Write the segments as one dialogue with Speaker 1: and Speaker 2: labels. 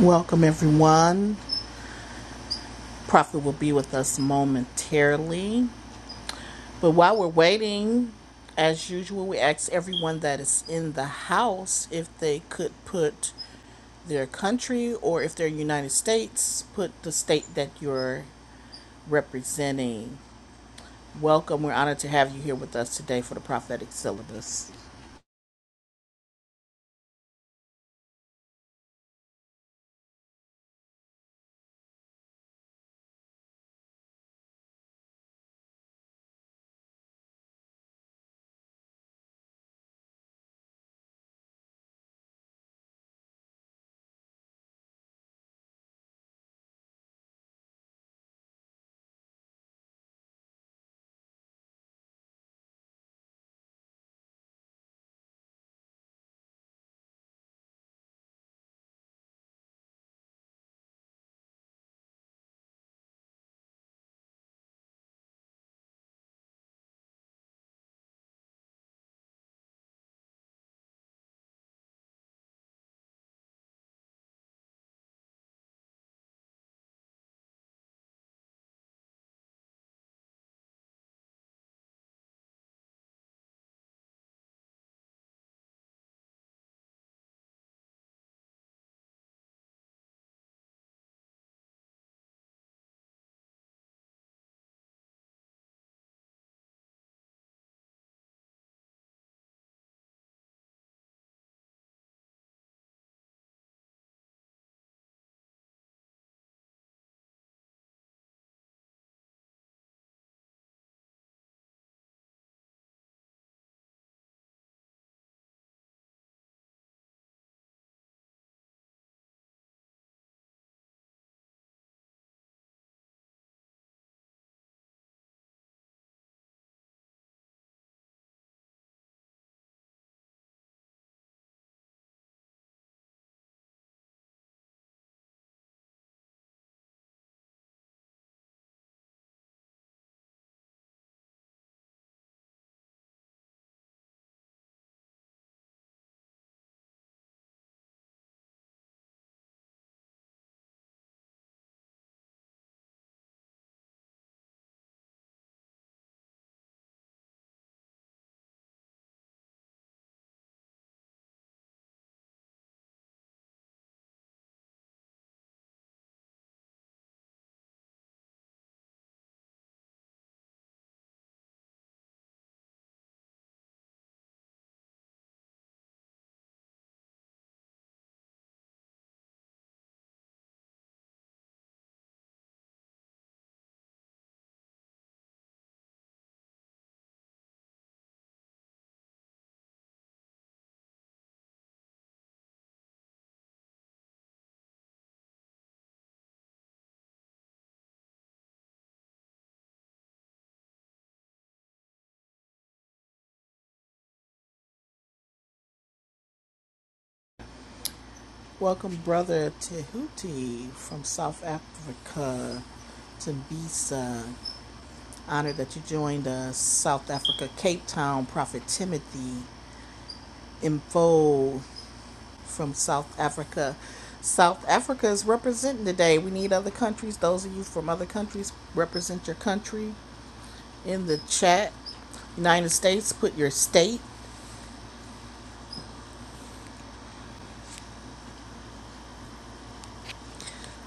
Speaker 1: Welcome, everyone. Prophet will be with us momentarily. But while we're waiting, as usual, we ask everyone that is in the house if they could put their country or if they're United States, put the state that you're representing. Welcome. We're honored to have you here with us today for the prophetic syllabus. Welcome, Brother Tehuti from South Africa, Tembisa. Honored that you joined us, South Africa, Cape Town, Prophet Timothy Info from South Africa. South Africa is representing today. We need other countries. Those of you from other countries, represent your country in the chat. United States, put your state.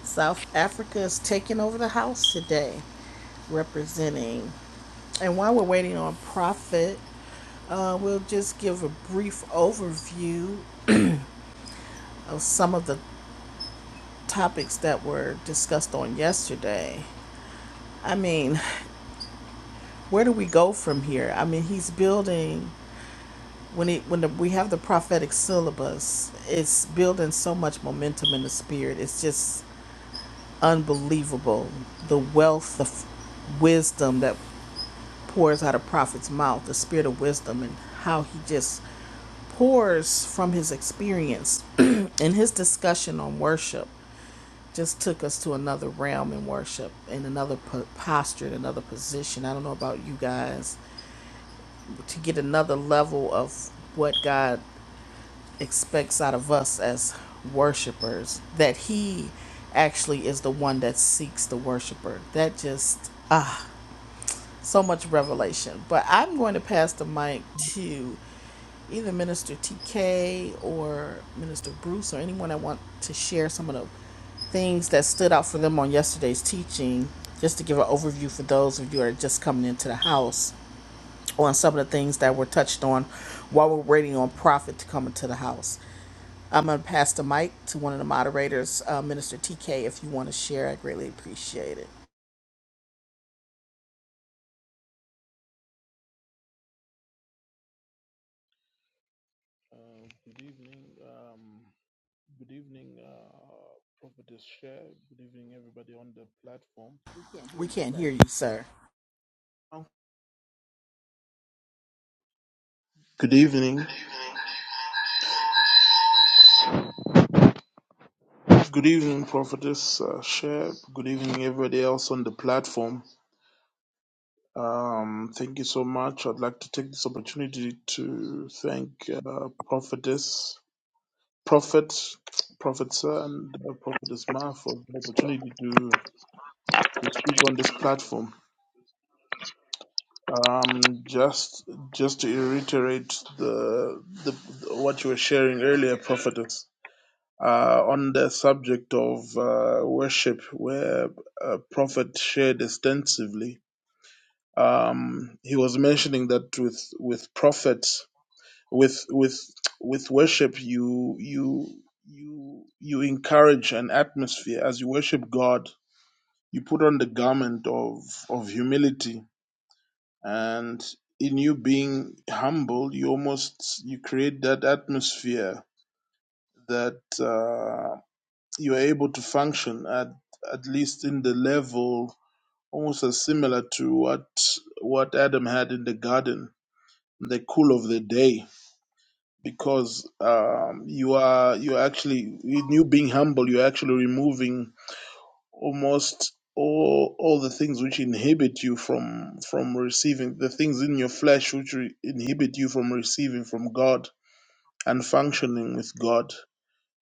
Speaker 1: South Africa is taking over the house today, representing. And while we're waiting on Prophet, uh, we'll just give a brief overview of some of the topics that were discussed on yesterday. I mean, where do we go from here? I mean, he's building when it when the, we have the prophetic syllabus. It's building so much momentum in the spirit. It's just unbelievable the wealth of wisdom that pours out of prophet's mouth, the spirit of wisdom, and how he just pours from his experience in his discussion on worship. just took us to another realm in worship in another po- posture in another position. I don't know about you guys to get another level of what God expects out of us as worshipers that he actually is the one that seeks the worshiper. That just ah so much revelation. But I'm going to pass the mic to either Minister TK or Minister Bruce or anyone that want to share some of the things that stood out for them on yesterday's teaching, just to give an overview for those of you that are just coming into the house on some of the things that were touched on while we're waiting on Prophet to come into the house. I'm going to pass the mic to one of the moderators, uh, Minister TK, if you want to share. I greatly appreciate it.
Speaker 2: Uh, good evening. Um, good evening, uh, Prophetess Share. Good evening, everybody on the platform.
Speaker 1: We can't hear you, sir.
Speaker 2: Um, Good evening. Good evening, Prophetess uh, Share. Good evening, everybody else on the platform. Um, thank you so much. I'd like to take this opportunity to thank uh, Prophetess, Prophet, Prophet Sir, and uh, Prophetess Ma for the opportunity to, to speak on this platform. Um, just just to reiterate the, the what you were sharing earlier, prophetess, uh, on the subject of uh, worship, where uh, prophet shared extensively. Um, he was mentioning that with with prophets, with with with worship, you you you you encourage an atmosphere as you worship God. You put on the garment of of humility and in you being humble you almost you create that atmosphere that uh, you're able to function at at least in the level almost as similar to what what adam had in the garden the cool of the day because um, you are you are actually in you being humble you're actually removing almost all all the things which inhibit you from from receiving the things in your flesh which re- inhibit you from receiving from God and functioning with God.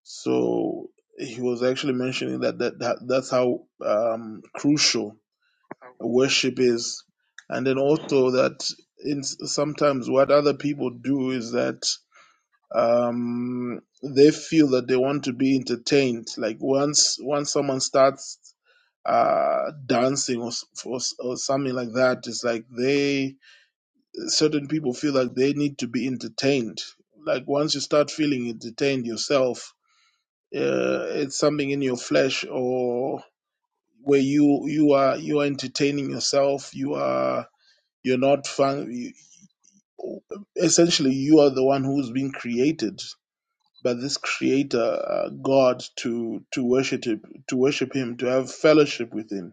Speaker 2: So he was actually mentioning that that, that that's how um, crucial worship is, and then also that in sometimes what other people do is that um, they feel that they want to be entertained. Like once once someone starts uh, dancing or, s- or s- or something like that, it's like they certain people feel like they need to be entertained. Like once you start feeling entertained yourself, uh, it's something in your flesh or where you you are you are entertaining yourself. You are you're not fun. You, essentially, you are the one who's been created but this creator uh, god to to worship to worship him to have fellowship with him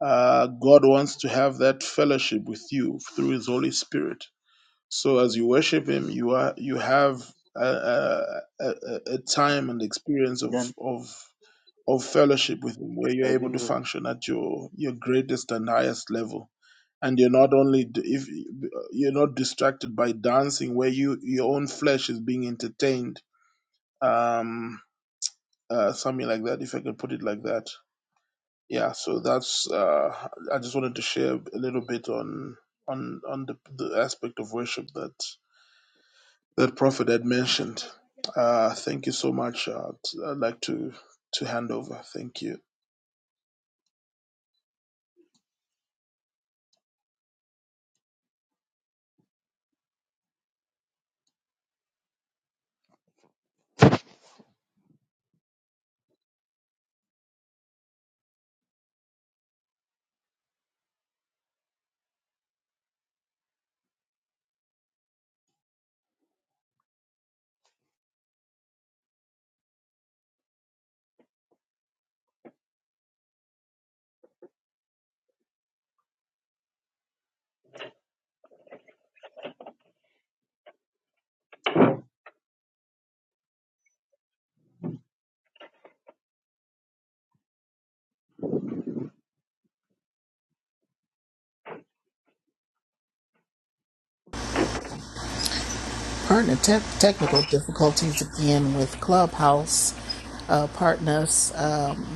Speaker 2: uh, god wants to have that fellowship with you through his holy spirit so as you worship him you are you have a, a, a, a a time and experience of
Speaker 3: Then
Speaker 2: of of fellowship with him where you're
Speaker 3: I
Speaker 2: able
Speaker 3: think
Speaker 2: to
Speaker 3: so.
Speaker 2: function at your your greatest and highest level and you're not only d- if you're not distracted by dancing where you your own flesh is being entertained um uh, something like that, if I can put it like that. Yeah, so that's uh, I just wanted to share a little bit on on on the, the aspect of worship that that prophet had mentioned. Uh, thank you so much. Uh, t- I'd like to to hand over. Thank you.
Speaker 1: partner te- technical difficulties again with Clubhouse uh, partners. Um,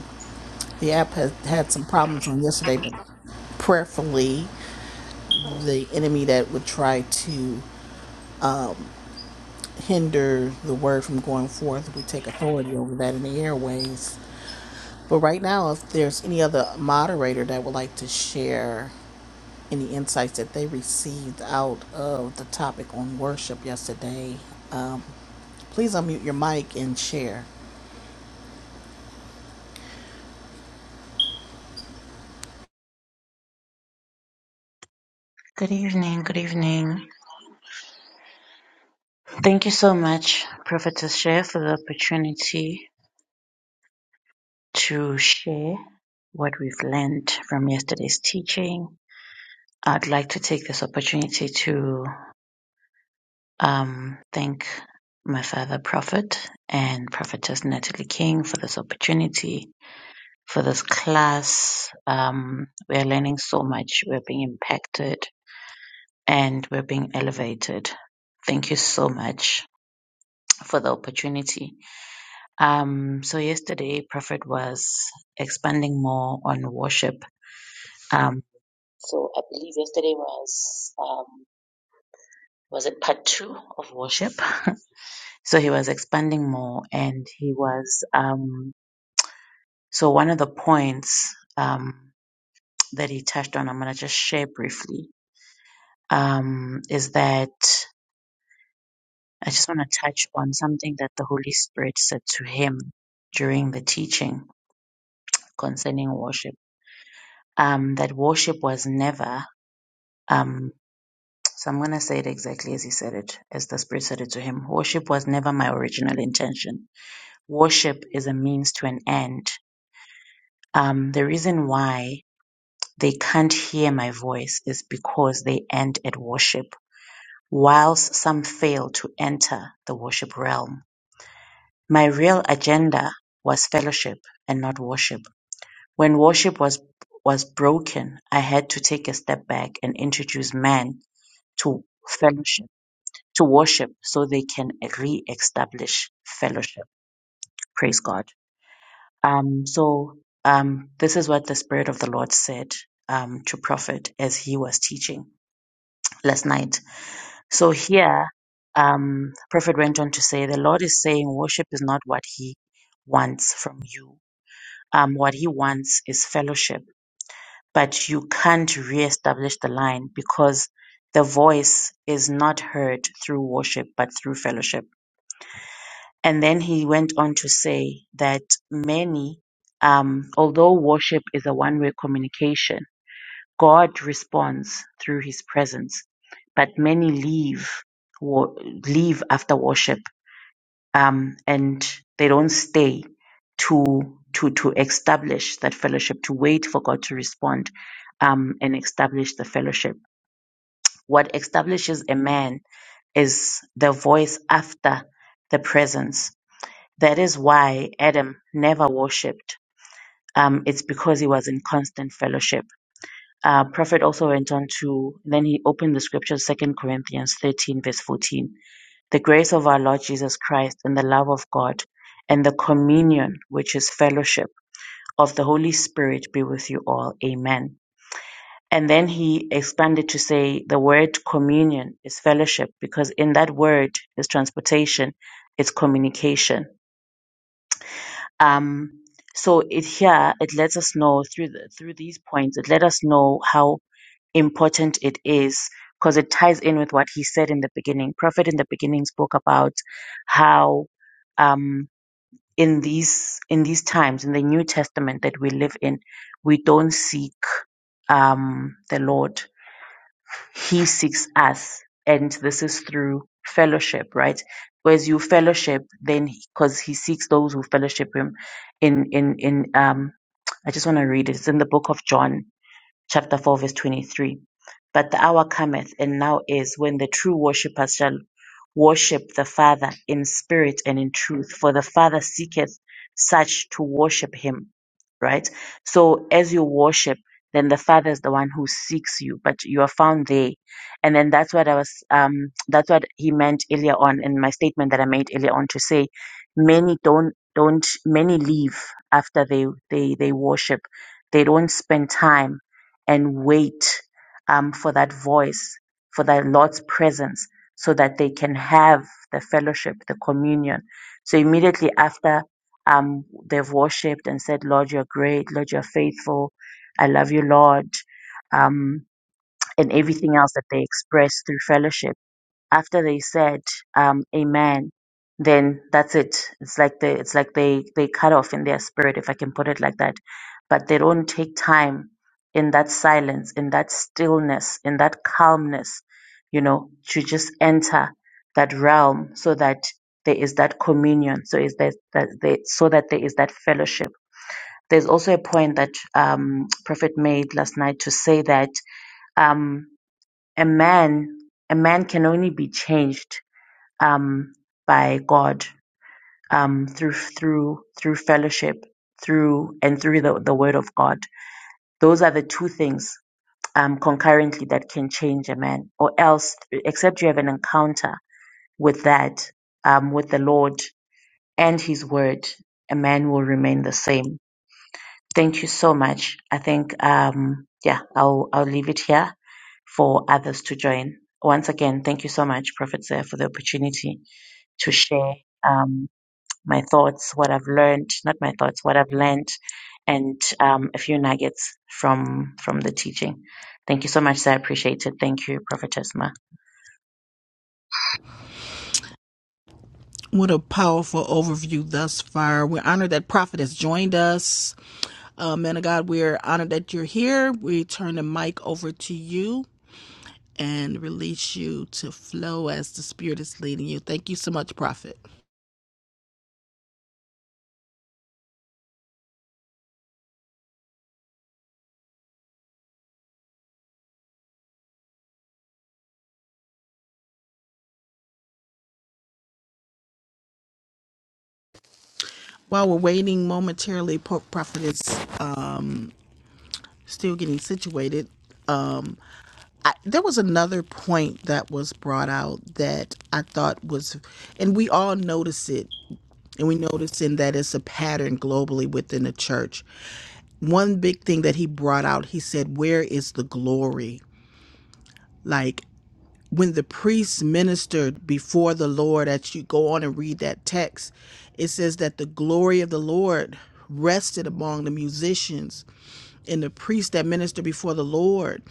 Speaker 1: the app has had some problems on yesterday, but prayerfully, the enemy that would try to hinder the word from going forth, we take authority over that in the airways. But right now, if there's any other moderator that would like to share any insights that they received out of the topic on worship yesterday, please unmute your mic and share.
Speaker 4: Good evening, good evening. Thank you so much, Prophetess Share, for the opportunity to share what we've learned from yesterday's teaching. I'd like to take this opportunity to um, thank my father, Prophet, and Prophetess Natalie King for this opportunity, for this class. Um, we are learning so much, we're being impacted, and we're being elevated. Thank you so much for the opportunity. Um, so yesterday, Prophet was expanding more on worship. Um, so I believe yesterday was um, was it part two of worship? so he was expanding more, and he was um, so one of the points um, that he touched on. I'm gonna just share briefly. Um, is that I just want to touch on something that the Holy Spirit said to him during the teaching concerning worship. Um, that worship was never Um, so I'm going to say it exactly as he said it, as the Spirit said it to him. Worship was never my original intention. Worship is a means to an end. Um, the reason why they can't hear my voice is because they end at worship, whilst some fail to enter the worship realm. My real agenda was fellowship and not worship. When worship was was broken, I had to take a step back and introduce man to fellowship to worship so they can re-establish fellowship. Praise God. Um, so um, this is what the Spirit of the Lord said um, to Prophet as he was teaching last night. So here, um, Prophet went on to say, the Lord is saying worship is not what he wants from you. Um, what he wants is fellowship, but you can't re-establish the line because the voice is not heard through worship, but through fellowship And then he went on to say that many, um, although worship is a one way communication, God responds through his presence, but many leave, wa- leave after worship, um, and they don't stay to, to, to establish that fellowship, to wait for God to respond, um, and establish the fellowship. What establishes a man is the voice after the presence that is why Adam never worshipped. Um, it's because he was in constant fellowship. Uh, Prophet also went on to, then he opened the scriptures, Second Corinthians 13, verse 14. The grace of our Lord Jesus Christ and the love of God and the communion, which is fellowship of the Holy Spirit, be with you all. Amen. And then he expanded to say the word communion is fellowship because in that word is transportation, it's communication Um, so it here it lets us know through the, through these points it let us know how important it is because it ties in with what he said in the beginning. Prophet in the beginning spoke about how um, in these in these times in the New Testament that we live in, we don't seek um, the Lord he seeks us. And this is through fellowship, right? Whereas you fellowship, then because he seeks those who fellowship him in in in um I just want to read it. It's in the book of John chapter 4, verse 23. But the hour cometh, and now is, when the true worshippers shall worship the Father in spirit and in truth, for the Father seeketh such to worship him. Right? So as you worship, then the Father is the one who seeks you, but you are found there. And then that's what I was um that's what he meant earlier on in my statement that I made earlier on to say many don't don't many leave after they they they worship. They don't spend time and wait um, for that voice, for that Lord's presence, so that they can have the fellowship, the communion. So immediately after um, they've worshipped and said, Lord, you're great. Lord, you're faithful. I love you, Lord. Um, and everything else that they express through fellowship after they said um, amen, then that's it. It's like they it's like they they cut off in their spirit, if I can put it like that. But they don't take time in that silence, in that stillness, in that calmness, you know, to just enter that realm so that there is that communion, so is that that they, so that there is that fellowship. There's also a point that um, Prophet made last night to say that um, a man a man can only be changed um, by God um, through through through fellowship, through and through the, the Word of God. Those are the two things um, concurrently that can change a man. Or else, except you have an encounter with that, um, with the Lord and His Word, a man will remain the same. Thank you so much. I think um, yeah, I'll I'll leave it here for others to join. Once again, thank you so much, Prophet Zeh, for the opportunity to share. Um, my thoughts, what I've learned, not my thoughts, what I've learned, and um, a few nuggets from from the teaching. Thank you so much, sir. I appreciate it. Thank you, Prophetess Ma.
Speaker 1: What a powerful overview thus far. We're honored that Prophet has joined us. Uh, man of God, we're honored that you're here. We turn the mic over to you and release you to flow as the Spirit is leading you. Thank you so much, Prophet. While we're waiting momentarily, Po- Prophet is um, still getting situated. Um, I, there was another point that was brought out that I thought was, and we all notice it. And we notice in that it's a pattern globally within the church. One big thing that he brought out, he said, Where is the glory? Like when the priests ministered before the Lord, as you go on and read that text, it says that the glory of the Lord rested among the musicians and the priests that minister before the Lord.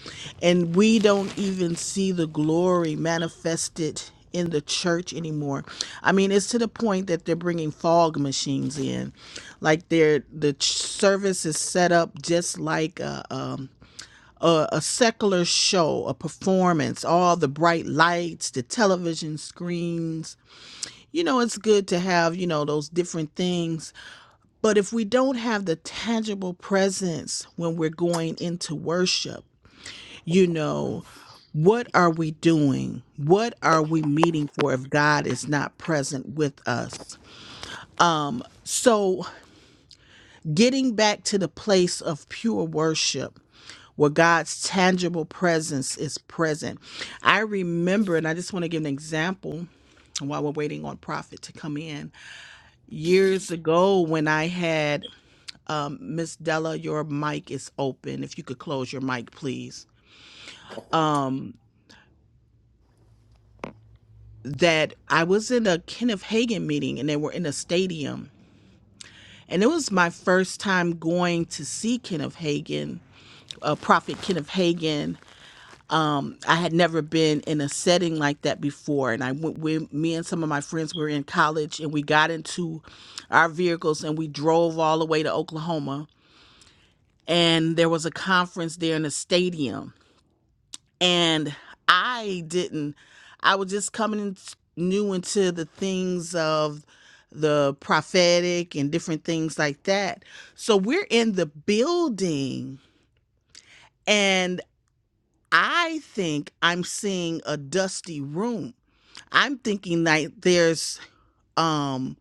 Speaker 1: And we don't even see the glory manifested in the church anymore. I mean, it's to the point that they're bringing fog machines in. Like they're the ch- service is set up just like a, um a, a secular show, a performance, all the bright lights, the television screens. You know, it's good to have, you know, those different things. But if we don't have the tangible presence when we're going into worship, you know, what are we doing? What are we meeting for if God is not present with us? So, getting back to the place of pure worship where God's tangible presence is present. I remember, and I just want to give an example while we're waiting on Prophet to come in. Years ago, when I had Miss Della, your mic is open. If you could close your mic, please. Um, that I was in a Kenneth Hagan meeting and they were in a stadium. And it was my first time going to see Kenneth Hagan, uh, Prophet Kenneth Hagan I had never been in a setting like that before. And I went with me and some of my friends were in college and we got into our vehicles and we drove all the way to Oklahoma. And there was a conference there in the stadium. And I didn't, I was just coming in new into the things of the prophetic and different things like that. So we're in the building and I think I'm seeing a dusty room I'm thinking like there's um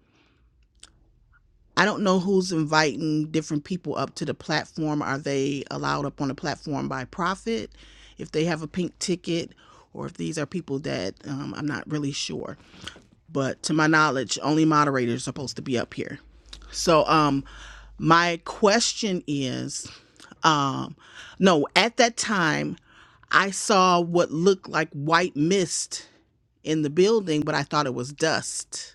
Speaker 1: I don't know who's inviting different people up to the platform. Are they allowed up on the platform by profit if they have a pink ticket or if these are people that um, I'm not really sure. But to my knowledge, only moderators are supposed to be up here. So um my question is um no, at that time I saw what looked like white mist in the building, but I thought it was dust.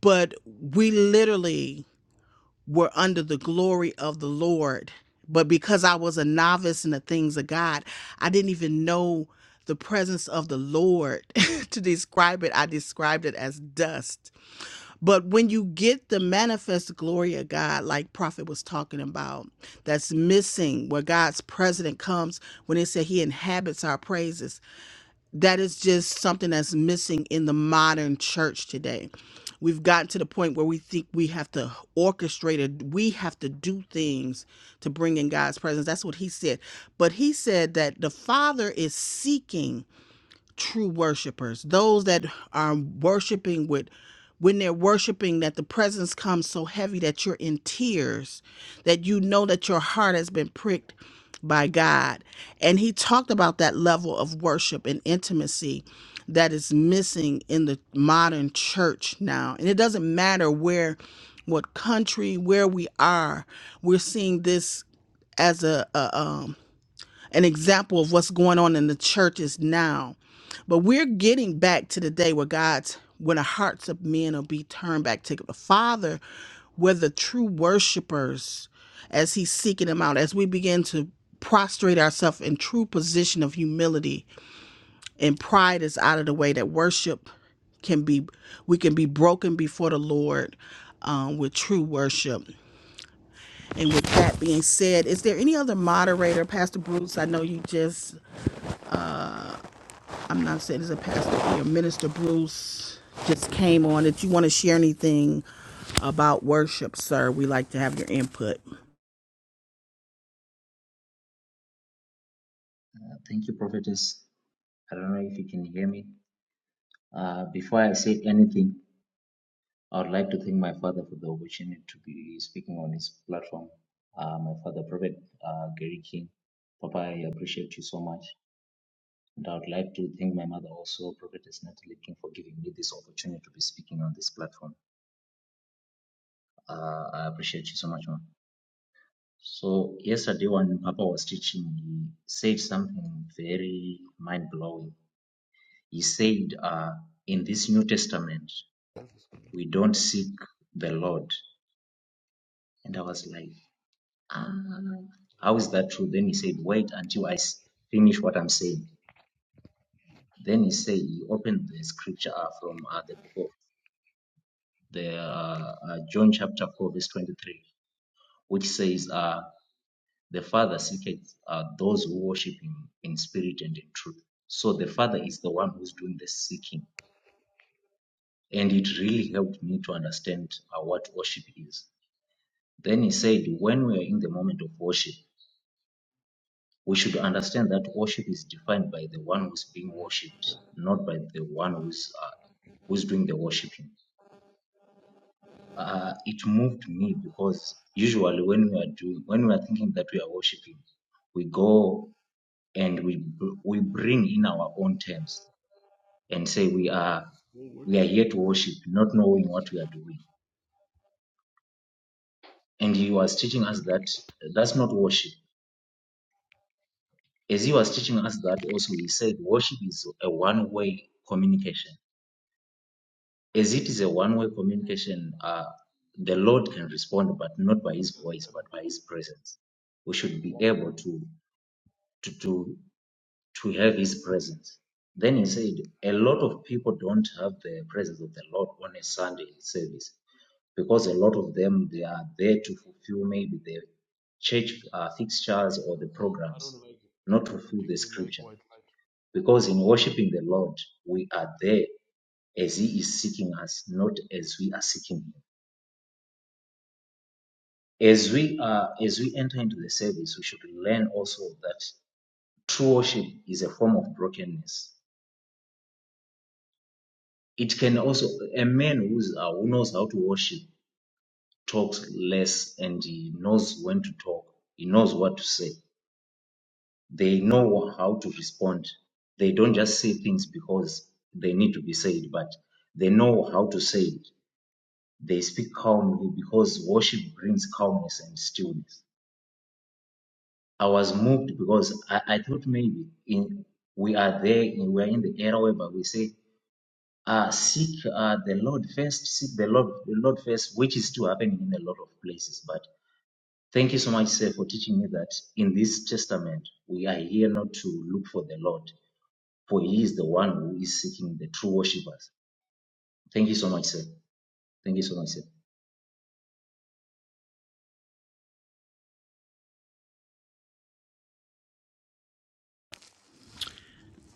Speaker 1: but we literally were under the glory of the Lord. But because I was a novice in the things of God, I didn't even know the presence of the Lord. to describe it, I described it as dust. But when you get the manifest glory of God, like Prophet was talking about, that's missing where God's presence comes when it said he inhabits our praises that is just something that's missing in the modern church today. We've gotten to the point where we think we have to orchestrate it. We have to do things to bring in God's presence. That's what he said. But he said that the Father is seeking true worshipers, those that are worshiping with when they're worshiping that the presence comes so heavy that you're in tears, that you know that your heart has been pricked by God. And he talked about that level of worship and intimacy that is missing in the modern church now. And it doesn't matter where what country, where we are, we're seeing this as a, a, um, an example of what's going on in the churches now. But we're getting back to the day where God's, when the hearts of men will be turned back to the Father, where the true worshipers, as He's seeking them out, as we begin to prostrate ourselves in true position of humility and pride is out of the way, that worship can be, we can be broken before the Lord. Um, with true worship. And with that being said, is there any other moderator, Pastor Bruce? I know you just I'm not saying as a pastor here, Minister Bruce just came on. If you want to share anything about worship, sir, we like to have your input.
Speaker 5: Uh, Thank you, prophetess. I don't know if you can hear me. Uh, before I say anything, I would like to thank my father for the opportunity to be speaking on his platform. Uh, my father, Prophet uh, Gary King. Papa, I appreciate you so much. And I would like to thank my mother also, Prophetess Natalie King, for giving me this opportunity to be speaking on this platform. Uh, I appreciate you so much, ma'am. So, yesterday when Papa was teaching, he said something very mind blowing. He said, uh, in this New Testament, we don't seek the Lord. And I was like, ah, how is that true? Then he said, wait until I s- finish what I'm saying. Then he said, he opened the scripture uh, from uh, the book of the uh, uh, John chapter 4, verse 23, which says, uh, the Father seeketh uh, those who worship him in spirit and in truth. So the Father is the one who's doing the seeking. And it really helped me to understand uh, what worship is Then he said, when we are in the moment of worship, we should understand that worship is defined by the one who's being worshipped, not by the one who's uh, who's doing the worshiping. Uh, it moved me because usually when we are doing, when we are thinking that we are worshiping, we go and we br- we bring in our own terms and say we are
Speaker 2: Well,
Speaker 5: we are here to worship, not knowing what we are doing. And he was teaching us that that's not worship. As he was teaching us that also, he said worship is a one-way communication. As it is a one-way communication, uh, the Lord can respond, but not by his voice, but by his presence. We should be able to to to, to have his presence. Then he said, a lot of people don't have the presence of the Lord on a Sunday service because a lot of them they are there to fulfill maybe the church uh, fixtures or the
Speaker 2: form? I don't
Speaker 5: programs,
Speaker 2: like. I
Speaker 5: not
Speaker 2: don't
Speaker 5: fulfill the
Speaker 2: particularly like
Speaker 5: scripture.
Speaker 2: white
Speaker 5: Because in worshiping the Lord, we are there as He is seeking us, not as we are seeking Him. As we are, as we enter into the service, we should learn also that true worship is a form of brokenness. It can also a man who's, uh, who knows how to worship talks less and he knows when to talk. He knows what to say. They know how to respond. They don't just say things because they need to be said, but they know how to say it They speak calmly because worship brings calmness and stillness. I was moved because I, I thought maybe in we are there, in, we are in the era whereby we say, uh, seek uh, the Lord first, seek the Lord, the Lord first, which is still happening in a lot of places. But thank you so much, sir, for teaching me that in this testament we are here not to look for the Lord, for He is the one who is seeking the true worshippers. Thank you so much, sir. Thank you so much, sir.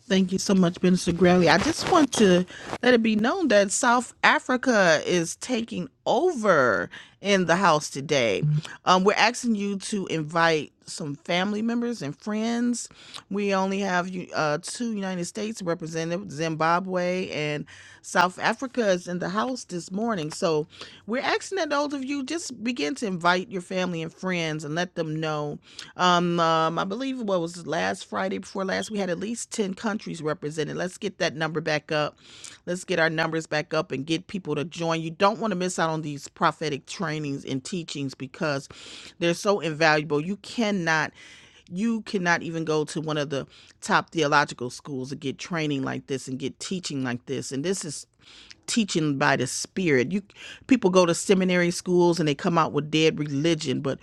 Speaker 1: Thank you so much, Minister Granley. I just want to let it be known that South Africa is taking over in the house today. Um, we're asking you to invite some family members and friends. We only have you- uh, two United States representatives. then Zimbabwe and South Africa is in the house this morning. So we're asking that those of you just begin to invite your family and friends and let them know. Um, um, I believe what was it, last Friday before last, we had at least 10 countries represented. Let's get that number back up. Let's get our numbers back up and get people to join. You don't want to miss out on these prophetic trainings and teachings because they're so invaluable. You cannot you cannot even go to one of the top theological schools and get training like this and get teaching like this and this is teaching by the spirit you people go to seminary schools and they come out with dead religion but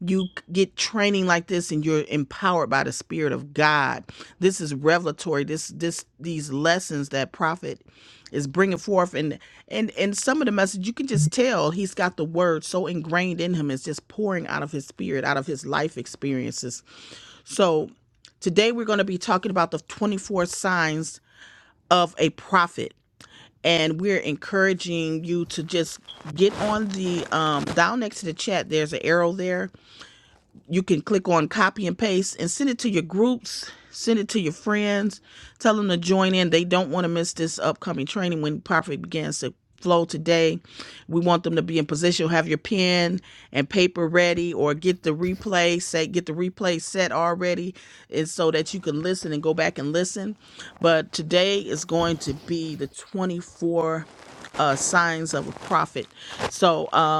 Speaker 1: you get training like this and you're empowered by the spirit of god this is revelatory this this these lessons that prophet is bringing forth and and and some of the message you can just tell he's got the word so ingrained in him it's just pouring out of his spirit out of his life experiences so today we're going to be talking about the 24 signs of a prophet. And we're encouraging you to just get on the um, down next to the chat. There's an arrow there you can click on copy and paste and send it to your groups send it to your friends tell them to join in they don't want to miss this upcoming training when profit begins to flow today we want them to be in position have your pen and paper ready or get the replay set get the replay set already and so that you can listen and go back and listen but today is going to be the 24 uh signs of a prophet so um,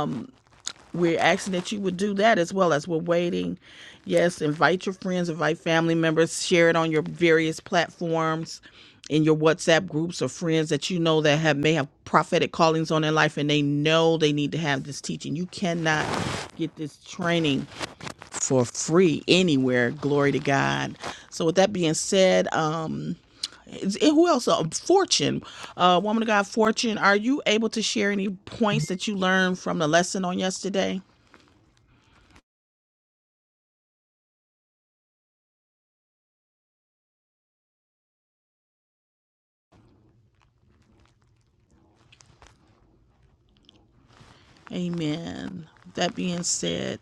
Speaker 1: we're asking that you would do that as well as we're waiting. Yes, invite your friends, invite family members, share it on your various platforms, in your WhatsApp groups or friends that you know that have may have prophetic callings on their life and they know they need to have this teaching. You cannot get this training for free anywhere. Glory to God. So with that being said, um is- who else? Uh, Fortune, uh, woman of God, Fortune. Are you able to share any points that you learned from the lesson on yesterday? Amen. That being said,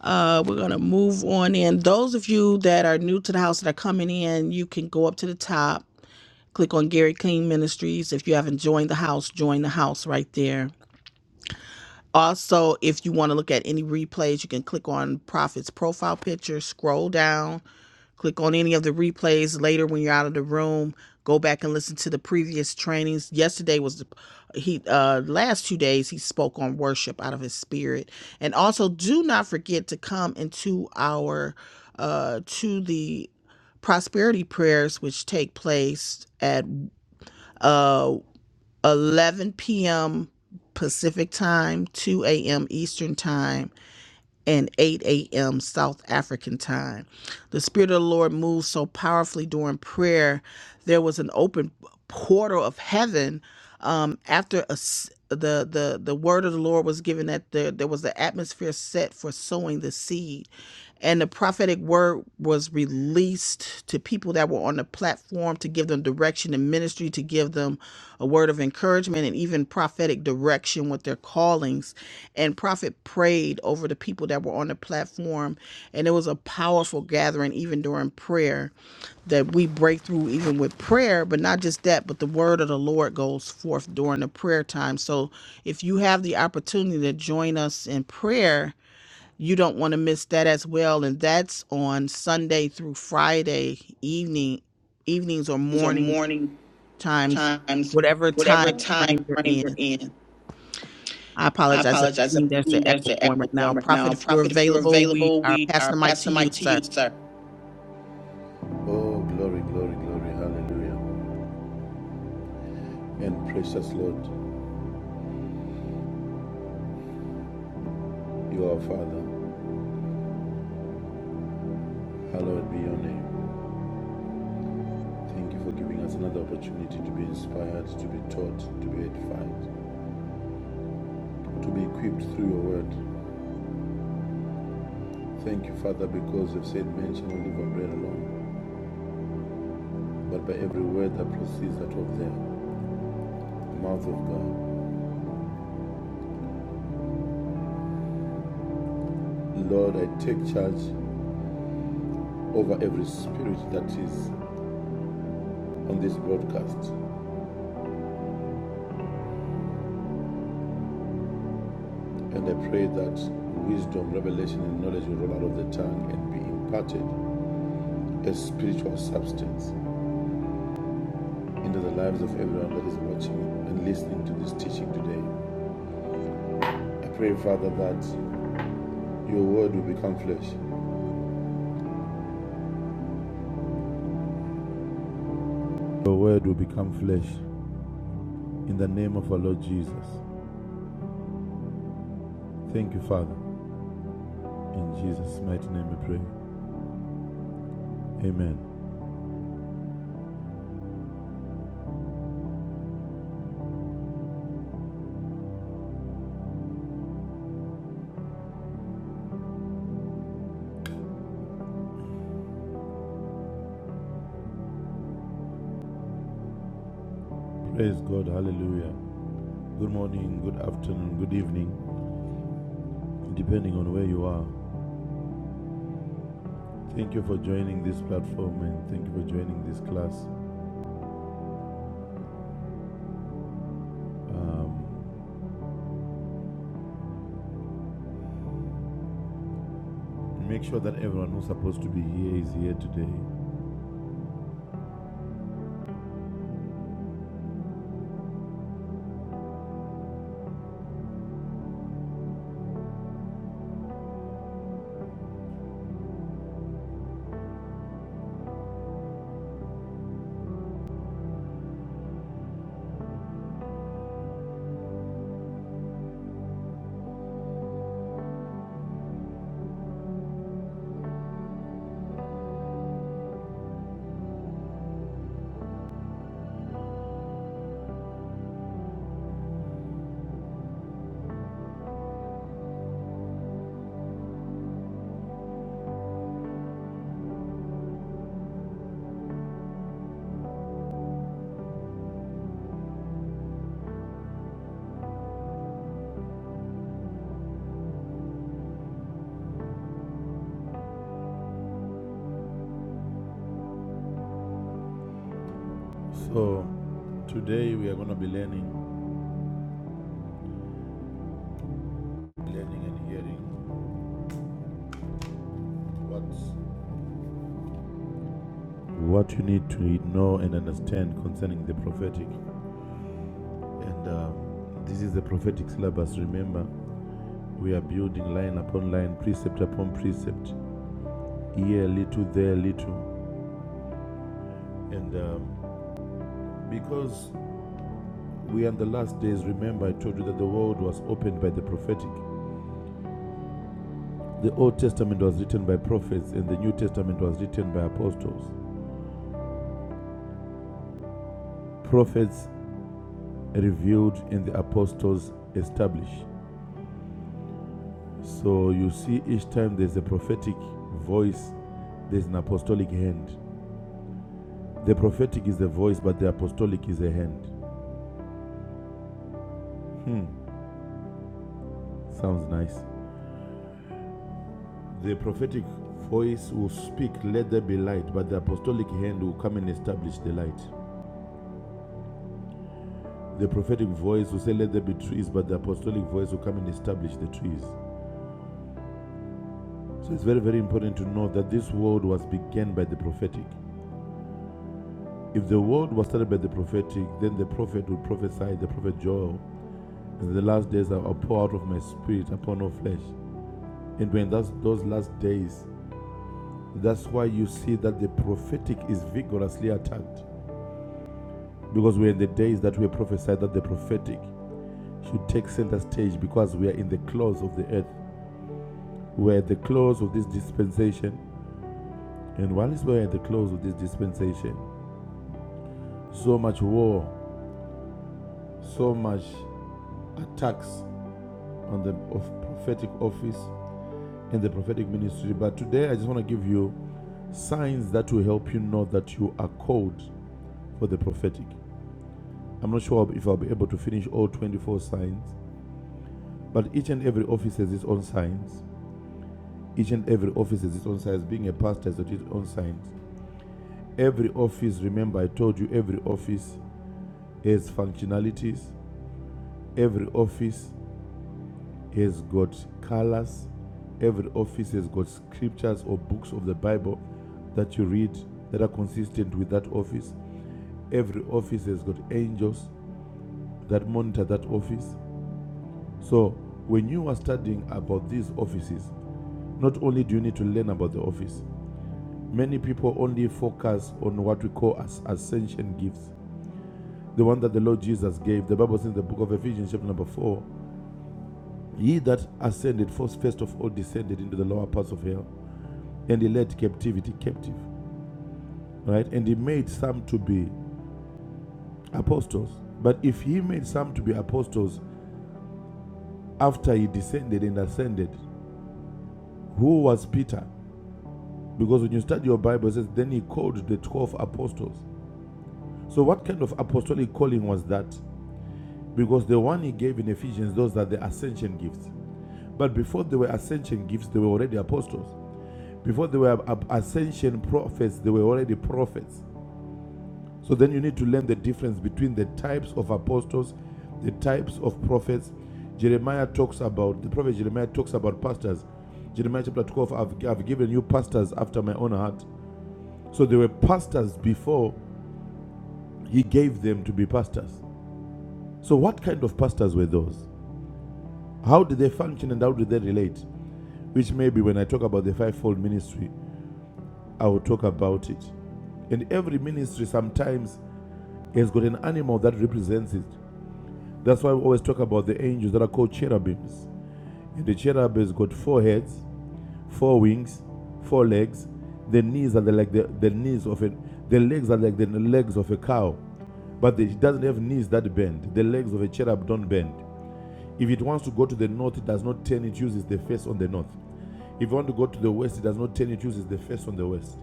Speaker 1: uh, we're gonna move on in. Those of you that are new to the house that are coming in, you can go up to the top, click on Gary King Ministries. If you haven't joined the house, join the house right there. Also, if you want to look at any replays, you can click on Prophet's profile picture, scroll down, Click on any of the replays later when you're out of the room. Go back and listen to the previous trainings. Yesterday was the he uh last two days he spoke on worship out of his spirit. And also do not forget to come into our uh to the prosperity prayers which take place at uh 11 p.m. Pacific time, 2 a.m. Eastern time and 8 a.m. South African time. The Spirit of the Lord moved so powerfully during prayer. There was an open portal of heaven um, after a s the, the the word of the Lord was given that there, there was the atmosphere set for sowing the seed and the prophetic word was released to people that were on the platform to give them direction in ministry, to give them a word of encouragement and even prophetic direction with their callings. And prophet prayed over the people that were on the platform, and it was a powerful gathering even during prayer that we break through even with prayer, but not just that, but the word of the Lord goes forth during the prayer time. So if you have the opportunity to join us in prayer, you don't want to miss that as well and that's on sunday through friday evening evenings or
Speaker 6: or
Speaker 1: morning
Speaker 6: morning
Speaker 1: times
Speaker 6: times,
Speaker 1: whatever
Speaker 6: whatever
Speaker 1: time
Speaker 6: time
Speaker 1: frame you're
Speaker 6: frame you're
Speaker 1: in
Speaker 6: in.
Speaker 1: i
Speaker 6: I
Speaker 1: apologize i
Speaker 6: apologize. I
Speaker 1: think there's an
Speaker 6: think there's
Speaker 1: echo
Speaker 6: an
Speaker 1: going
Speaker 6: echo
Speaker 1: right now
Speaker 6: going right
Speaker 1: prophet
Speaker 6: now.
Speaker 1: if you're
Speaker 6: Prophet, if you're
Speaker 1: available we
Speaker 6: available,
Speaker 1: are
Speaker 6: we are
Speaker 1: passing the mic to
Speaker 6: passing the
Speaker 1: you
Speaker 6: mic to
Speaker 1: sir
Speaker 6: you, sir. Oh, glory, glory, glory, hallelujah. And precious Lord, you are our Father. Hallowed be your name. Thank you for giving us another opportunity to be inspired, to be taught, to be edified, to be equipped through your word. Thank you, Father, because you've said, Man shall not live by bread alone, but by every word that proceeds out of there. mouth of God. Lord, I take charge over every spirit that is on this broadcast. And I pray that wisdom, revelation, and knowledge will roll out of the tongue and be imparted as spiritual substance into the lives of everyone that is watching and listening to this teaching today. I pray, Father, that your word will become flesh. Your word will become flesh in the name of our Lord Jesus. Thank you, Father. In Jesus' mighty name we pray. Amen. Praise God. Hallelujah. Good morning, good afternoon, good evening, depending on where you are. Thank you for joining this platform and thank you for joining this class. Um, make sure that everyone who's supposed to be here is here today. So, today we are going to be learning, learning and hearing what what you need to know and understand concerning the prophetic. And um, this is the prophetic syllabus. Remember, we are building line upon line, precept upon precept, year little, there little, and. Um, Because we are in the last days, remember I told you that the world was opened by the prophetic. The Old Testament was written by prophets, and the New Testament was written by apostles. Prophets revealed, and the apostles established. So you see, each time there's a prophetic voice, there's an apostolic hand. The prophetic is the voice, but the apostolic is the hand. Hmm, sounds nice. The prophetic voice will speak, let there be light, but the apostolic hand will come and establish the light. The prophetic voice who said, Let there be trees, but the apostolic voice who come and establish the trees. So it's very, very important to know that this world was began by the prophetic. If the world was started by the prophetic, then the prophet would prophesy, the prophet Joel, in the last days I will pour out of my spirit upon all flesh. And when that's, those last days, that's why you see that the prophetic is vigorously attacked. Because we're in the days that we prophesied that the prophetic should take center stage because we are in the claws of the earth. We're at the close of this dispensation, and while we're at the close of this dispensation, so much war, so much attacks on the of prophetic office and the prophetic ministry. But today, I just want to give you signs that will help you know that you are called for the prophetic. I'm not sure if I'll be able to finish all 24 signs, but each and every office has its own signs. Each and every office has its own signs. Being a pastor has its own signs. Every office, remember, I told you, every office has functionalities. Every office has got colors. Every office has got scriptures or books of the Bible that you read that are consistent with that office. Every office has got angels that monitor that office. So, when you are studying about these offices, not only do you need to learn about the office, many people only focus on what we call as ascension gifts. The one that the Lord Jesus gave, the Bible says in the book of Ephesians, chapter number 4, He that ascended first, of all descended into the lower parts of hell, and he led captivity captive, right? And he made some to be apostles. But if he made some to be apostles after he descended and ascended, who was Peter? Because when you study your Bible, it says, then he called the 12 apostles. So, what kind of apostolic calling was that? Because the one he gave in Ephesians, those are the ascension gifts. But before they were ascension gifts, they were already apostles. Before they were ascension prophets, they were already prophets. So then you need to learn the difference between the types of apostles, the types of prophets. Jeremiah talks about, the prophet Jeremiah talks about pastors. Jeremiah chapter 12, I've, I've given you pastors after my own heart. So they were pastors before he gave them to be pastors. So what kind of pastors were those? How did they function and how did they relate? Which maybe when I talk about the fivefold ministry, I will talk about it. And every ministry sometimes He has got an animal that represents it. That's why we always talk about the angels that are called cherubims. And the cherub has got four heads, four wings, four legs. The knees are the, like the, the knees of a. the legs are like the legs of a cow. But it doesn't have knees that bend. The legs of a cherub don't bend. If it wants to go to the north, it does not turn, it uses the face on the north. If you want to go to the west, it does not turn, it uses the face on the west.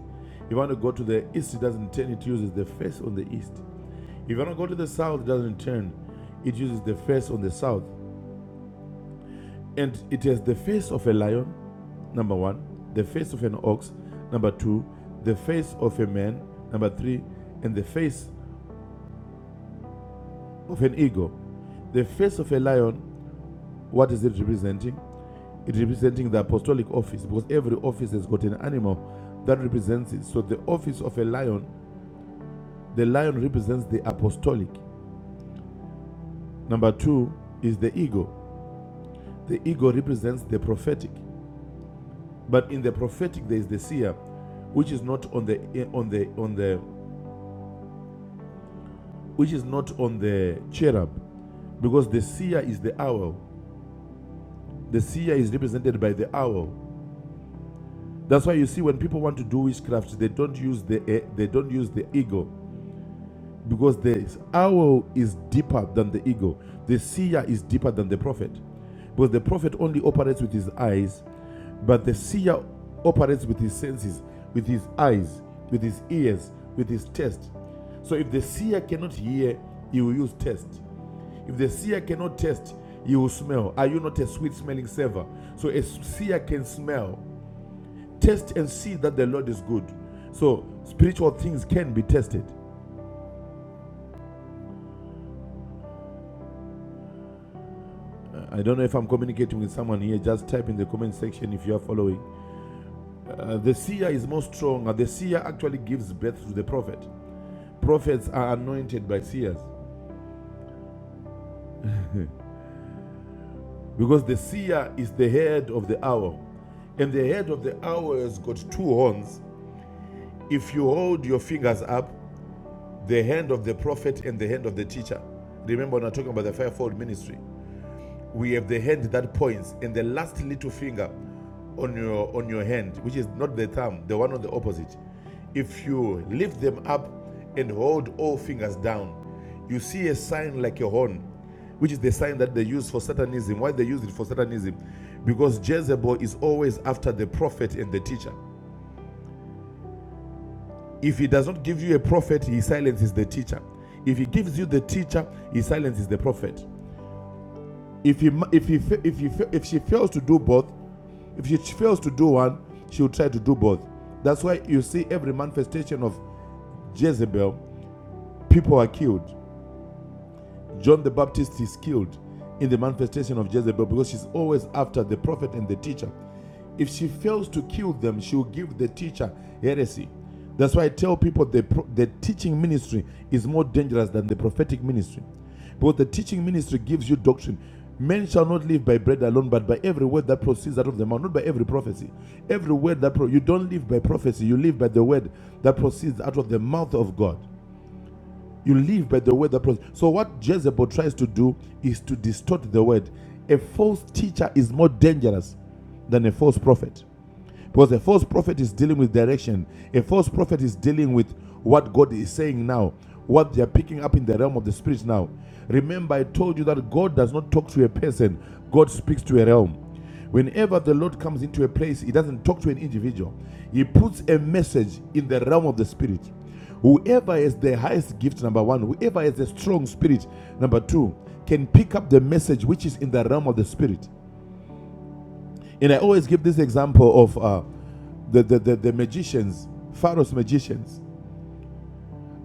Speaker 6: If you want to go to the east, it doesn't turn, it uses the face on the east. If you want to go to the south, it doesn't turn. It uses the face on the south. And it has the face of a lion, number one, the face of an ox, number two, the face of a man, number three, and the face of an eagle. The face of a lion, what is it representing? It's representing the apostolic office because every office has got an animal that represents it. So the office of a lion, the lion represents the apostolic. Number two is the eagle. The eagle represents the prophetic. But in the prophetic, there is the seer, which is not on the on the on the which is not on the cherub, because the seer is the owl. The seer is represented by the owl. That's why you see when people want to do witchcraft, they don't use the eh, they don't use the ego, because the owl is deeper than the ego. The seer is deeper than the prophet, because the prophet only operates with his eyes, But the seer operates with his senses, with his eyes, with his ears, with his taste. So if the seer cannot hear, he will use taste. If the seer cannot taste, he will smell. Are you not a sweet smelling savor? So a seer can smell, taste, and see that the Lord is good. So spiritual things can be tested. Uh, I don't know if I'm communicating with someone here. Just type in the comment section if you are following. Uh, the seer is more strong. The seer actually gives birth to the prophet. Prophets are anointed by seers because the seer is the head of the hour, and the head of the hour has got two horns. If you hold your fingers up, the hand of the prophet and the hand of the teacher. Remember, when I'm talking about the fivefold ministry. we have the hand that points and the last little finger on your on your hand which is not the thumb the one on the opposite if you lift them up and hold all fingers down you see a sign like a horn which is the sign that they use for satanism why they use it for satanism because jezebel is always after the prophet and the teacher if he does not give you a prophet he silences the teacher if he gives you the teacher he silences the prophet if he if he if he if she fails to do both If she fails to do one, she will try to do both. That's why you see every manifestation of Jezebel, people are killed. John the Baptist is killed in the manifestation of Jezebel because she's always after the prophet and the teacher. If she fails to kill them, she will give the teacher heresy. That's why I tell people the, the teaching ministry is more dangerous than the prophetic ministry. Because the teaching ministry gives you doctrine. Men shall not live by bread alone, but by every word that proceeds out of the mouth, not by every prophecy. Every word that pro- you don't live by prophecy, you live by the word that proceeds out of the mouth of God. You live by the word that proceeds. So what Jezebel tries to do is to distort the word. A false teacher is more dangerous than a false prophet. Because a false prophet is dealing with direction. A false prophet is dealing with what God is saying now, what they are picking up in the realm of the spirit now. Remember, I told you that God does not talk to a person, God speaks to a realm. Whenever the Lord comes into a place, He doesn't talk to an individual, He puts a message in the realm of the spirit. Whoever has the highest gift, number one, whoever has a strong spirit, number two, can pick up the message which is in the realm of the spirit. And I always give this example of uh, the, the, the, the magicians, Pharaoh's magicians.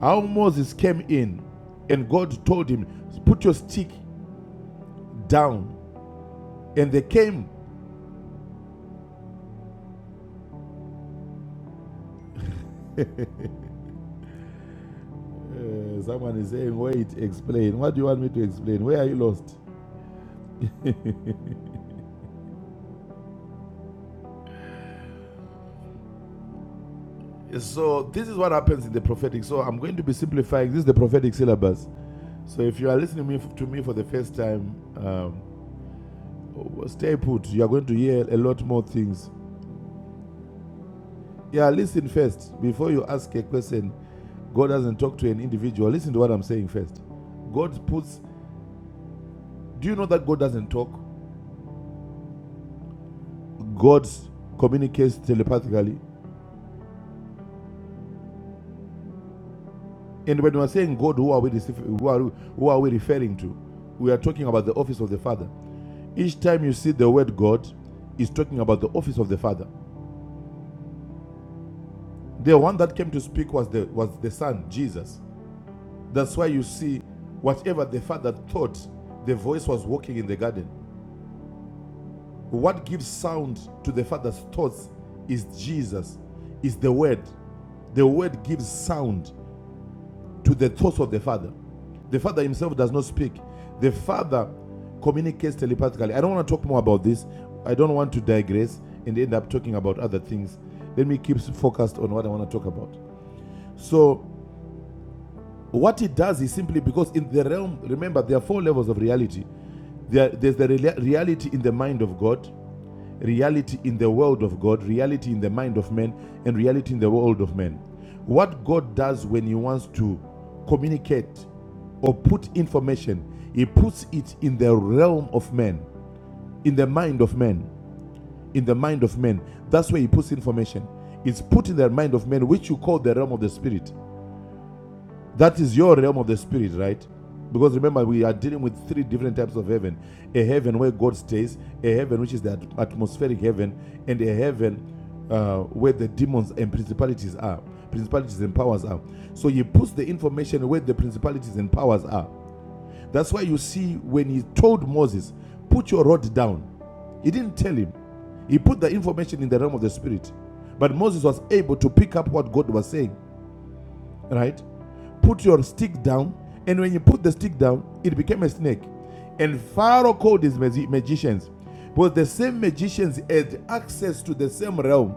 Speaker 6: How Moses came in and God told him, Put your stick down. And they came. Uh, someone is saying, Wait, explain. What do you want me to explain? Where are you lost? So, this is what happens in the prophetic. So, I'm going to be simplifying. This is the prophetic syllabus. So, if you are listening to me for the first time, um, stay put. You are going to hear a lot more things Yeah, listen first. Before you ask a question, God doesn't talk to an individual. Listen to what I'm saying first. God puts, do you know that God doesn't talk? God communicates telepathically. And when we're saying God, who are we, who are, who are we referring to? We are talking about the office of the Father. Each time you see the word God, is talking about the office of the Father. The one that came to speak was the was the Son, Jesus. That's why you see whatever the Father thought, the voice was walking in the garden. What gives sound to the Father's thoughts is Jesus, is the Word. The Word gives sound to the thoughts of the Father. The Father Himself does not speak, the Father communicates telepathically. I don't want to talk more about this. I don't want to digress and end up talking about other things. Let me keep focused on what I want to talk about. So, what it does is simply because in the realm, remember, there are four levels of reality. There, there's the rea- reality in the mind of God reality in the world of God, reality in the mind of men, and reality in the world of men. What God does when He wants to communicate or put information, He puts it in the realm of men, in the mind of men, in the mind of men. That's where He puts information. It's put in the mind of men, which you call the realm of the spirit. That is your realm of the spirit, right? Because remember, we are dealing with three different types of heaven a heaven where God stays, a heaven which is the atmospheric heaven, and a heaven uh, where the demons and principalities are, principalities and powers are. So he puts the information where the principalities and powers are. That's why you see when he told Moses, Put your rod down, he didn't tell him, he put the information in the realm of the spirit. But Moses was able to pick up what God was saying right? Put your stick down, and when you put the stick down, it became a snake. And Pharaoh called his magi- magicians, because the same magicians had access to the same realm.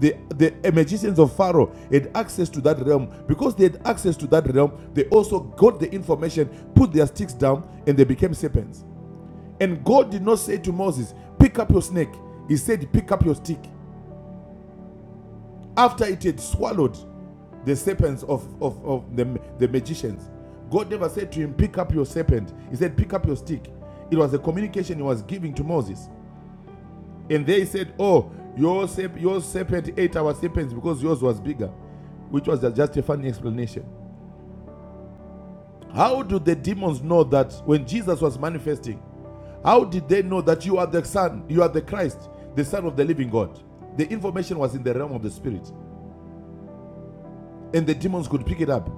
Speaker 6: The, the uh, magicians of Pharaoh had access to that realm. Because they had access to that realm, they also got the information, put their sticks down, and they became serpents. And God did not say to Moses, Pick up your snake. He said, Pick up your stick. After it had swallowed the serpents of, of, of the, the magicians, God never said to him, Pick up your serpent. He said, Pick up your stick. It was a communication he was giving to Moses. And they said, Oh, your, serp- your serpent ate our serpents because yours was bigger, which was just a funny explanation. How do the demons know that when Jesus was manifesting, how did they know that you are the Son, you are the Christ, the Son of the living God? The information was in the realm of the Spirit, and the demons could pick it up.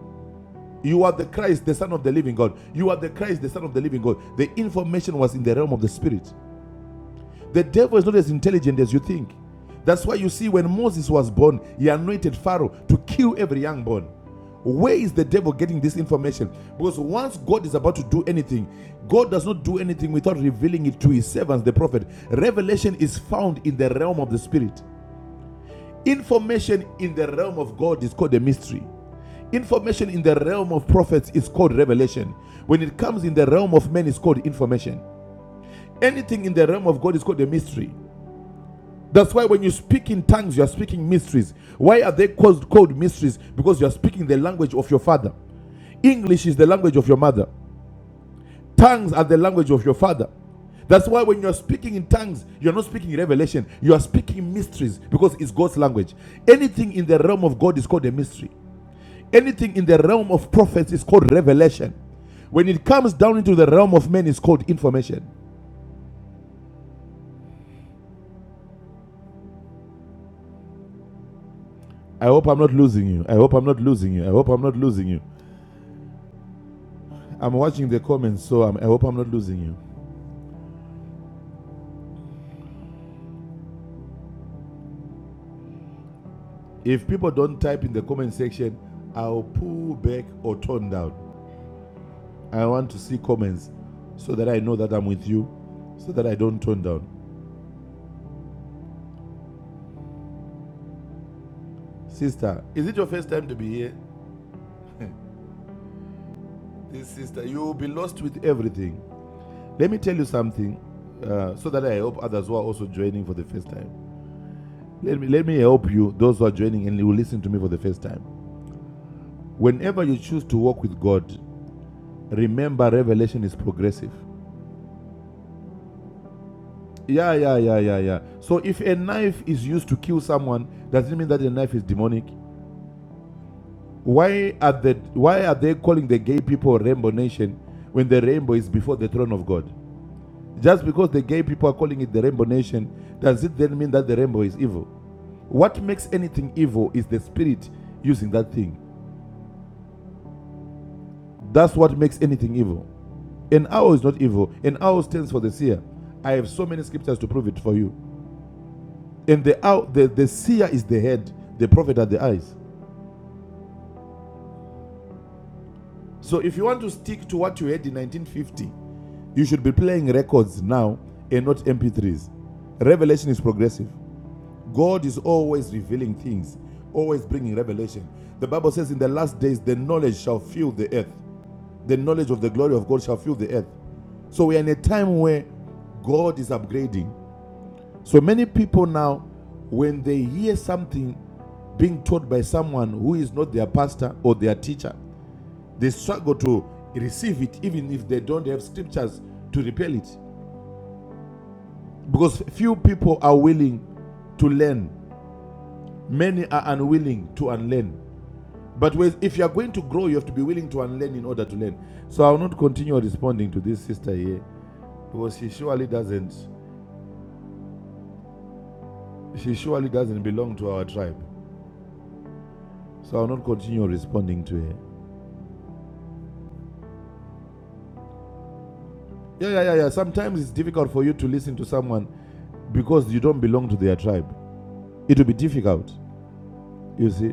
Speaker 6: You are the Christ, the Son of the living God. You are the Christ, the Son of the living God. The information was in the realm of the Spirit. The devil is not as intelligent as you think. That's why you see when Moses was born, he anointed Pharaoh to kill every young born. Where is the devil getting this information? Because once God is about to do anything, God does not do anything without revealing it to his servants, the prophet. Revelation is found in the realm of the spirit. Information in the realm of God is called a mystery. Information in the realm of prophets is called revelation. When it comes in the realm of men, it's called information. Anything in the realm of God is called a mystery. That's why when you speak in tongues, you are speaking mysteries. Why are they called, called mysteries? Because you are speaking the language of your father. English is the language of your mother. Tongues are the language of your father. That's why when you're speaking in tongues, you're not speaking revelation, you are speaking mysteries because it's God's language. Anything in the realm of God is called a mystery. Anything in the realm of prophets is called revelation. When it comes down into the realm of men, it's called information. I hope I'm not losing you. I hope I'm not losing you. I hope I'm not losing you. I'm watching the comments, so I'm, I hope I'm not losing you. If people don't type in the comment section, I'll pull back or turn down. I want to see comments so that I know that I'm with you, so that I don't turn down. Sister, is it your first time to be here? This sister, you'll be lost with everything. Let me tell you something, uh, so that I hope others who are also joining for the first time. Let me let me help you, those who are joining and will listen to me for the first time. Whenever you choose to walk with God, remember revelation is progressive. Yeah, yeah, yeah, yeah, yeah. So if a knife is used to kill someone, does it mean that the knife is demonic? Why are the why are they calling the gay people Rainbow Nation when the rainbow is before the throne of God? Just because the gay people are calling it the Rainbow Nation, does it then mean that the rainbow is evil? What makes anything evil is the spirit using that thing. That's what makes anything evil. An owl is not evil. An owl stands for the seer. I have so many scriptures to prove it for you. And the owl, the, the seer is the head, the prophet are the eyes. So if you want to stick to what you had in 1950, you should be playing records now and not MP3s. Revelation is progressive. God is always revealing things, always bringing revelation. The Bible says, In the last days, the knowledge shall fill the earth. The knowledge of the glory of God shall fill the earth. So we are in a time where God is upgrading. So many people now, when they hear something being taught by someone who is not their pastor or their teacher, they struggle to receive it, even if they don't have scriptures to repel it. Because few people are willing to learn, many are unwilling to unlearn. But if you are going to grow, you have to be willing to unlearn in order to learn. So I will not continue responding to this sister here because she surely doesn't. She surely doesn't belong to our tribe. So I will not continue responding to her. Yeah, yeah, yeah, yeah. Sometimes it's difficult for you to listen to someone because you don't belong to their tribe. It will be difficult, you see.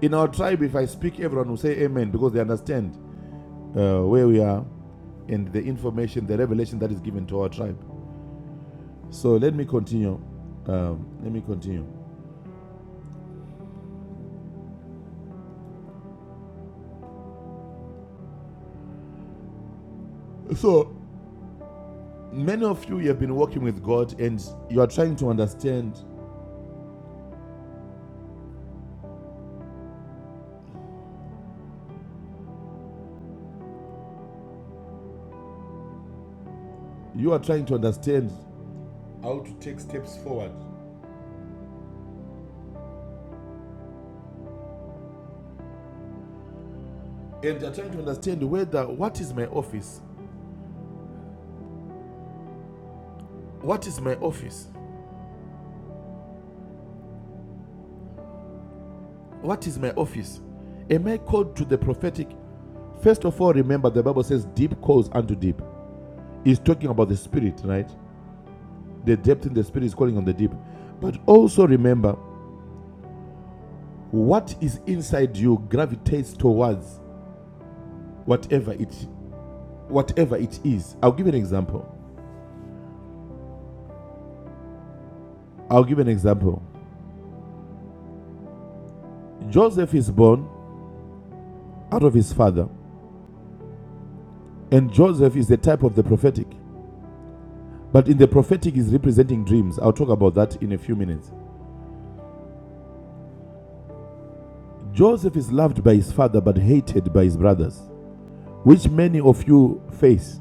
Speaker 6: In our tribe, if I speak, everyone will say amen because they understand uh, where we are and the information, the revelation that is given to our tribe. So let me continue. Um, let me continue. So many of you you have been working with God and you are trying to understand. You are trying to understand how to take steps forward. And you're trying to understand whether what is my office? What is my office? What is my office? Am I called to the prophetic? First of all, remember the Bible says deep calls unto deep. It's talking about the spirit, right? The depth in the spirit is calling on the deep. But also remember what is inside you gravitates towards whatever it whatever it is. I'll give an example. I'll give an example. Joseph is born out of his father, and Joseph is the type of the prophetic. But in the prophetic is representing dreams. I'll talk about that in a few minutes. Joseph is loved by his father but hated by his brothers, which many of you face.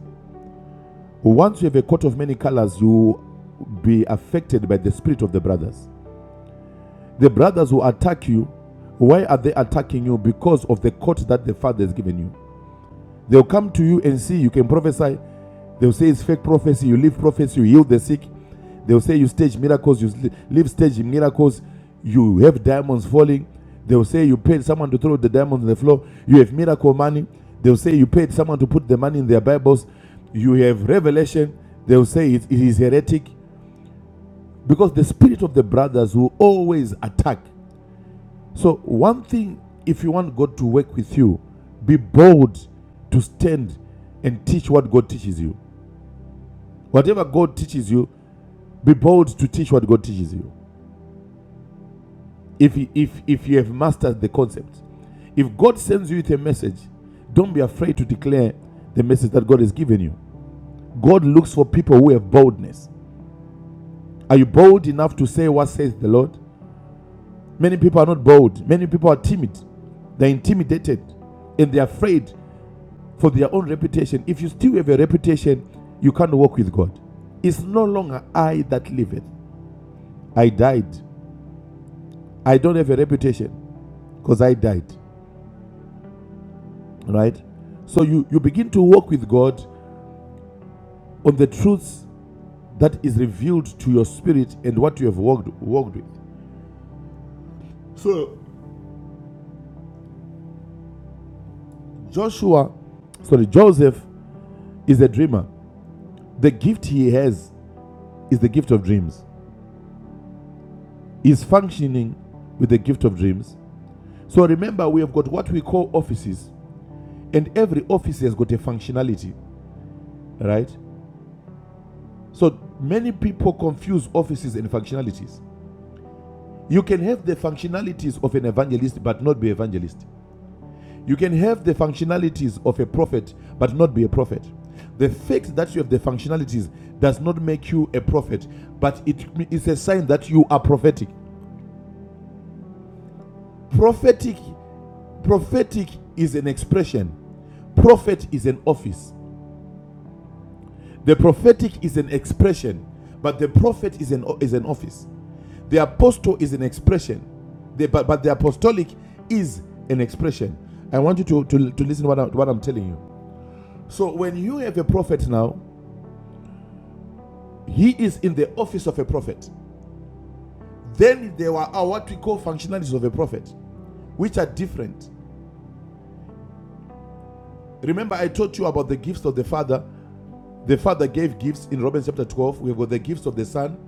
Speaker 6: Once you have a coat of many colors, you will be affected by the spirit of the brothers. The brothers who attack you, why are they attacking you? Because of the coat that the father has given you. They'll come to you and see you can prophesy. They'll say it's fake prophecy. You live prophecy. You heal the sick. They'll say you stage miracles. You sli- live stage miracles. You have diamonds falling. They'll say you paid someone to throw the diamonds on the floor. You have miracle money. They'll say you paid someone to put the money in their Bibles. You have revelation. They'll say it, it is heretic because the spirit of the brothers will always attack so, one thing, if you want God to work with you, be bold to stand and teach what God teaches you. Whatever God teaches you, be bold to teach what God teaches you. If, if, if you have mastered the concept, if God sends you with a message, don't be afraid to declare the message that God has given you. God looks for people who have boldness. Are you bold enough to say what says the Lord? Many people are not bold. Many people are timid. They're intimidated and they're afraid for their own reputation. If you still have a reputation, you can't walk with God. It's no longer I that liveth. I died. I don't have a reputation because I died. Right? So you, you begin to walk with God on the truths that is revealed to your spirit and what you have walked, walked with. So Joshua, sorry, Joseph is a dreamer. The gift he has is the gift of dreams. He's functioning with the gift of dreams. So remember, we have got what we call offices And every office has got a functionality, right? So many people confuse offices and functionalities. You can have the functionalities of an evangelist but not be evangelist. You can have the functionalities of a prophet but not be a prophet. The fact that you have the functionalities does not make you a prophet, but it is a sign that you are prophetic. Prophetic prophetic is an expression. Prophet is an office. The prophetic is an expression, but the prophet is an is an office. The apostle is an expression, the, but, but the apostolic is an expression. I want you to, to, to listen to what, I, what I'm telling you. So, when you have a prophet now, he is in the office of a prophet. Then there are are what we call functionalities of a prophet, which are different. Remember, I taught you about the gifts of the Father. The Father gave gifts in Romans chapter 12. We've got the gifts of the Son.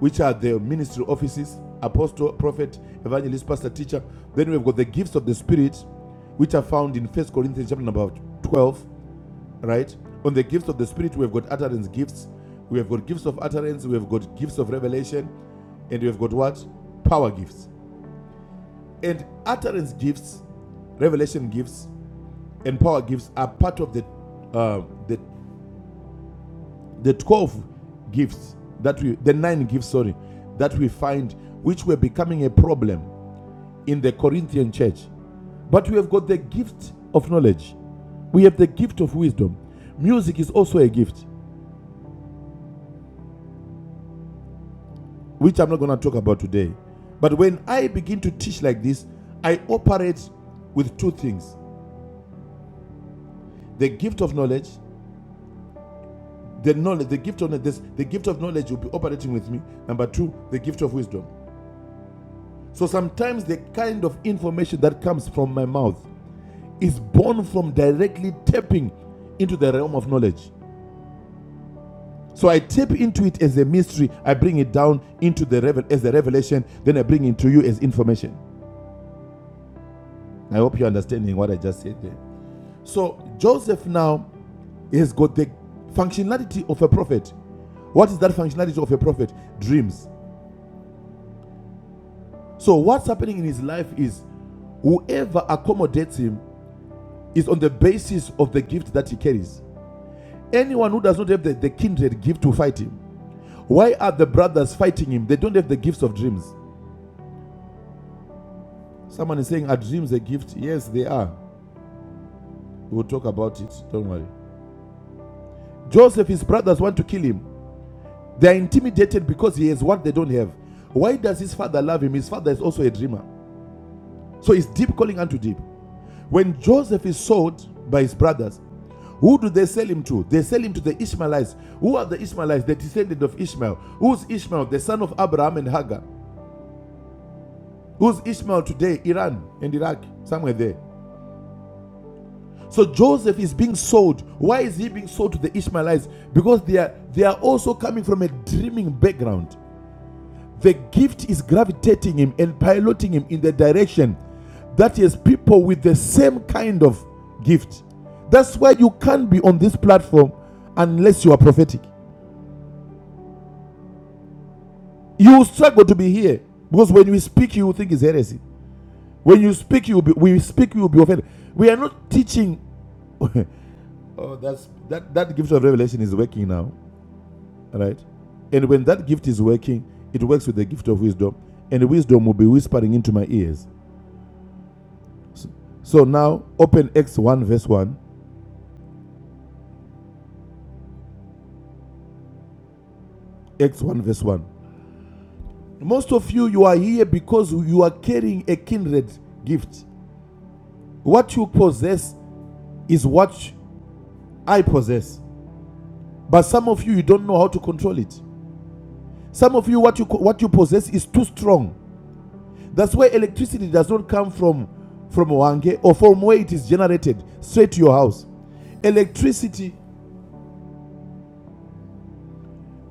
Speaker 6: which are the ministry offices apostle, prophet, evangelist, pastor, teacher. Then we've got the gifts of the Spirit, which are found in First Corinthians chapter number 12, right? On the gifts of the Spirit, we've got utterance gifts, we have got gifts of utterance, we have got gifts of revelation, and we have got what? Power gifts. And utterance gifts, revelation gifts, and power gifts are part of the uh, the the 12 gifts that we the nine gifts sorry that we find which were becoming a problem in the Corinthian church. But we have got the gift of knowledge, we have the gift of wisdom. Music is also a gift, which I'm not going to talk about today. But when I begin to teach like this, I operate with two things the gift of knowledge. The knowledge, the gift of this, the gift of knowledge will be operating with me. Number two, the gift of wisdom. So sometimes the kind of information that comes from my mouth is born from directly tapping into the realm of knowledge. So I tap into it as a mystery. I bring it down into the revel- as a revelation. Then I bring it to you as information. I hope you're understanding what I just said there. So Joseph now has got the functionality of a prophet. What is that functionality of a prophet? Dreams. So what's happening in his life is whoever accommodates him is on the basis of the gift that he carries. Anyone who does not have the, the kindred gift to fight him. Why are the brothers fighting him? They don't have the gifts of dreams. Someone is saying, Are dreams a gift? Yes, they are. We'll talk about it. Don't worry. Joseph, his brothers want to kill him. They are intimidated because he has what they don't have. Why does his father love him? His father is also a dreamer. So it's deep calling unto deep. When Joseph is sold by his brothers, who do they sell him to? They sell him to the Ishmaelites. Who are the Ishmaelites? The descendant of Ishmael. Who's Ishmael? The son of Abraham and Hagar. Who's Ishmael today? Iran and Iraq, somewhere there. So Joseph is being sold. Why is he being sold to the Ishmaelites? Because they are they are also coming from a dreaming background. The gift is gravitating him and piloting him in the direction that is people with the same kind of gift. That's why you can't be on this platform unless you are prophetic. You will struggle to be here because when you speak, you will think it's heresy. When you speak, you will be, we speak, you will be offended. We are not teaching. oh, that's that that gift of revelation is working now. right? And when that gift is working, it works with the gift of wisdom, and wisdom will be whispering into my ears. So now open X1 verse 1, X1 verse 1. Most of you, you are here because you are carrying a kindred gift. What you possess is what I possess. But some of you, you don't know how to control it. Some of you, what you what you possess is too strong. That's why electricity does not come from from Wange or from where it is generated straight to your house. Electricity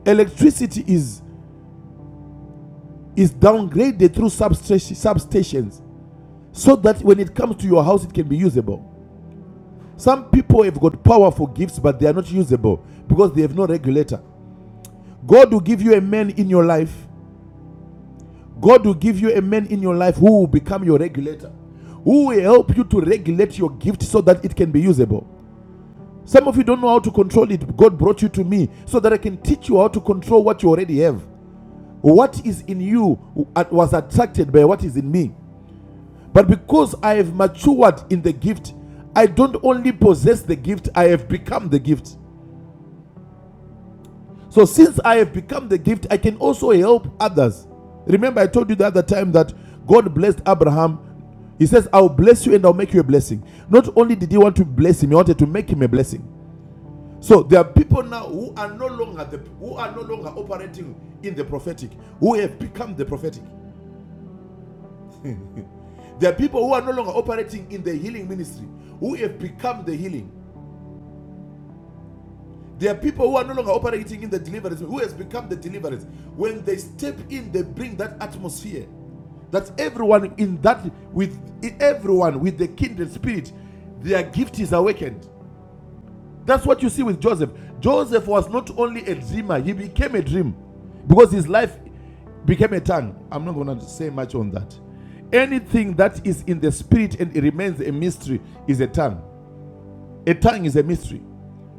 Speaker 6: electricity is is downgraded through substations so that when it comes to your house it can be usable some people have got powerful gifts but they are not usable because they have no regulator god will give you a man in your life god will give you a man in your life who will become your regulator who will help you to regulate your gift so that it can be usable some of you don't know how to control it god brought you to me so that i can teach you how to control what you already have what is in you uh, was attracted by what is in me But because I have matured in the gift, I don't only possess the gift, I have become the gift. So since I have become the gift, I can also help others. Remember, I told you the other time that God blessed Abraham. He says, I'll bless you and I'll make you a blessing. Not only did he want to bless him, he wanted to make him a blessing. So there are people now who are no longer the, who are no longer operating in the prophetic, who have become the prophetic. There are people who are no longer operating in the healing ministry, who have become the healing. There are people who are no longer operating in the deliverance, who has become the deliverance. When they step in, they bring that atmosphere. That everyone in that with everyone with the kindred spirit, their gift is awakened. That's what you see with Joseph. Joseph was not only a dreamer, he became a dream because his life became a tongue. I'm not gonna say much on that. Anything that is in the spirit and it remains a mystery is a tongue. A tongue is a mystery,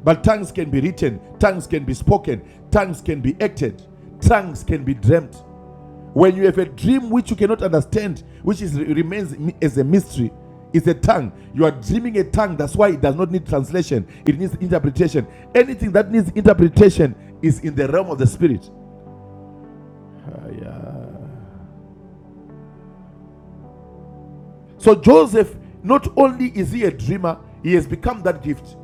Speaker 6: but tongues can be written, tongues can be spoken, tongues can be acted, tongues can be dreamt. When you have a dream which you cannot understand, which is, remains as a mystery, it's a tongue. You are dreaming a tongue. That's why it does not need translation. It needs interpretation. Anything that needs interpretation is in the realm of the spirit. Uh, yeah. So Joseph, not only is he a dreamer, he has become that gift.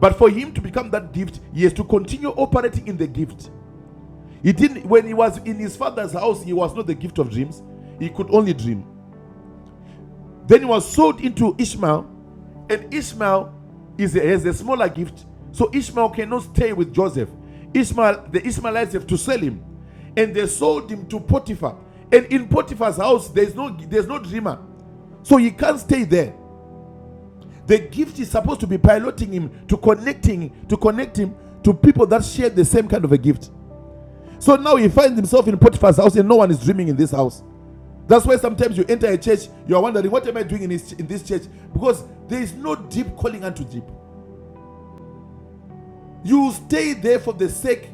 Speaker 6: But for him to become that gift, he has to continue operating in the gift. He didn't, when he was in his father's house, he was not the gift of dreams. He could only dream. Then he was sold into Ishmael, and Ishmael is a, has a smaller gift. So Ishmael cannot stay with Joseph. Ishmael, the Ishmaelites have to sell him. And they sold him to Potiphar. And in Potiphar's house, there's no there's no dreamer. So he can't stay there. The gift is supposed to be piloting him to connecting to connect him to people that share the same kind of a gift. So now he finds himself in Potiphar's house and no one is dreaming in this house. That's why sometimes you enter a church, you are wondering, what am I doing in this, in this church? Because there is no deep calling unto deep. You stay there for the sake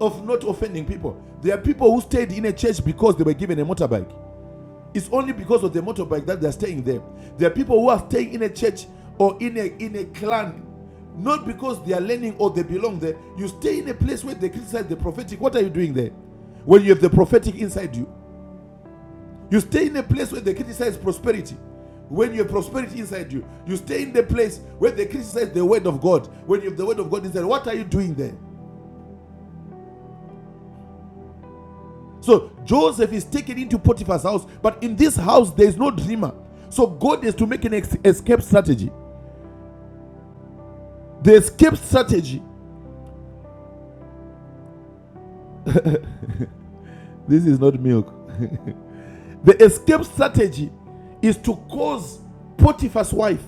Speaker 6: of not offending people. There are people who stayed in a church because they were given a motorbike. It's only because of the motorbike that they're staying there. There are people who are staying in a church or in a, in a clan, not because they are learning or they belong there. You stay in a place where they criticize the prophetic. What are you doing there? When you have the prophetic inside you, You stay in a place where they criticize prosperity. When you have prosperity inside you, you stay in the place where they criticize the word of God. When you have the word of God inside, what are you doing there? So Joseph is taken into Potiphar's house, but in this house there is no dreamer. So God has to make an ex- escape strategy. The escape strategy, this is not milk. the escape strategy is to cause Potiphar's wife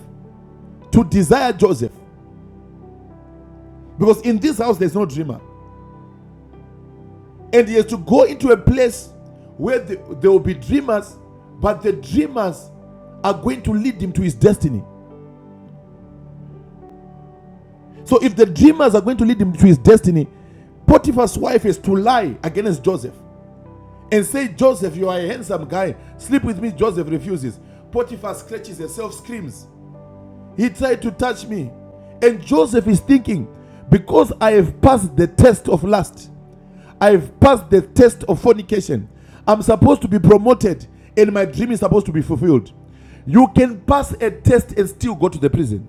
Speaker 6: to desire Joseph. Because in this house there's no dreamer. And he has to go into a place where the, there will be dreamers, but the dreamers are going to lead him to his destiny. So if the dreamers are going to lead him to his destiny, Potiphar's wife is to lie against Joseph and say, Joseph, you are a handsome guy. Sleep with me. Joseph refuses. Potiphar scratches herself, screams, He tried to touch me. And Joseph is thinking, Because I have passed the test of lust, I've passed the test of fornication. I'm supposed to be promoted and my dream is supposed to be fulfilled. You can pass a test and still go to the prison.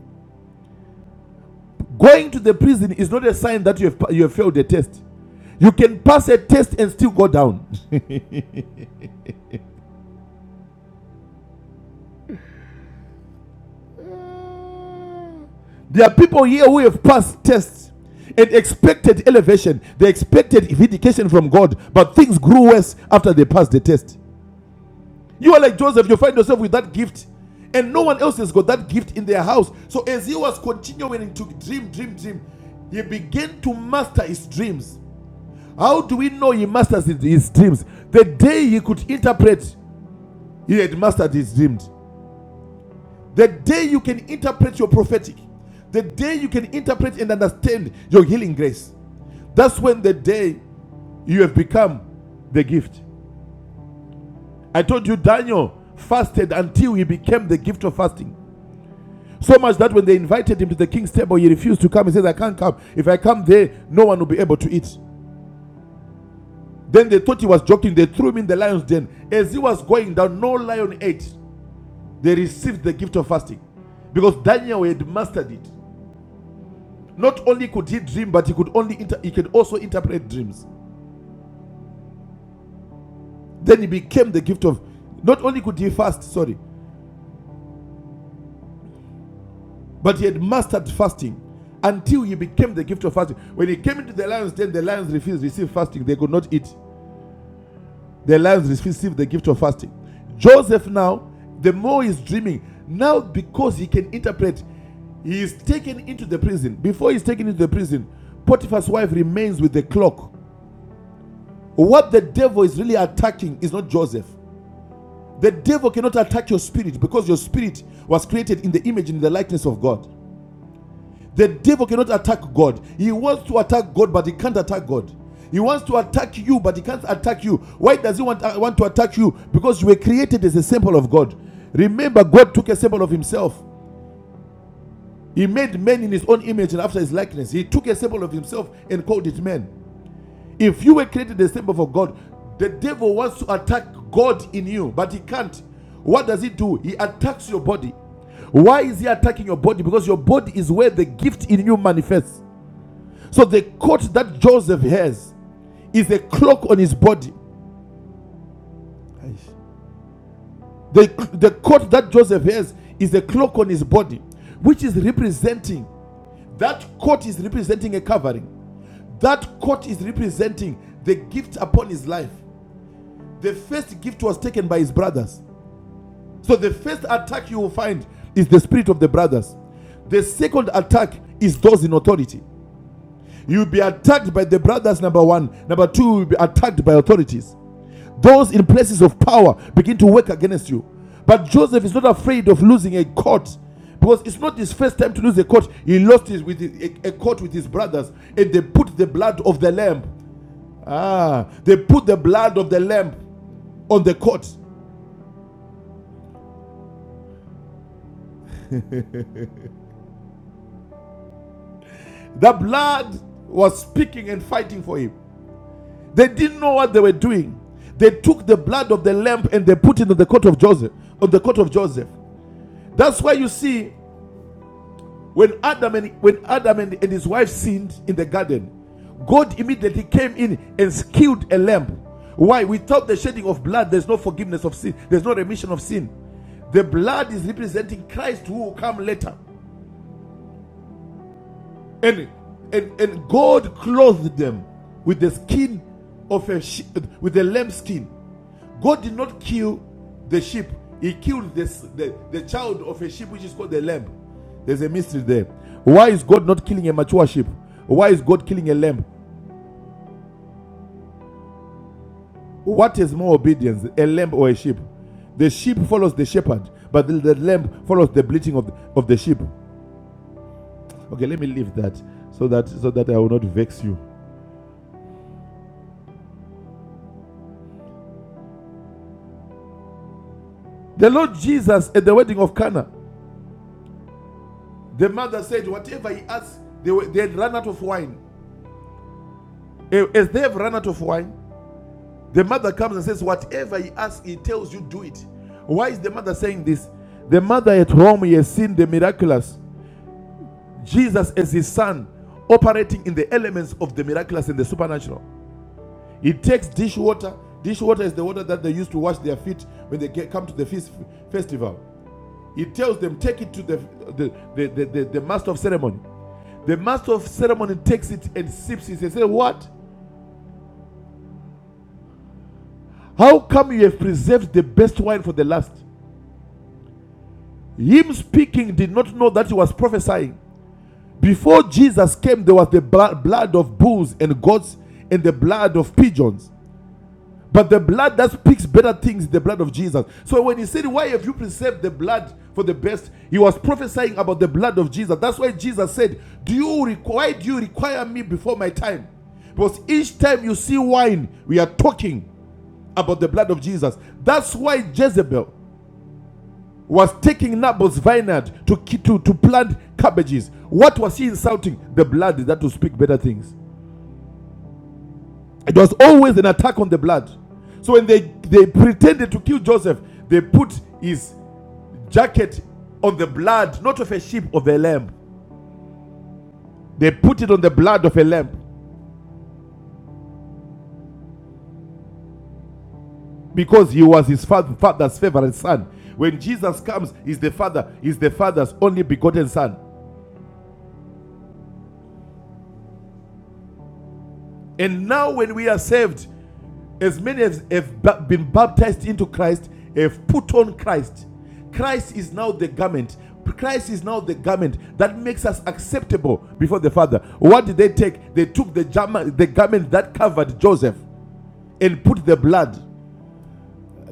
Speaker 6: Going to the prison is not a sign that you have, you have failed the test. You can pass a test and still go down. there are people here who have passed tests and expected elevation, they expected vindication from God, but things grew worse after they passed the test. You are like Joseph, you find yourself with that gift, and no one else has got that gift in their house. So, as he was continuing to dream, dream, dream, he began to master his dreams. How do we know he masters his dreams? The day he could interpret, he had mastered his dreams. The day you can interpret your prophetic, the day you can interpret and understand your healing grace, that's when the day you have become the gift. I told you, Daniel fasted until he became the gift of fasting. So much that when they invited him to the king's table, he refused to come. He said, I can't come. If I come there, no one will be able to eat. Then they thought he was joking. They threw him in the lion's den. As he was going down, no lion ate. They received the gift of fasting because Daniel had mastered it. Not only could he dream, but he could only inter- he could also interpret dreams. Then he became the gift of. Not only could he fast, sorry, but he had mastered fasting until he became the gift of fasting. When he came into the lion's den, the lions refused to receive fasting. They could not eat. their lives receive the gift of fasting. Joseph now, the more he's dreaming, now because he can interpret, he is taken into the prison. Before he's taken into the prison, Potiphar's wife remains with the clock. What the devil is really attacking is not Joseph. The devil cannot attack your spirit because your spirit was created in the image and the likeness of God. The devil cannot attack God. He wants to attack God, but he can't attack God. He wants to attack you, but he can't attack you. Why does he want, uh, want to attack you? Because you were created as a sample of God. Remember, God took a sample of himself. He made man in his own image and after his likeness. He took a sample of himself and called it man. If you were created as a sample of God, the devil wants to attack God in you, but he can't. What does he do? He attacks your body. Why is he attacking your body? Because your body is where the gift in you manifests. So the coat that Joseph has is a cloak on his body. The, the coat that Joseph has is a cloak on his body, which is representing that coat is representing a covering. That coat is representing the gift upon his life. The first gift was taken by his brothers. So the first attack you will find is the spirit of the brothers. The second attack is those in authority. You'll be attacked by the brothers, number one. Number two, you'll be attacked by authorities. Those in places of power begin to work against you. But Joseph is not afraid of losing a court because it's not his first time to lose a court. He lost his with a, a court with his brothers, and they put the blood of the lamb. Ah, they put the blood of the lamb on the court. The blood was speaking and fighting for him. They didn't know what they were doing. They took the blood of the lamb and they put it on the coat of Joseph, on the coat of Joseph. That's why you see when Adam and when Adam and, and his wife sinned in the garden, God immediately came in and killed a lamb. Why? Without the shedding of blood, there's no forgiveness of sin. There's no remission of sin. The blood is representing Christ who will come later. and and and God clothed them with the skin of a sheep, with a lamb skin. God did not kill the sheep; He killed this, the the child of a sheep, which is called the lamb. There's a mystery there. Why is God not killing a mature sheep? Why is God killing a lamb? What is more obedience, a lamb or a sheep? The sheep follows the shepherd, but the, the lamb follows the bleating of the, of the sheep. Okay, let me leave that so that so that I will not vex you. The Lord Jesus at the wedding of Cana The mother said, Whatever he asks, they, were, they had run out of wine. Eh, As they have run out of wine, the mother comes and says, Whatever he asks, he tells you, do it. Why is the mother saying this? The mother at home he has seen the miraculous. Jesus, as his son, operating in the elements of the miraculous and the supernatural. He takes dish water. Dish water is the water that they used to wash their feet when they come to the feast, festival. He tells them, take it to the, the, the, the, the- the master of ceremony. The master of ceremony takes it and sips it and says, What? How come you have preserved the best wine for the last? Him speaking did not know that he was prophesying. Before Jesus came, there was the bla- blood of bulls and goats and the blood of pigeons. But the blood that speaks better things, is the blood of Jesus. So when he said, Why have you preserved the blood for the best? He was prophesying about the blood of Jesus. That's why Jesus said, Do you require why do you require me before my time? Because each time you see wine, we are talking about the blood of Jesus. That's why Jezebel was taking Naboth's vineyard to, to, to plant cabbages. What was he insulting? The blood that will speak better things. It was always an attack on the blood. So when they, they pretended to kill Joseph, they put his jacket on the blood, not of a sheep, of a lamb. They put it on the blood of a lamb because he was his father's favorite son. When Jesus comes, he's the father, he's the father's only begotten son. And now when we are saved, As many as have been baptized into Christ have put on Christ. Christ is now the garment. Christ is now the garment that makes us acceptable before the Father. What did they take? They took the, the garment that covered Joseph and put the blood.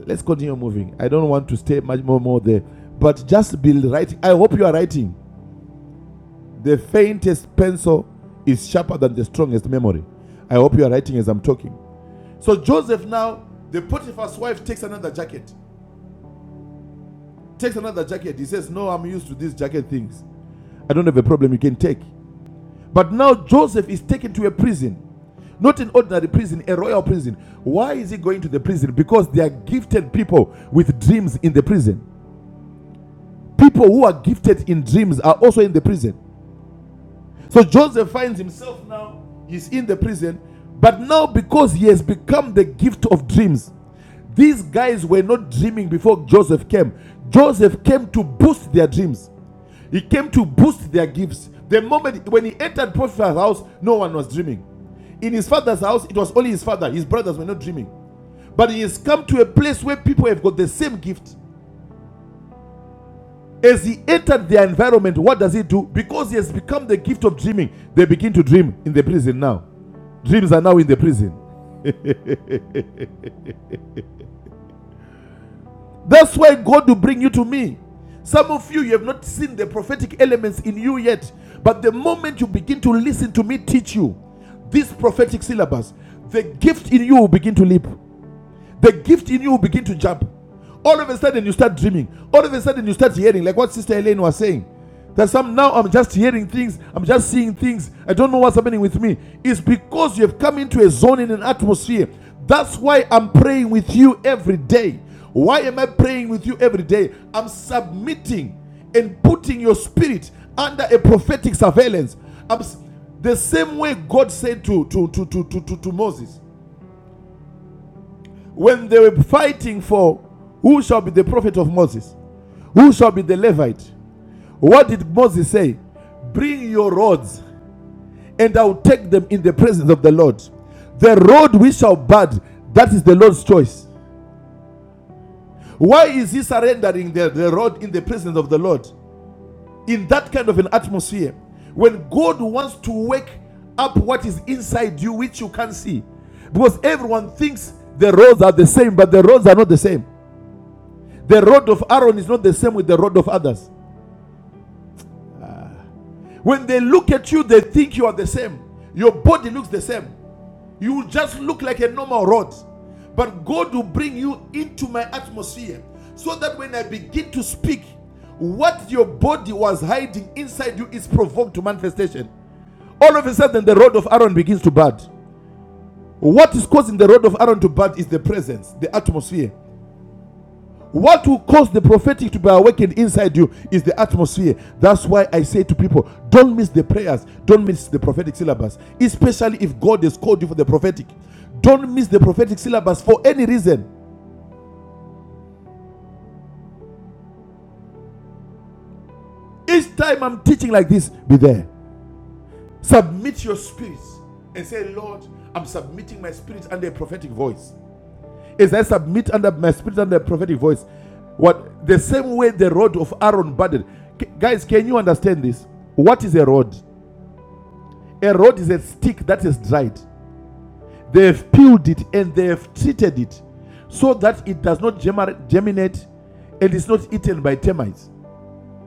Speaker 6: Let's continue moving. I don't want to stay much more, more there. But just be writing. I hope you are writing. The faintest pencil is sharper than the strongest memory. I hope you are writing as I'm talking. So Joseph now, the Potiphar's wife takes another jacket takes another jacket. He says, No, I'm used to these jacket things. I don't have a problem. You can take. But now Joseph is taken to a prison. Not an ordinary prison, a royal prison. Why is he going to the prison? Because they are gifted people with dreams in the prison. People who are gifted in dreams are also in the prison. So Joseph finds himself now, he's in the prison, but now because he has become the gift of dreams, these guys were not dreaming before Joseph came. Joseph came to boost their dreams, he came to boost their gifts. The moment when he entered Potiphar's house, no one was dreaming. In his father's house, it was only his father, his brothers were not dreaming. But he has come to a place where people have got the same gift. As he entered their environment, what does he do? Because he has become the gift of dreaming, they begin to dream in the prison now. Dreams are now in the prison. That's why God will bring you to me. Some of you, you have not seen the prophetic elements in you yet. But the moment you begin to listen to me teach you this prophetic syllabus, the gift in you will begin to leap. the gift in you will begin to jump. All of a sudden, you start dreaming. All of a sudden, you start hearing, like what Sister Elaine was saying. That some now I'm just hearing things, I'm just seeing things, I don't know what's happening with me. It's because you have come into a zone in an atmosphere. That's why I'm praying with you every day. Why am I praying with you every day? I'm submitting and putting your spirit under a prophetic surveillance. I'm the same way God said to, to, to, to, to, to, to Moses when they were fighting for who shall be the prophet of Moses, who shall be the Levite, what did Moses say? Bring your rods, and I will take them in the presence of the Lord. The road we shall bud, that is the Lord's choice. Why is he surrendering the, the road in the presence of the Lord? In that kind of an atmosphere, when God wants to wake up what is inside you, which you can't see, because everyone thinks the roads are the same, but the roads are not the same. The rod of Aaron is not the same with the rod of others. When they look at you, they think you are the same. Your body looks the same. You just look like a normal rod. But God will bring you into my atmosphere so that when I begin to speak, what your body was hiding inside you is provoked to manifestation. All of a sudden, the rod of Aaron begins to bud. What is causing the rod of Aaron to bud is the presence, the atmosphere. What will cause the prophetic to be awakened inside you is the atmosphere. That's why I say to people, don't miss the prayers, don't miss the prophetic syllabus, especially if God has called you for the prophetic. Don't miss the prophetic syllabus for any reason. Each time I'm teaching like this, be there. Submit your spirits and say, Lord, I'm submitting my spirit under a prophetic voice. As I submit under my spirit under a prophetic voice, what the same way the rod of Aaron budded. K- guys, can you understand this? What is a rod? A rod is a stick that is dried. They have peeled it and they have treated it so that it does not germinate and is not eaten by termites.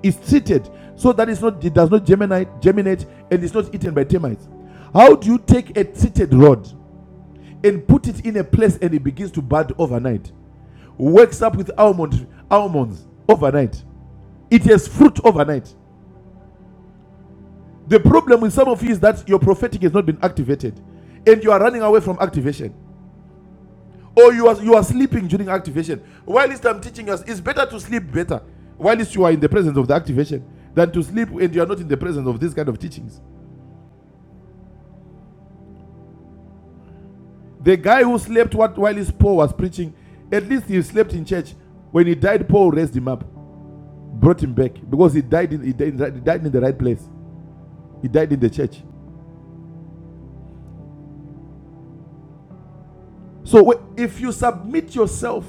Speaker 6: It's treated so that it's not, it does not germinate, germinate and is not eaten by termites. How do you take a treated rod and put it in a place and it begins to bud overnight? Wakes up with almond, almonds overnight. It has fruit overnight. The problem with some of you is that your prophetic has not been activated and you are running away from activation. Or you are you are sleeping during activation. While least I'm teaching us, it's better to sleep better. While least you are in the presence of the activation than to sleep and you are not in the presence of these kind of teachings. The guy who slept what while his Paul was preaching, at least he slept in church. When he died, Paul raised him up, brought him back because he died in he died, he died in the right place. He died in the church. So if you submit yourself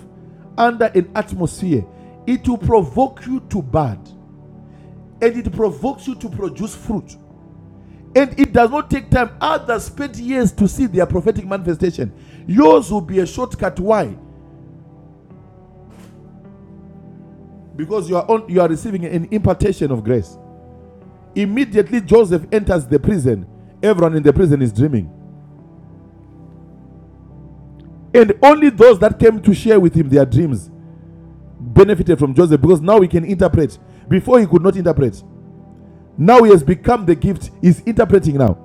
Speaker 6: under an atmosphere, it will provoke you to bad, and it provokes you to produce fruit. And it does not take time. Others spent years to see their prophetic manifestation. Yours will be a shortcut. Why? Because you are on, you are receiving an impartation of grace. Immediately Joseph enters the prison. Everyone in the prison is dreaming. And only those that came to share with him their dreams benefited from Joseph because now he can interpret. Before he could not interpret. Now he has become the gift. He's interpreting now.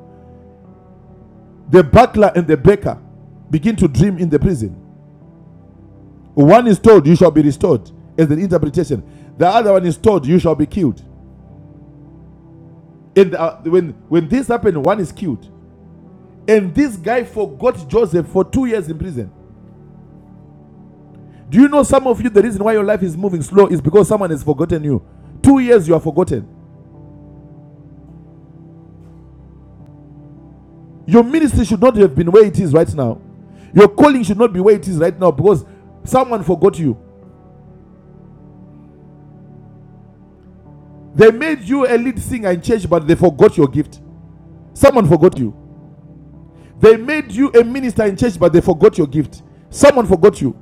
Speaker 6: The butler and the baker begin to dream in the prison. One is told, you shall be restored, is the interpretation. The other one is told, you shall be killed. And uh, when when this happened, one is killed. And this guy forgot Joseph for two years in prison. Do you know some of you the reason why your life is moving slow is because someone has forgotten you. Two years you are forgotten. Your ministry should not have been where it is right now. Your calling should not be where it is right now because someone forgot you. They made you a lead singer in church, but they forgot your gift. Someone forgot you. They made you a minister in church, but they forgot your gift. Someone forgot you.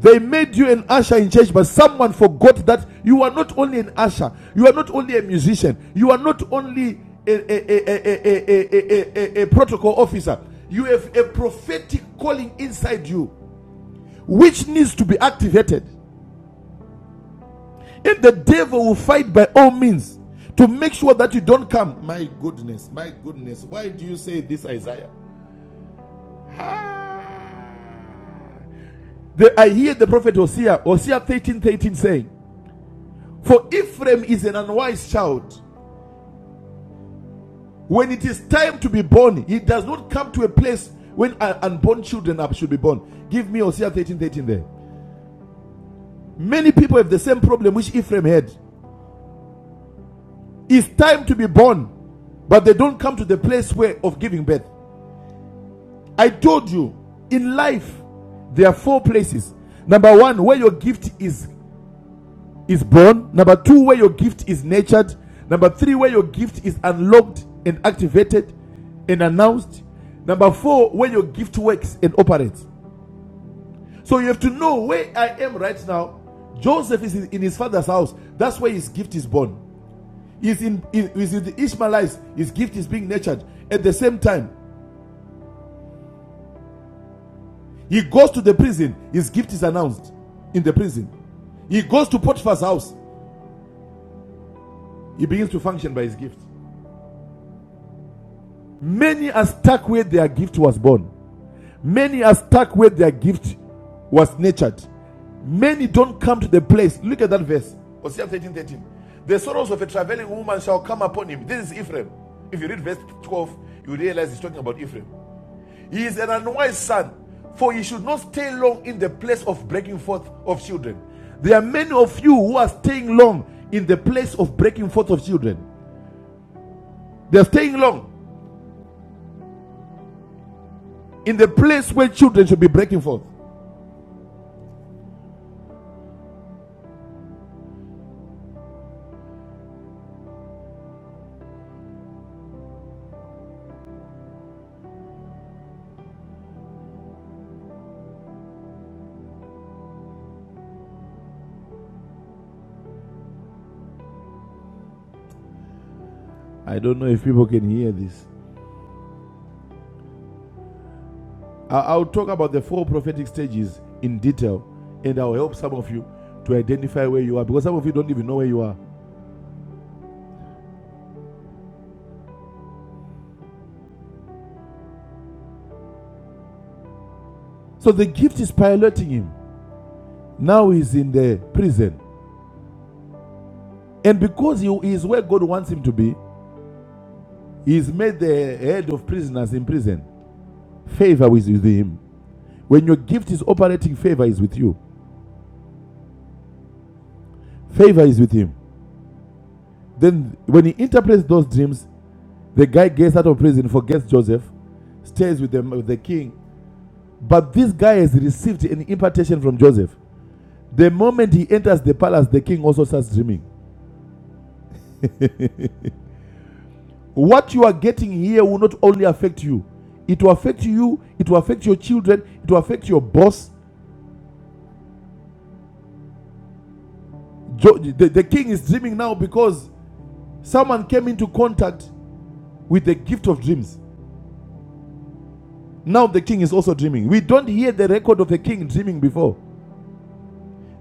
Speaker 6: They made you an usher in church, but someone forgot that you are not only an usher, you are not only a musician, you are not only a, a, a, a, a, a, a, a protocol officer. You have a prophetic calling inside you, which needs to be activated. If the devil will fight by all means to make sure that you don't come, my goodness, my goodness, why do you say this, Isaiah? The, I hear the prophet Hosea, Hosea 13 13 saying, For Ephraim is an unwise child. When it is time to be born, he does not come to a place when unborn children should be born. Give me Hosea 13 13 there. Many people have the same problem which Ephraim had. It's time to be born, but they don't come to the place where of giving birth. I told you, in life, there are four places. Number one, where your gift is is born. Number two, where your gift is nurtured. Number three, where your gift is unlocked and activated and announced. Number four, where your gift works and operates. So you have to know where I am right now. Joseph is in his father's house. That's where his gift is born. He's in, in, he's in the Ishmaelites. His gift is being nurtured. At the same time, he goes to the prison. His gift is announced in the prison. He goes to Potiphar's house. He begins to function by his gift. Many are stuck where their gift was born. Many are stuck where their gift was nurtured. Many don't come to the place. Look at that verse. Hosea 13 thirteen. The sorrows of a traveling woman shall come upon him. This is Ephraim. If you read verse 12, you realize he's talking about Ephraim. He is an unwise son, for he should not stay long in the place of breaking forth of children. There are many of you who are staying long in the place of breaking forth of children. They're staying long in the place where children should be breaking forth. I don't know if people can hear this. I- will talk about the four prophetic stages in detail and I'll help some of you to identify where you are because some of you don't even know where you are. So the gift is piloting him. Now he's in the prison. And because he is where God wants him to be, he's made the head of prisoners in prison. Favor is with him. When your gift is operating, favor is with you. Favor is with him. Then when he interprets those dreams, the guy gets out of prison, forgets Joseph, stays with the, with the king, But this guy has received an impartation from Joseph. The moment he enters the palace, the king also starts dreaming. What you are getting here will not only affect you, it will affect you, it will affect your children, it will affect your boss. Jo- the, the king is dreaming now because someone came into contact with the gift of dreams. Now the king is also dreaming. We don't hear the record of the king dreaming before.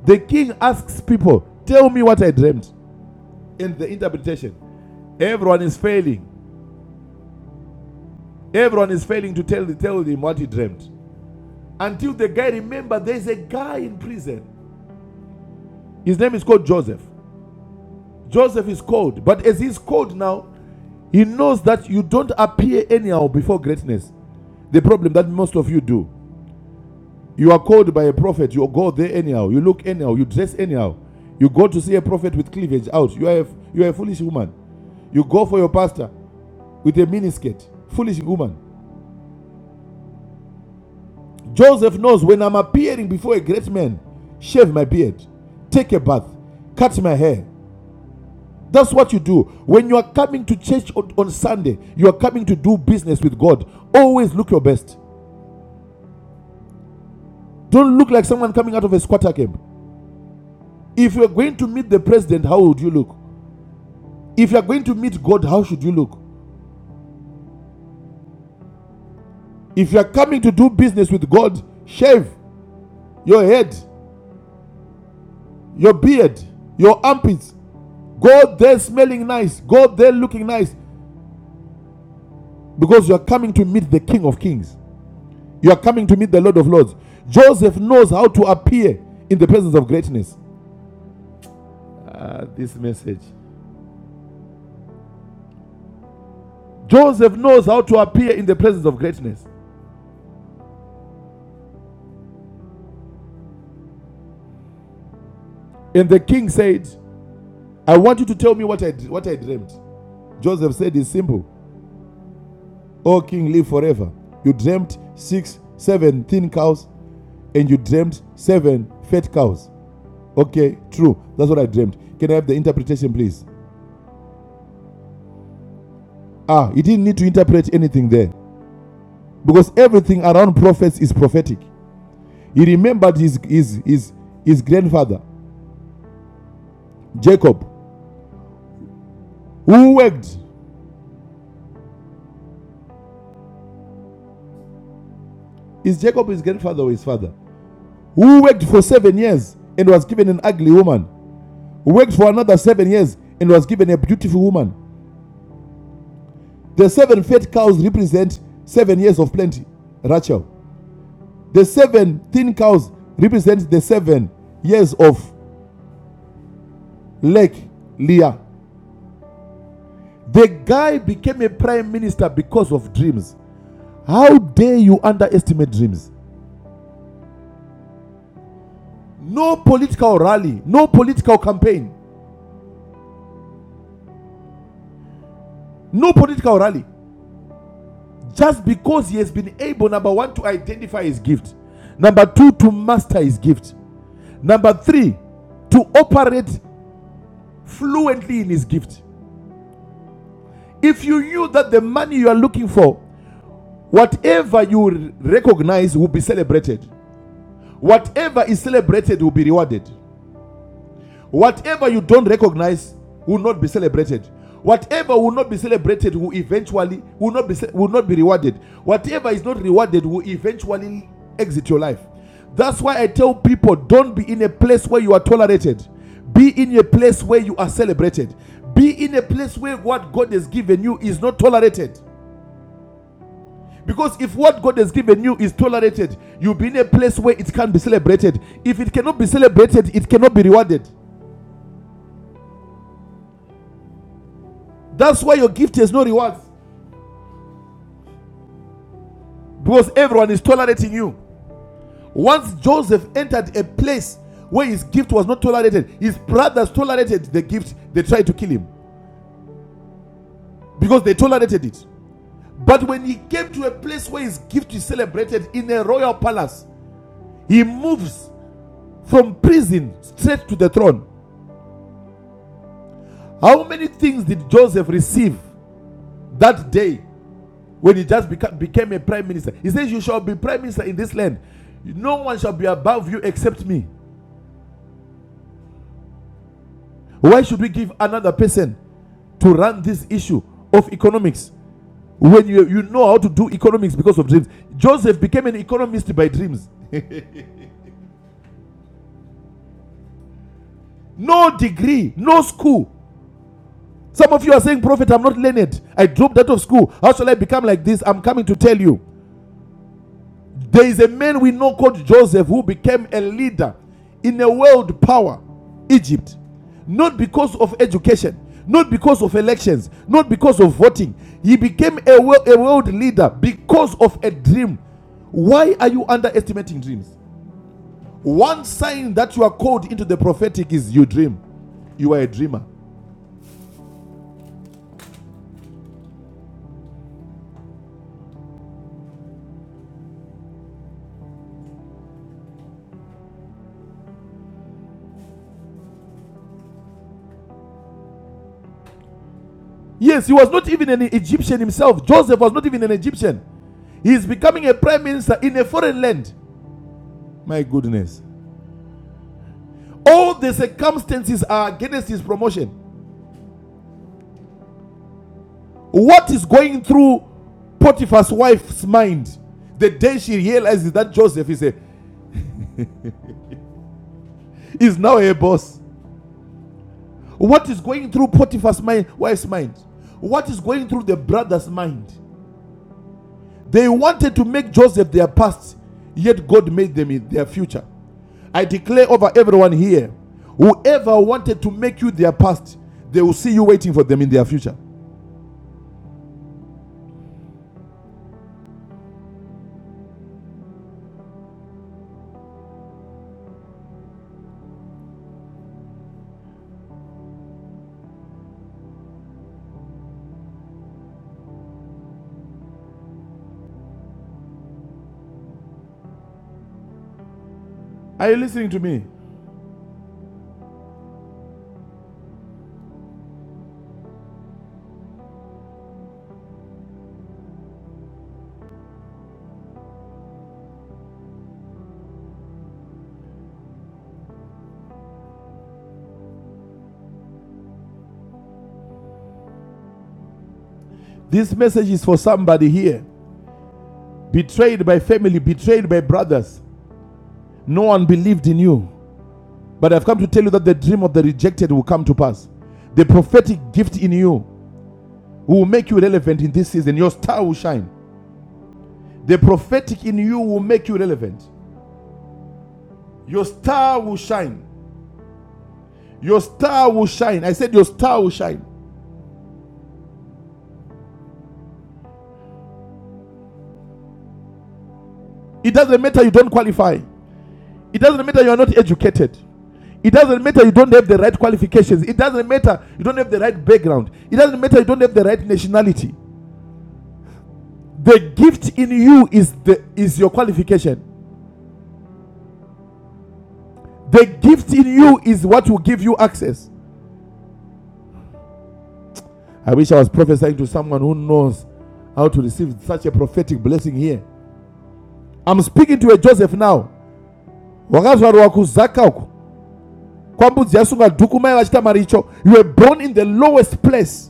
Speaker 6: The king asks people, Tell me what I dreamt, and the interpretation. Everyone is failing Everyone is failing to tell, tell him what he dreamt. Until the guy remember there's a guy in prison. His name is called Joseph. Joseph is called, but as he's called now, he knows that you don't appear anyhow before greatness. The problem that most of you do. You are called by a prophet, you go there anyhow, you look anyhow, you dress anyhow. You go to see a prophet with cleavage out. You are a, you are a foolish woman. You go for your pastor with a miniskirt. Foolish woman. Joseph knows when I'm appearing before a great man, shave my beard, take a bath, cut my hair. That's what you do. When you are coming to church on, on Sunday, you are coming to do business with God. Always look your best. Don't look like someone coming out of a squatter camp. If you are going to meet the president, how would you look? If you are going to meet God, how should you look? If you are coming to do business with God, shave your head, your beard, your armpits. Go there smelling nice. Go there looking nice. because you are coming to meet the King of Kings. You are coming to meet the Lord of Lords. Joseph knows how to appear in the presence of greatness. Ah, this message. Joseph knows how to appear in the presence of greatness. And the king said, I want you to tell me what I, what I dreamt. Joseph said, It's simple. O king, live forever. You dreamt six, seven thin cows, and you dreamt seven fat cows. Okay, true. That's what I dreamt. Can I have the interpretation, please? Ah, he didn't need to interpret anything there. because everything around prophets is prophetic. He remembered his, his, his, his grandfather, Jacob, who worked. Is Jacob his grandfather or his father? Who worked for seven years and was given an ugly woman. Who worked for another seven years and was given a beautiful woman. The seven fat cows represent seven years of plenty, Rachel. The seven thin cows represent the seven years of lack, Leah. The guy became a prime minister because of dreams. How dare you underestimate dreams? No political rally, no political campaign, no political rally. Just because he has been able, number one, to identify his gift, number two, to master his gift, number three, to operate fluently in his gift. If you knew that the money you are looking for, whatever you recognize will be celebrated, whatever is celebrated will be rewarded. Whatever you don't recognize will not be celebrated. Whatever will not be celebrated will eventually will not be will not be rewarded. Whatever is not rewarded will eventually exit your life. That's why I tell people don't be in a place where you are tolerated. Be in a place where you are celebrated. Be in a place where what God has given you is not tolerated. Because if what God has given you is tolerated, you'll be in a place where it can be celebrated. If it cannot be celebrated, it cannot be rewarded. That's why your gift has no rewards because everyone is tolerating you. Once Joseph entered a place where his gift was not tolerated, his brothers tolerated the gift, they tried to kill him because they tolerated it. But when he came to a place where his gift is celebrated in a royal palace, he moves from prison straight to the throne. How many things did Joseph receive that day when he just beca- became a prime minister? He says, You shall be prime minister in this land. No one shall be above you except me. Why should we give another person to run this issue of economics when you, you know how to do economics because of dreams? Joseph became an economist by dreams. No degree, no school. Some of you are saying, Prophet, I'm not learned. I dropped out of school. How shall I become like this? I'm coming to tell you. There is a man we know called Joseph who became a leader in a world power, Egypt, not because of education, not because of elections, not because of voting. He became a world, a world leader because of a dream. Why are you underestimating dreams? One sign that you are called into the prophetic is you dream. You are a dreamer. Yes, he was not even an Egyptian himself. Joseph was not even an Egyptian. He is becoming a prime minister in a foreign land. My goodness. All the circumstances are against his promotion. What is going through Potiphar's wife's mind the day she realizes that Joseph is, a, is now her boss? What is going through Potiphar's mind, wife's mind? What is going through the brother's mind? They wanted to make Joseph their past, yet God made them in their future. I declare over everyone here whoever wanted to make you their past, they will see you waiting for them in their future. Are you listening to me? This message is for somebody here. Betrayed by family, betrayed by brothers. No one believed in you. But I've come to tell you that the dream of the rejected will come to pass. The prophetic gift in you will make you relevant in this season. Your star will shine. The prophetic in you will make you relevant. Your star will shine. Your star will shine. I said, Your star will shine. It doesn't matter you don't qualify. It doesn't matter you are not educated. It doesn't matter you don't have the right qualifications. It doesn't matter you don't have the right background. It doesn't matter you don't have the right nationality. The gift in you is the is your qualification. The gift in you is what will give you access. I wish I was prophesying to someone who knows how to receive such a prophetic blessing here. I'm speaking to a Joseph now. Wakazvarwa kuzaka uku. Kwambudzi yasunga dhuku mai maricho. You were born in the lowest place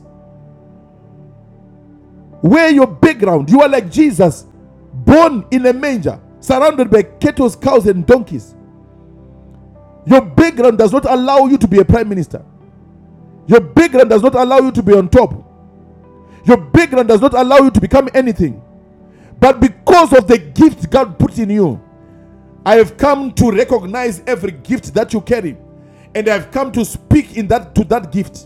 Speaker 6: Wear your background. You are like Jesus, born in a manger, surrounded by cattle, cows, and donkeys. Your background does not allow you to be a prime minister. Your background does not allow you to be on top. Your background does not allow you to become anything. But because of the gift God put in you, I have come to recognize every gift that you carry, and I have come to speak in that to that gift.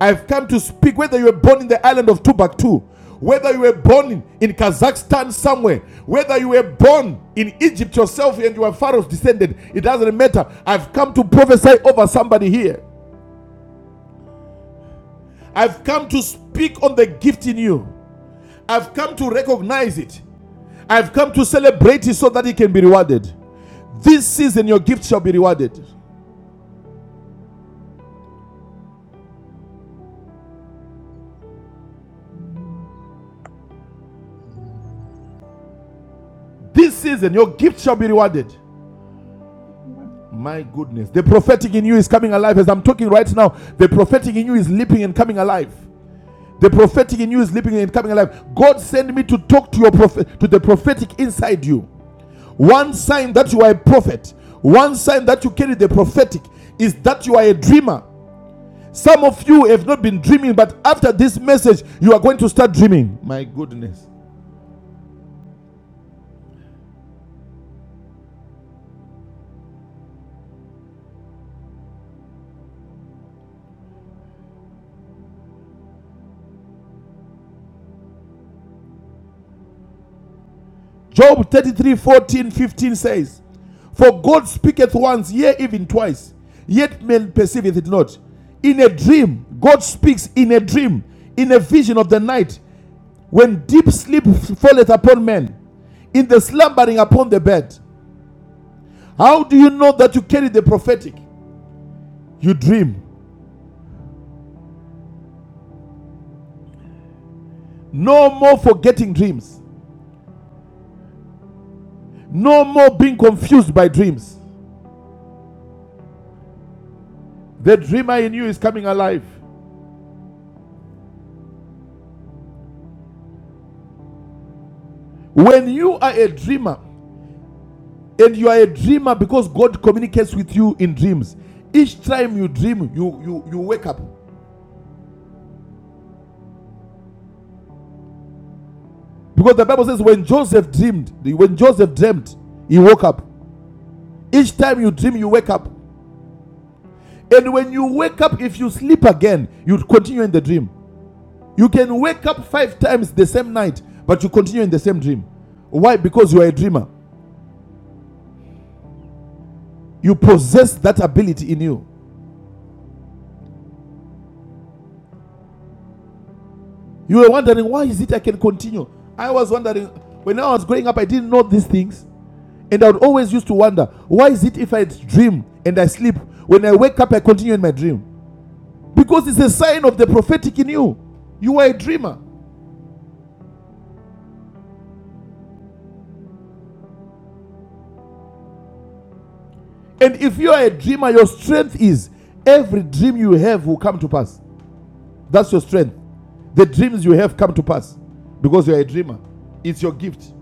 Speaker 6: I've come to speak whether you were born in the island of Timbuktu, whether you were born in, in Kazakhstan somewhere, whether you were born in Egypt yourself and you are Pharaoh's descendant, it doesn't matter. I've come to prophesy over somebody here. I've come to speak on the gift in you. I've come to recognize it. I've come to celebrate it so that it can be rewarded. This season, your gift shall be rewarded. This season, your gift shall be rewarded.
Speaker 7: Thank
Speaker 6: My goodness. The prophetic in you is coming alive as I'm talking right now. The prophetic in you is leaping and coming alive. The prophetic in you is leaping and coming alive. God sent me to talk to your prophet to the prophetic inside you. One sign that you are a prophet, one sign that you carry the prophetic is that you are a dreamer. Some of you have not been dreaming, but after this message, you are going to start dreaming. My goodness. Job 33 fourteen, 15 says, For God speaketh once, yea, even twice, yet man perceiveth it not. In a dream, God speaks in a dream, in a vision of the night, when deep sleep falleth upon men, in the slumbering upon the bed. How do you know that you carry the prophetic? You dream. No more forgetting dreams. No more being confused by dreams. The dreamer in you is coming alive. When you are a dreamer, and you are a dreamer because god communicates with you in dreams each time you dream you you you wake up because the bible says when joseph dreamed when joseph dreamt he woke up each time you dream you wake up and when you wake up if you sleep again you continue in the dream you can wake up five times the same night but you continue in the same dream why because you are a dreamer you possess that ability in you you were wondering why is it i can continue i was wondering when i was growing up i didn't know these things And I would always used to wonder, why is it if I dream and I sleep, when I wake up, I continue in my dream? Because it's a sign of the prophetic in you. You are a dreamer. And if you are a dreamer, your strength is every dream you have will come to pass. That's your strength. The dreams you have come to pass because you are a dreamer. It's your gift.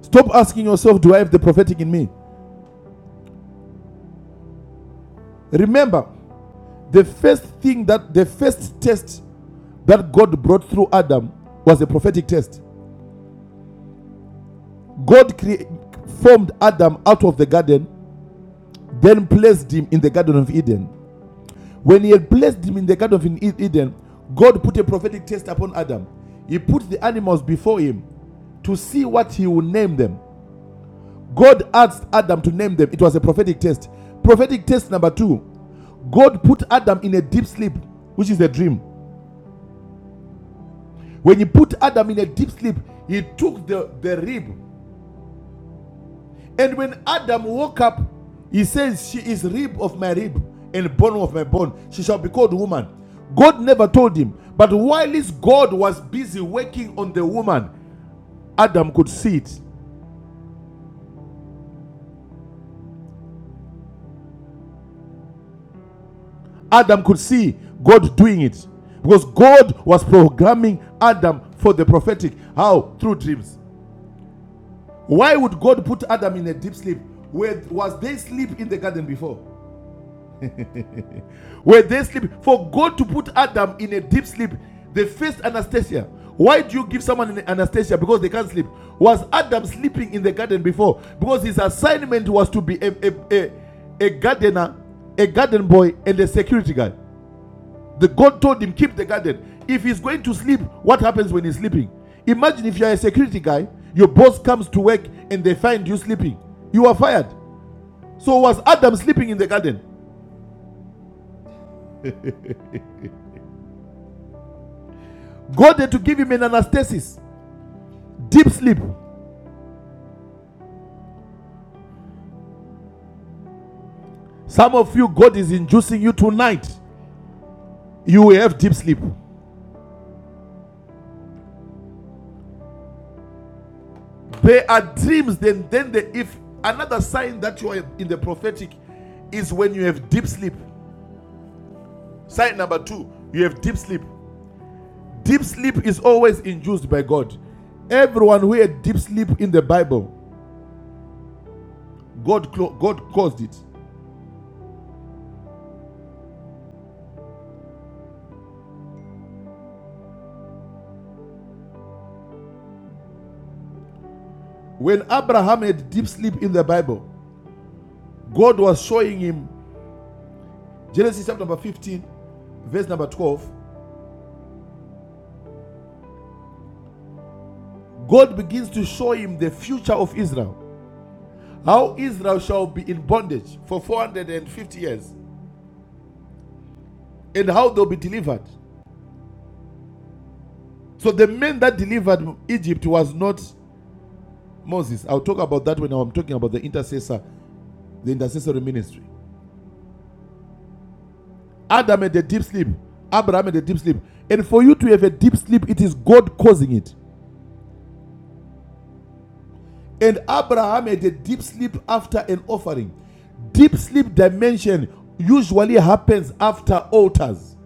Speaker 6: Stop asking yourself, do I have the prophetic in me? Remember, the first thing that the first test that God brought through Adam was a prophetic test. God crea- formed Adam out of the garden, then placed him in the Garden of Eden. When he had placed him in the Garden of E- Eden, God put a prophetic test upon Adam. He put the animals before him to see what he would name them. God asked Adam to name them. It was a prophetic test. Prophetic test number two God put Adam in a deep sleep, which is a dream. When he put Adam in a deep sleep, he took the, the rib And when Adam woke up, he says, She is rib of my rib and bone of my bone. She shall be called woman. God never told him. But whilst God was busy working on the woman, Adam could see it. Adam could see God doing it. Because God was programming Adam for the prophetic. How? Through dreams. Why would God put Adam in a deep sleep? Where was there sleep in the garden before? Were they sleep? For God to put Adam in a deep sleep, they faced anesthesia. Why do you give someone an anesthesia? Because they can't sleep. Was Adam sleeping in the garden before? Because his assignment was to be a, a, a, a gardener, a garden boy, and a security guy. The God told him, keep the garden. If he's going to sleep, what happens when he's sleeping? Imagine if you're a security guy, your boss comes to work and they find you sleeping. You are fired. So was Adam sleeping in the garden? God had to give him an anastasis Deep sleep. Some of you, God is inducing you tonight. You will have deep sleep. There are dreams, then then the if another sign that you are in the prophetic is when you have deep sleep. Sign number two, you have deep sleep. Deep sleep is always induced by God. Everyone who had deep sleep in the Bible, God God caused it. When Abraham had deep sleep in the Bible, God was showing him Genesis chapter number 15, verse number 12 God begins to show him the future of Israel. How Israel shall be in bondage for 450 years and how they'll be delivered. So the man that delivered Egypt was not Moses. I'll talk about that when I'm talking about the intercessor, the intercessory ministry. Adam had a deep sleep. Abraham had a deep sleep. And for you to have a deep sleep, it is God causing it. And Abraham had a deep sleep after an offering. Deep sleep dimension usually happens after altars.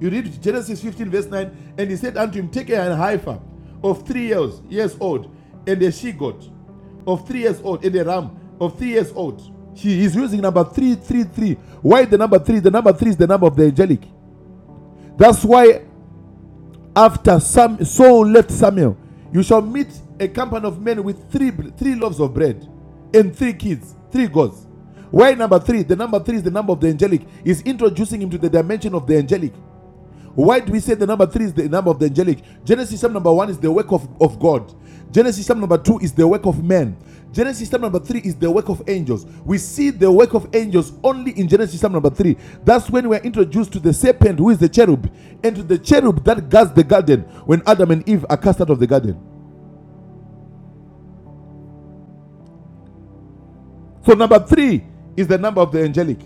Speaker 6: You read Genesis 15, verse 9, and he said unto him, Take a heifer of three years, years old, and a she goat of three years old, and a ram of three years old. He is using number three, three, three. Why the number three? The number three is the number of the angelic. That's why after Sam, Saul left Samuel, you shall meet a company of men with three, three loaves of bread and three kids, three goats. Why number three? The number three is the number of the angelic. Is introducing him to the dimension of the angelic. Why do we say the number three is the number of the angelic? Genesis chapter number one is the work of, of God. Genesis chapter number two is the work of man. Genesis chapter number three is the work of angels. We see the work of angels only in Genesis chapter number three. That's when we're introduced to the serpent, who is the cherub, and to the cherub that guards the garden when Adam and Eve are cast out of the garden. So number three is the number of the angelic.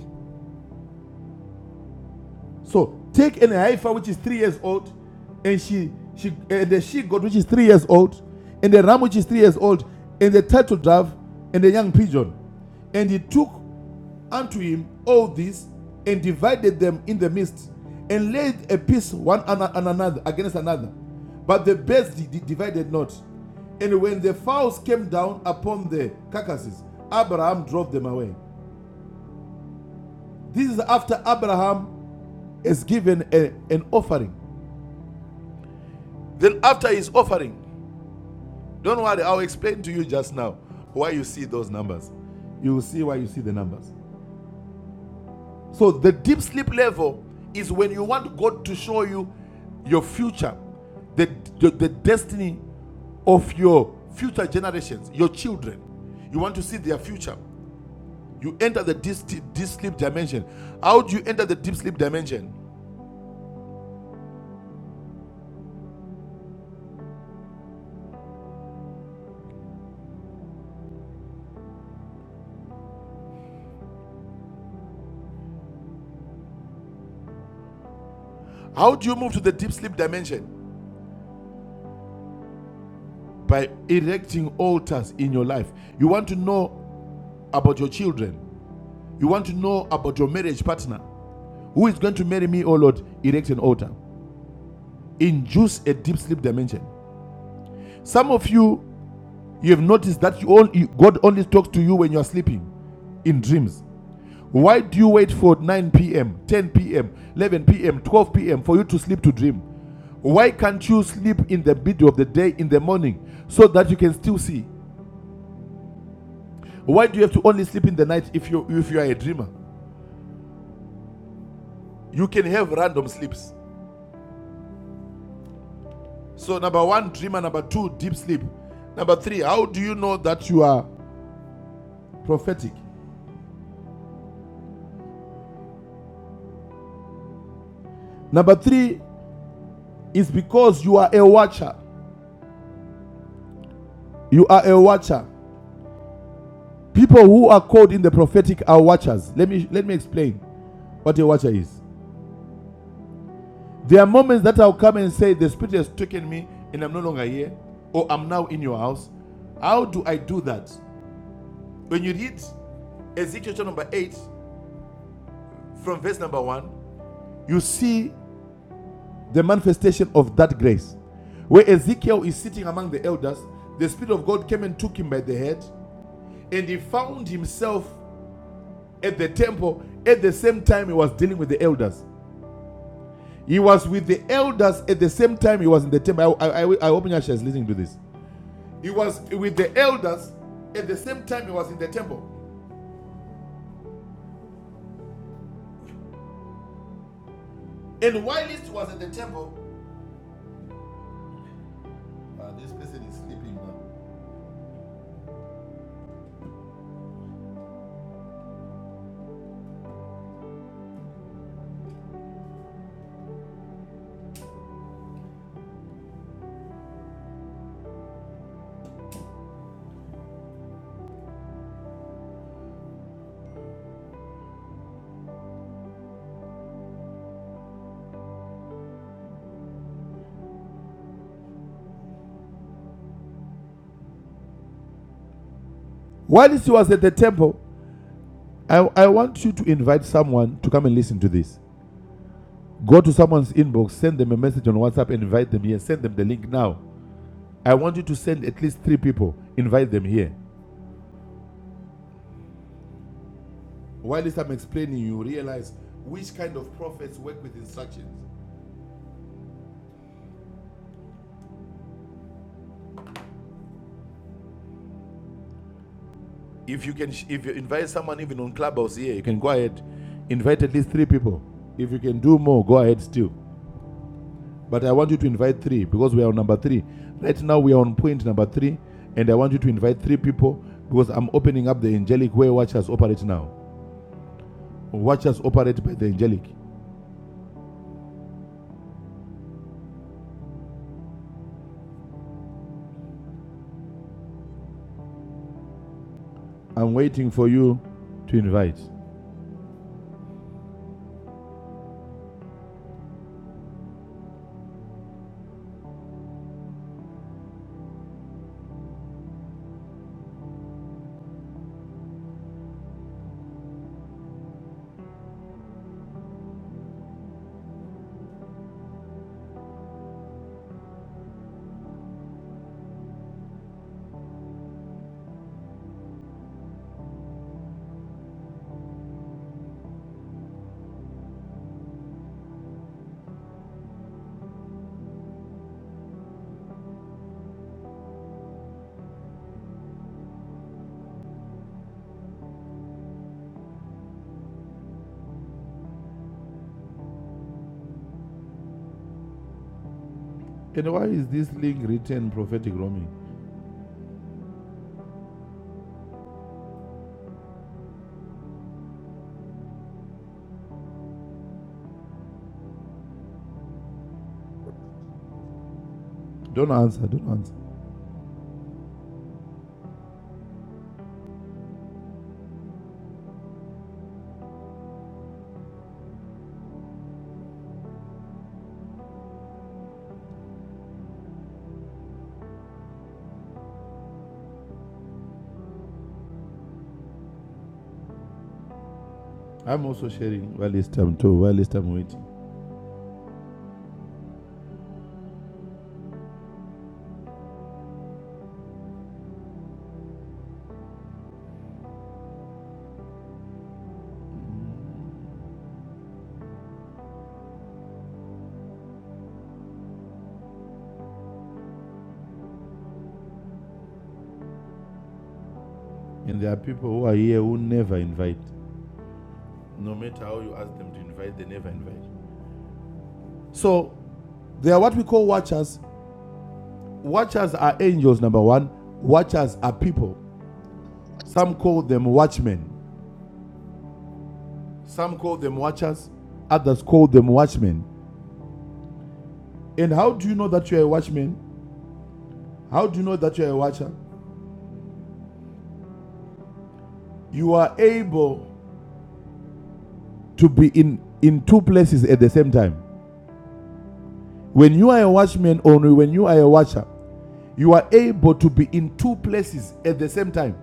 Speaker 6: So take an heifer which is three years old, and she she uh, the she goat which is three years old, and the ram which is three years old, and the turtle dove, and the young pigeon, and he took unto him all this, and divided them in the midst, and laid a piece one on another against another, but the birds divided not. And when the fowls came down upon the carcasses, Abraham drove them away. This is after Abraham has given a- an offering. Then after his offering, don't worry, I'll explain to you just now why you see those numbers. You will see why you see the numbers. So the deep sleep level is when you want God to show you your future, the, the, the destiny of your future generations, your children. You want to see their future. You enter the deep, deep sleep dimension. How do you enter the deep sleep dimension? How do you move to the deep sleep dimension? By erecting altars in your life. You want to know about your children. You want to know about your marriage partner. Who is going to marry me, oh Lord? Erect an altar. Induce a deep sleep dimension. Some of you, you have noticed that you only, God only talks to you when you are sleeping in dreams. Why do you wait for 9 p.m., 10 p.m., 11 p.m., 12 p.m. for you to sleep to dream? Why can't you sleep in the middle of the day in the morning so that you can still see? Why do you have to only sleep in the night if you if you are a dreamer? You can have random sleeps. So, number one, dreamer. Number two, deep sleep. Number three, how do you know that you are prophetic? Number three is because you are a watcher. You are a watcher. People who are called in the prophetic are watchers. Let me let me explain what a watcher is. There are moments that I'll come and say, The Spirit has taken me and I'm no longer here, or I'm now in your house. How do I do that? When you read Ezekiel number 8, from verse number 1, you see the manifestation of that grace. Where Ezekiel is sitting among the elders, the Spirit of God came and took him by the head, and he found himself at the temple at the same time he was dealing with the elders. He was with the elders at the same time he was in the temple. I, I, I, I hope Nyasha is listening to this. He was with the elders at the same time he was in the temple. And while he was at the temple, uh, this person is sleeping now. While he was at the temple, I, I want you to invite someone to come and listen to this. Go to someone's inbox, send them a message on WhatsApp, and invite them here. Send them the link now. I want you to send at least three people. Invite them here. While this I'm explaining, you realize which kind of prophets work with instructions. If you can, if you invite someone even on Clubhouse here, you can go ahead, invite at least three people. If you can do more, go ahead still. But I want you to invite three because we are on number three. Right now we are on point number three, and I want you to invite three people because I'm opening up the angelic way watchers operate now. Watchers operate by the angelic. I'm waiting for you to invite. And why is this link written prophetic roaming? Don't answer, don't answer. I'm also sharing while it's time too, while it's time waiting. And there are people who are here who never invite. No matter how you ask them to invite, they never invite. So they are what we call watchers. Watchers are angels, number one. Watchers are people. Some call them watchmen. Some call them watchers. Others call them watchmen. And how do you know that you are a watchman? How do you know that you are a watcher? you are able to be in, in two places at the same time. When you are a watchman or when you are a watcher, you are able to be in two places at the same time.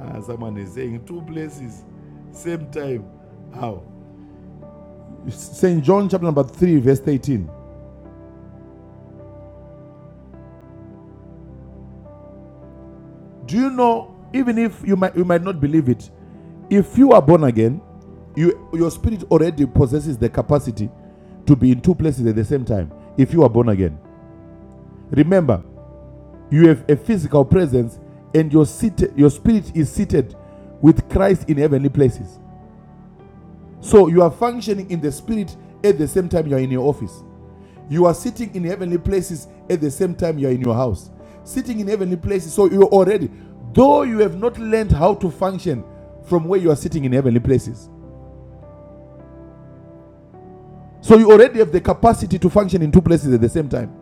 Speaker 6: Ah, someone is saying two places, same time. How? St. John chapter number 3, verse 18. Do you know, even if you might, you might not believe it, if you are born again, you, your spirit already possesses the capacity to be in two places at the same time if you are born again. Remember, You have a physical presence, and your seat, your spirit is seated with Christ in heavenly places. So you are functioning in the spirit at the same time you are in your office. You are sitting in heavenly places at the same time you are in your house. Sitting in heavenly places, so you already, though you have not learned how to function from where you are sitting in heavenly places. So you already have the capacity to function in two places at the same time.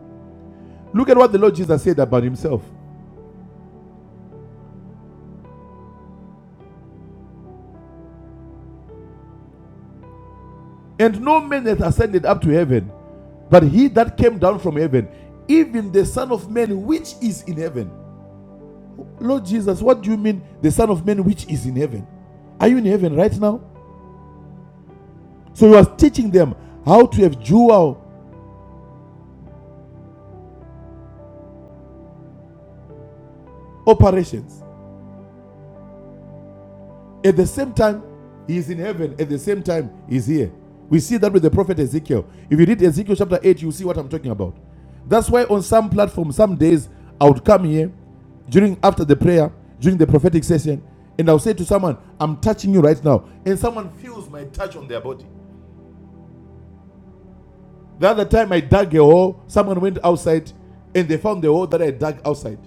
Speaker 6: Look at what the Lord Jesus said about himself. And no man hath ascended up to heaven, but he that came down from heaven, even the Son of Man which is in heaven. Lord Jesus, what do you mean the Son of Man which is in heaven? Are you in heaven right now? So he was teaching them how to have dual operations. At the same time, he is in heaven. At the same time, he is here. We see that with the prophet Ezekiel. If you read Ezekiel chapter 8, you see what I'm talking about. That's why on some platform, some days, I would come here during after the prayer, during the prophetic session, and I'll say to someone, I'm touching you right now. And someone feels my touch on their body. The other time I dug a hole, someone went outside and they found the hole that I dug outside.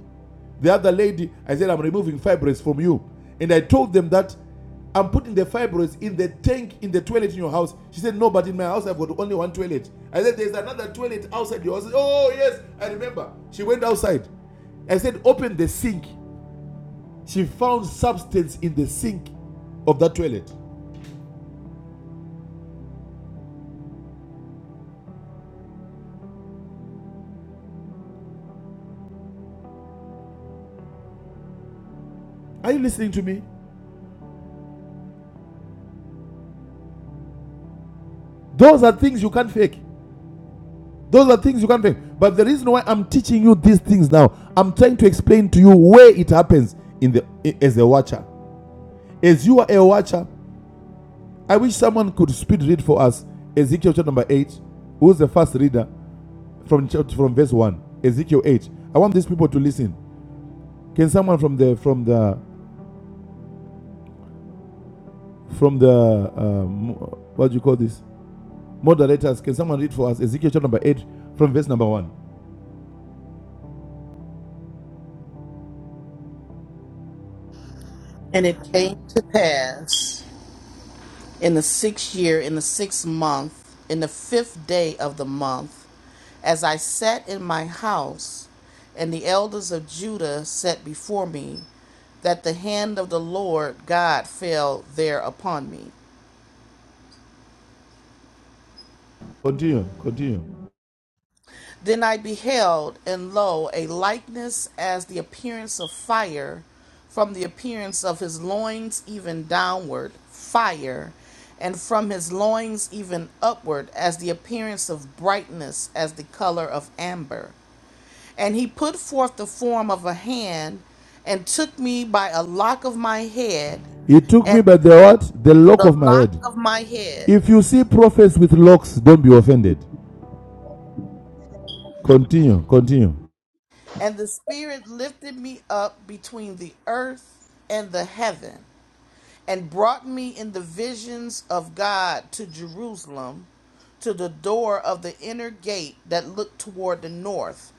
Speaker 6: The other lady, I said, I'm removing fibroids from you. And I told them that I'm putting the fibroids in the tank in the toilet in your house. She said, No, but in my house I've got only one toilet. I said, There's another toilet outside your house. Oh, yes, I remember. She went outside. I said, Open the sink. She found substance in the sink of that toilet. Are you listening to me? Those are things you can't fake. Those are things you can't train. But the reason why I'm teaching you these things now, I'm trying to explain to you where it happens in the as a watcher. As you are a watcher, I wish someone could speed read for us Ezekiel chapter number 8. Who's the first reader from from verse 1? Ezekiel 8. I want these people to listen. Can someone from the from the from the um, what do you call this? Moderators, can someone read for us Ezekiel chapter number 8 from verse number 1?
Speaker 1: And it came to pass in the sixth year, in the sixth month, in the fifth day of the month, as I sat in my house, and the elders of Judah sat before me. that the hand of the Lord God fell there upon me.
Speaker 6: Continue, continue.
Speaker 1: Then I beheld, and lo, a likeness as the appearance of fire, from the appearance of his loins even downward, fire, and from his loins even upward, as the appearance of brightness, as the color of amber. And he put forth the form of a hand, and took me by a lock of my head,
Speaker 6: He took me
Speaker 1: and
Speaker 6: by the what? The lock
Speaker 1: the
Speaker 6: of my
Speaker 1: lock
Speaker 6: head
Speaker 1: of my head
Speaker 6: If you see prophets with locks, don't be offended. Continue, continue.
Speaker 1: And the Spirit lifted me up between the earth and the heaven, and brought me in the visions of God to Jerusalem, to the door of the inner gate that looked toward the north,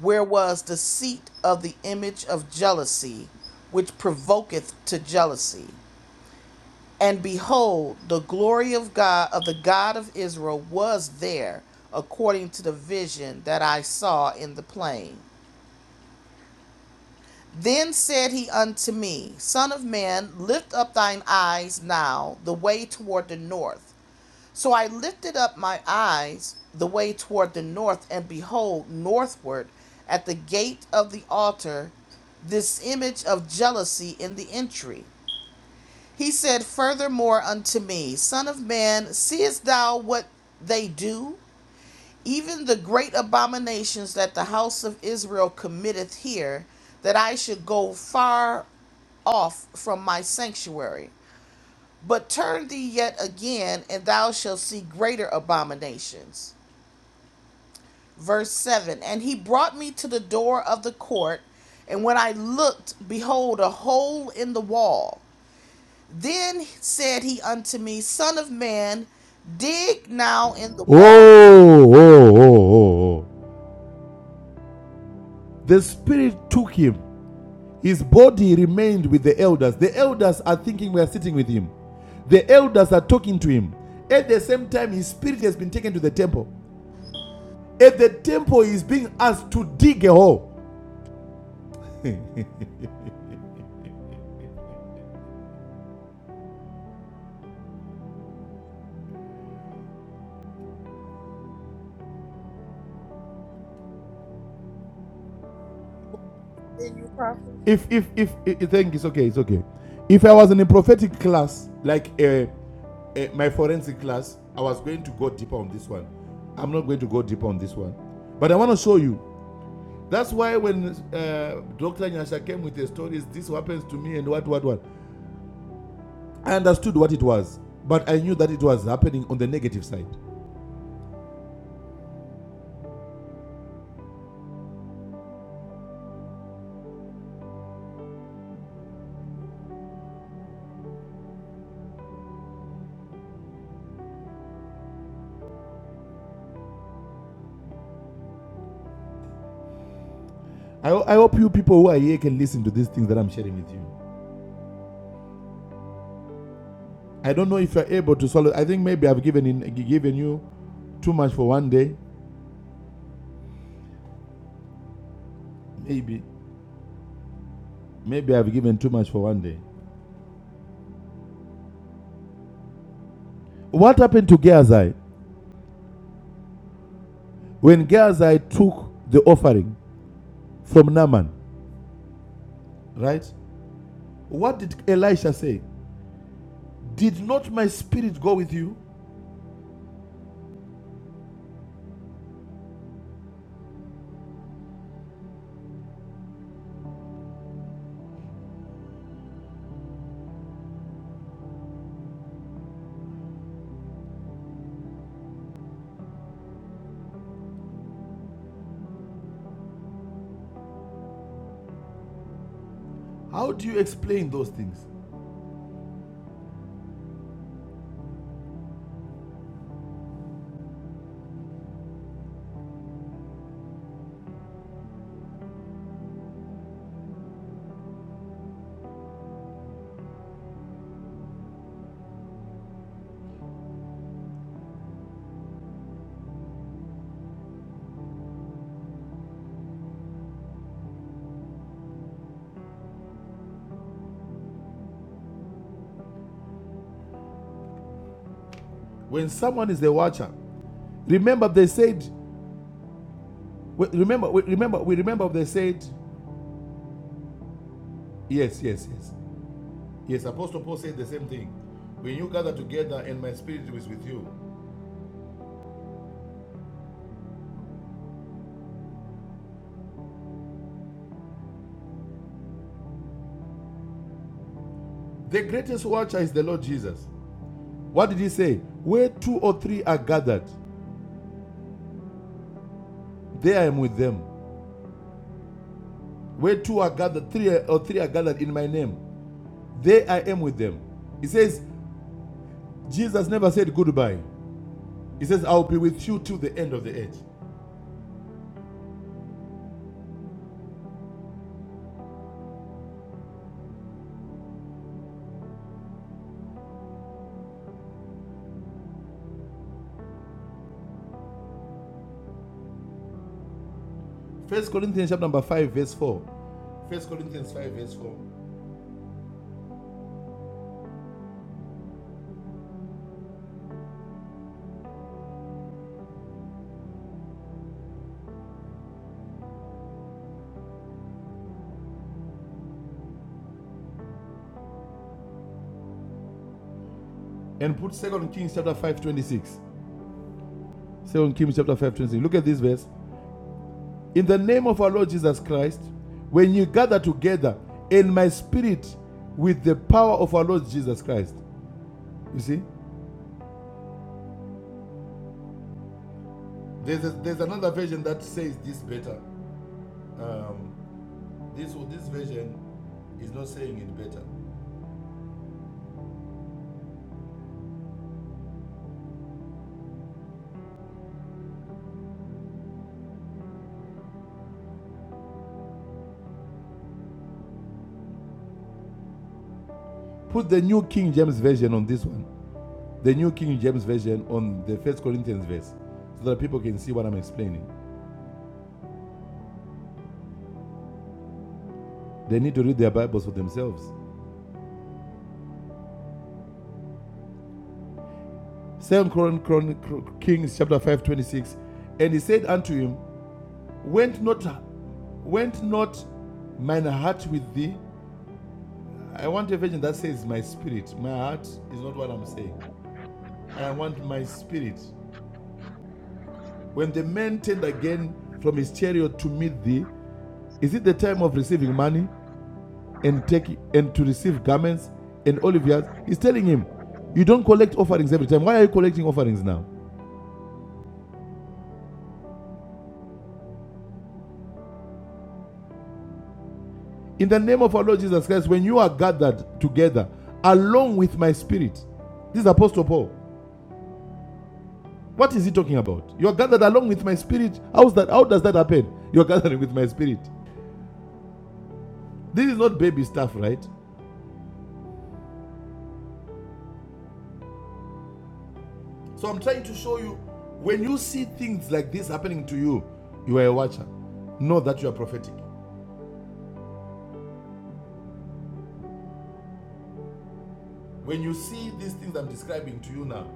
Speaker 1: where was the seat of the image of jealousy, which provoketh to jealousy. And behold, the glory of God, of the God of Israel, was there, according to the vision that I saw in the plain. Then said he unto me, Son of man, lift up thine eyes now the way toward the north. So I lifted up my eyes the way toward the north, and behold, northward at the gate of the altar, this image of jealousy in the entry. He said furthermore unto me, Son of man, seest thou what they do? even the great abominations that the house of Israel committeth here, that I should go far off from my sanctuary. But turn thee yet again, and thou shalt see greater abominations. Verse 7 And he brought me to the door of the court, and when I looked, behold, a hole in the wall. Then said he unto me, Son of man, dig now in the wall.
Speaker 6: Oh, oh, oh, oh, oh. The Spirit took him. His body remained with the elders. The elders are thinking we are sitting with him. The elders are talking to him. At the same time, his spirit has been taken to the temple. At the temple, he is being asked to dig a hole. if if if I think it's okay, it's okay. If I was in a prophetic class, like uh, uh, my forensic class, I was going to go deeper on this one. I'm not going to go deeper on this one, but I want to show you. That's why when uh, Dr. Nyasha came with the stories, this happens to me and what what what, I understood what it was, but I knew that it was happening on the negative side. I, I hope you people who are here can listen to these things that I'm sharing with you. I don't know if you're able to swallow. I think maybe I've given in, given you too much for one day, maybe. Maybe I've given too much for one day. What happened to Gehazi when Gehazi took the offering from Naaman? Right? What did Elisha say? Did not my spirit go with you? How do you explain those things? When someone is the watcher, remember they said, remember, remember, we remember they said, yes, yes, yes. Yes, Apostle Paul said the same thing. When you gather together and my spirit is with you, the greatest watcher is the Lord Jesus. What did he say? Where two or three are gathered, There I am with them. Where two are gathered, three or three are gathered in my name, there I am with them. He says, Jesus never said goodbye. He says, I'll be with you till the end of the age. First Corinthians chapter number five, verse four. First Corinthians five, verse four. And put Second Kings chapter five, twenty-six. Second Kings chapter five, twenty-six. Look at this verse. In the name of our Lord Jesus Christ, when you gather together in my spirit with the power of our Lord Jesus Christ. You see? There's, a, there's another version that says this better. Um, this, this version is not saying it better. Put the New King James Version on this one, the New King James Version on the First Corinthians verse, so that people can see what I'm explaining. They need to read their Bibles for themselves. Second Chron- Kings chapter 5 26, And he said unto him, Went not, went not mine heart with thee? I want a version that says my spirit. My heart is not what I'm saying. I want my spirit. When the man turned again from his chariot to meet thee, is it the time of receiving money and take and to receive garments and olive yards? He's telling him, You don't collect offerings every time. Why are you collecting offerings now? In the name of our Lord Jesus Christ, when you are gathered together along with my spirit, this is Apostle Paul. What is he talking about? You are gathered along with my spirit. How's that? How does that happen? You're gathering with my spirit. This is not baby stuff, right? So I'm trying to show you when you see things like this happening to you, you are a watcher. Know that you are prophetic. When you see these things I'm describing to you now,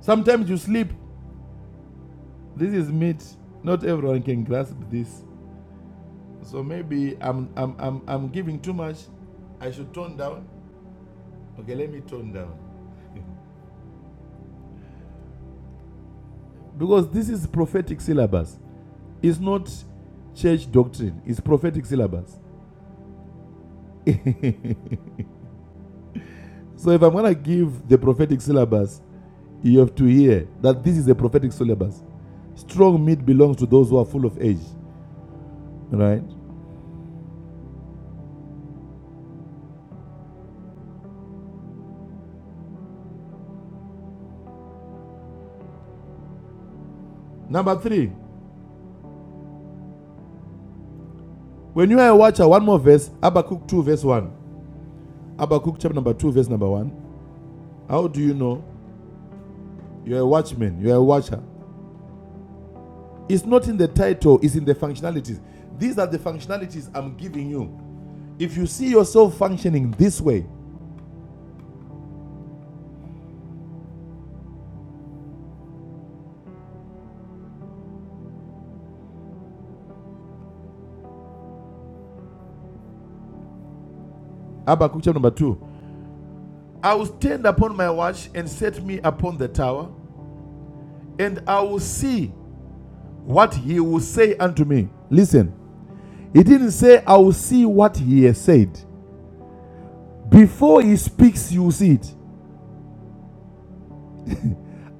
Speaker 6: sometimes you sleep. This is meat. Not everyone can grasp this. So maybe I'm I'm I'm, I'm giving too much. I should tone down. Okay, let me tone down. Because this is prophetic syllabus. It's not church doctrine, it's prophetic syllabus. so if I'm gonna give the prophetic syllabus, you have to hear that this is a prophetic syllabus. Strong meat belongs to those who are full of age. Right? Number three, when you are a watcher, one more verse, Habakkuk 2, verse 1. Habakkuk chapter number 2, verse number 1. How do you know you are a watchman, you are a watcher? It's not in the title, it's in the functionalities. These are the functionalities I'm giving you. If you see yourself functioning this way, Habakkuk chapter number 2, I will stand upon my watch and set me upon the tower, and I will see what he will say unto me. Listen, he didn't say, I will see what he has said. Before he speaks, you will see it.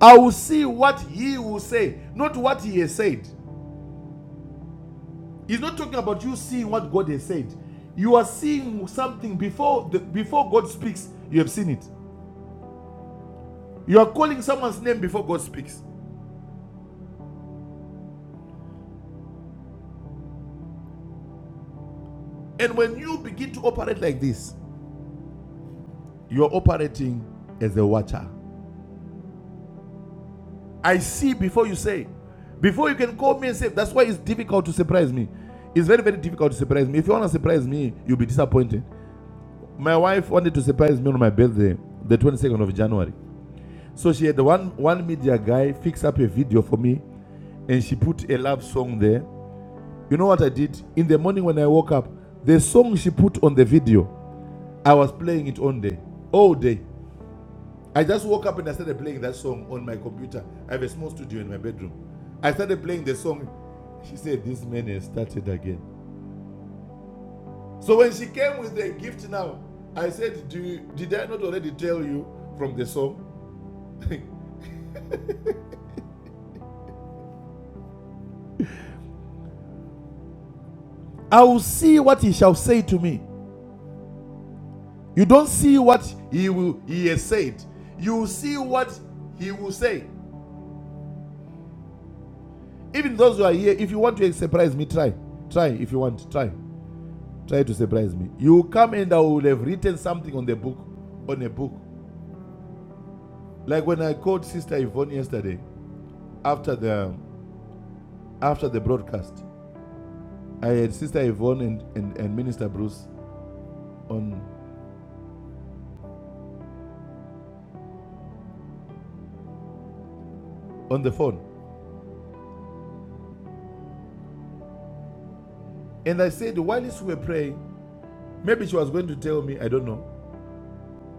Speaker 6: I will see what he will say, not what he has said. He's not talking about you seeing what God has said. You are seeing something before the, before God speaks, you have seen it. You are calling someone's name before God speaks. And when you begin to operate like this, you are operating as a watcher. I see before you say. Before you can call me and say, that's why it's difficult to surprise me. It's very, very difficult to surprise me. If you want to surprise me, you'll be disappointed. My wife wanted to surprise me on my birthday, the 22nd of January. So she had one, one media guy fix up a video for me and she put a love song there. You know what I did? In the morning when I woke up, the song she put on the video, I was playing it all day. All day. I just woke up and I started playing that song on my computer. I have a small studio in my bedroom. I started playing the song. She said, This man has started again. So when she came with the gift now, I said, Do you, Did I not already tell you from the song? I will see what he shall say to me. You don't see what he will he has said. You will see what he will say. Even those who are here, if you want to surprise me, try. Try if you want. Try. try to surprise me. You come and I will have written something on the book, on a book. Like when I called Sister Yvonne yesterday after the after the broadcast, I had Sister Yvonne and, and, and Minister Bruce on on the phone. And I said, while we were praying, maybe she was going to tell me, I don't know.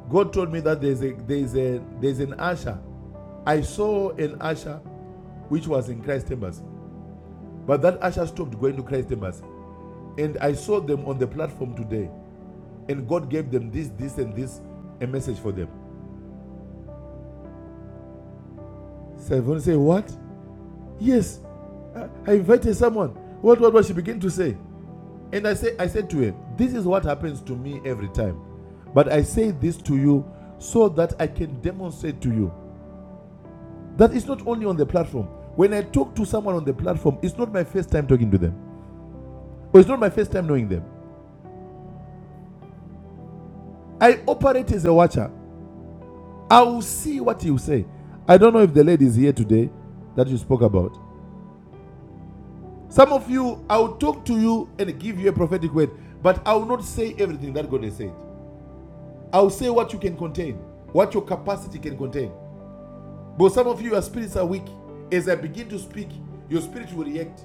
Speaker 6: God told me that there's a there's a there's an usher. I saw an usher which was in Christ Embassy. But that usher stopped going to Christ Embassy. And I saw them on the platform today. and God gave them this, this, and this, a message for them. Seven say, What? Yes. I- I invited someone. What, what, what? She began to say. And I say, I said to her, This is what happens to me every time. But I say this to you so that I can demonstrate to you that it's not only on the platform. When I talk to someone on the platform, it's not my first time talking to them, or it's not my first time knowing them. I operate as a watcher. I will see what you say. I don't know if the lady is here today that you spoke about. Some of you, I will talk to you and give you a prophetic word, but I will not say everything that God has said. I will say what you can contain, what your capacity can contain. But some of you, your spirits are weak. As I begin to speak, your spirit will react.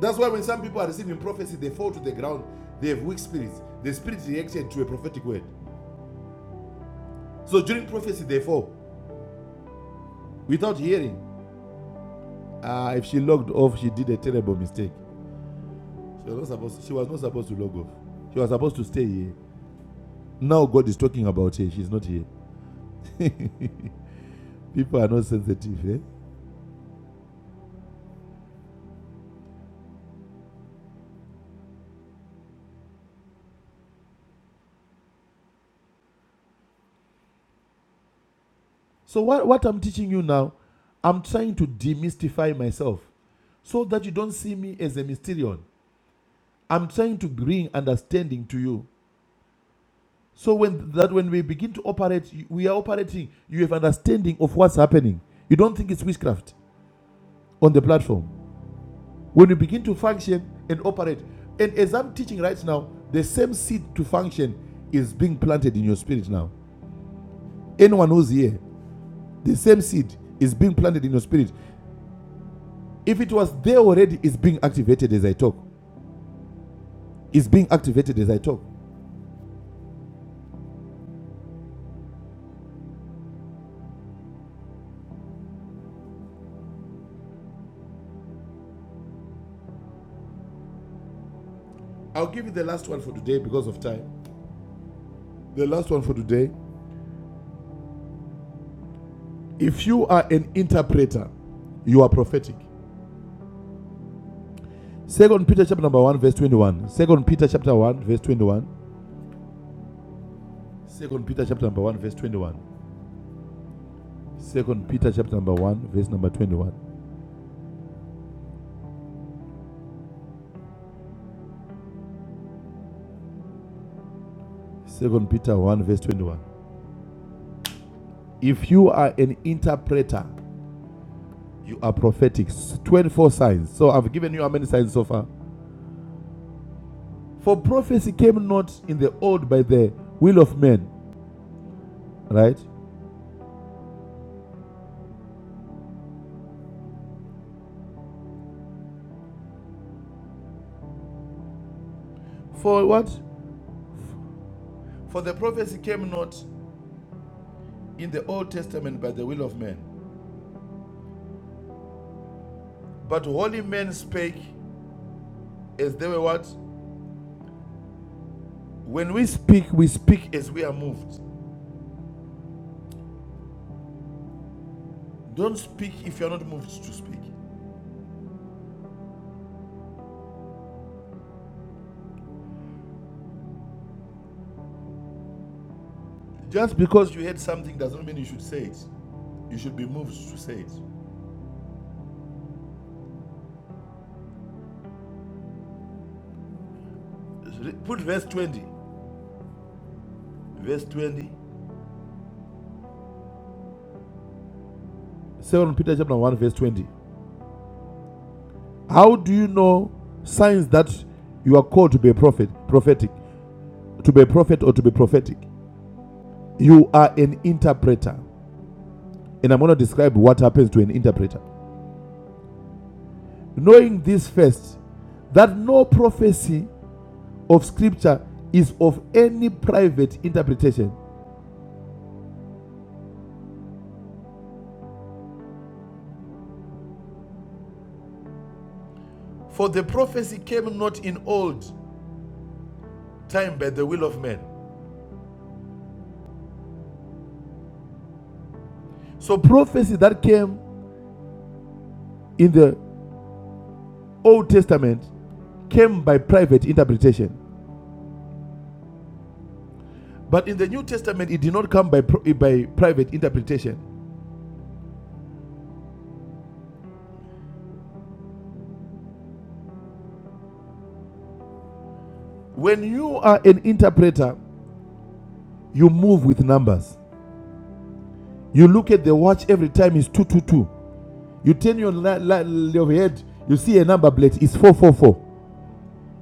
Speaker 6: That's why when some people are receiving prophecy, they fall to the ground. They have weak spirits. The spirit reacted to a prophetic word. So during prophecy, they fall without hearing. Ah, if she logged off, she did a terrible mistake. She was not supposed. She was not supposed to log off. She was supposed to stay here. Now God is talking about her. She's not here. People are not sensitive. Eh? So, what, what I'm teaching you now, I'm trying to demystify myself so that you don't see me as a mysterion. I'm trying to bring understanding to you. So when that when we begin to operate, we are operating. You have understanding of what's happening. You don't think it's witchcraft on the platform. When you begin to function and operate, and as I'm teaching right now, the same seed to function is being planted in your spirit now. Anyone who's here, The same seed is being planted in your spirit. If it was there already, it's being activated as I talk. It's being activated as I talk. I'll give you the last one for today because of time. The last one for today. If you are an interpreter, you are prophetic. Second Peter chapter number 1, verse 21. Second Peter chapter 1, verse 21. Second Peter chapter number 1, verse 21. Second Peter chapter number 1, verse number 21. Second Peter 1, verse 21. If you are an interpreter, You are prophetic. 24 signs. So I've given you how many signs so far? For prophecy came not in the old by the will of men, right? For what? For the prophecy came not in the Old Testament by the will of men, but holy men spake as they were what? When we speak, we speak as we are moved. Don't speak if you are not moved to speak. Just because you heard something does not mean you should say it. You should be moved to say it. Put verse 20. Verse 20. 2 Peter chapter 1 verse 20. How do you know signs that you are called to be a prophet, prophetic, to be a prophet or to be prophetic? You are an interpreter. And I'm going to describe what happens to an interpreter. Knowing this first, that no prophecy of scripture is of any private interpretation. For the prophecy came not in old time by the will of men. So prophecy that came in the Old Testament came by private interpretation. But in the New Testament, it did not come by, by private interpretation. When you are an interpreter, you move with numbers. You look at the watch every time it's 222. You turn your, li- your head, you see a number plate, it's 444,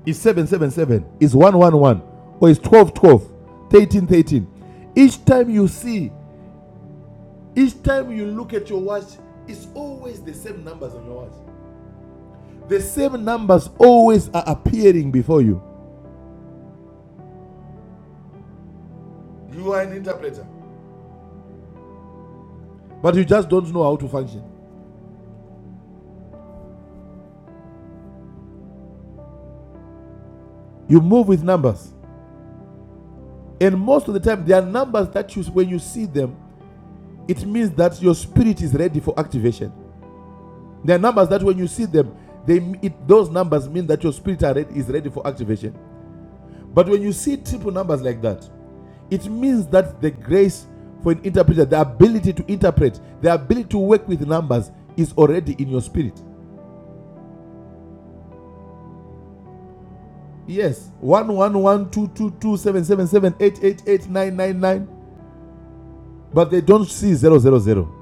Speaker 6: it's 777, it's 111, or it's 1212, 1313. Each time you see, each time you look at your watch, it's always the same numbers on your watch. The same numbers always are appearing before you. You are an interpreter. but you just don't know how to function. You move with numbers. And most of the time, there are numbers that you, when you see them, it means that your spirit is ready for activation. There are numbers that when you see them, they, it, those numbers mean that your spirit are ready, is ready for activation. But when you see triple numbers like that, it means that the grace for an interpreter, the ability to interpret, the ability to work with numbers is already in your spirit. Yes, one one one two two two seven seven seven eight eight eight nine nine nine. but they don't see zero zero zero.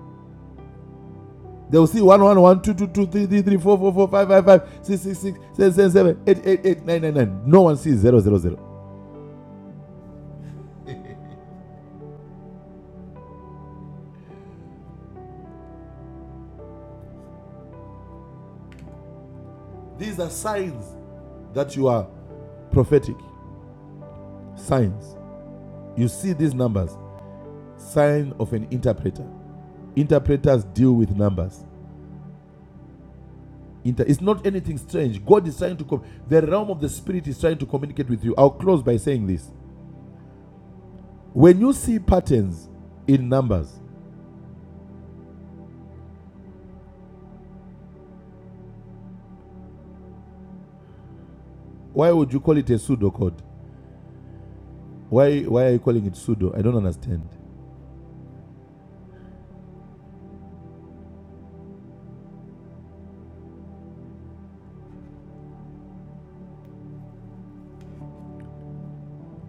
Speaker 6: They will see 1, one, one, two, two, two, three, three, four, four, five, five, five, six, six, six, seven, seven, eight, eight, eight, nine, nine, nine. No one sees zero zero zero. These are signs that you are prophetic. Signs. You see these numbers. Sign of an interpreter. Interpreters deal with numbers. Inter- it's not anything strange. God is trying to come. The realm of the spirit is trying to communicate with you. I'll close by saying this. When you see patterns in numbers, why would you call it a pseudocode? Why, why are you calling it pseudo? I don't understand.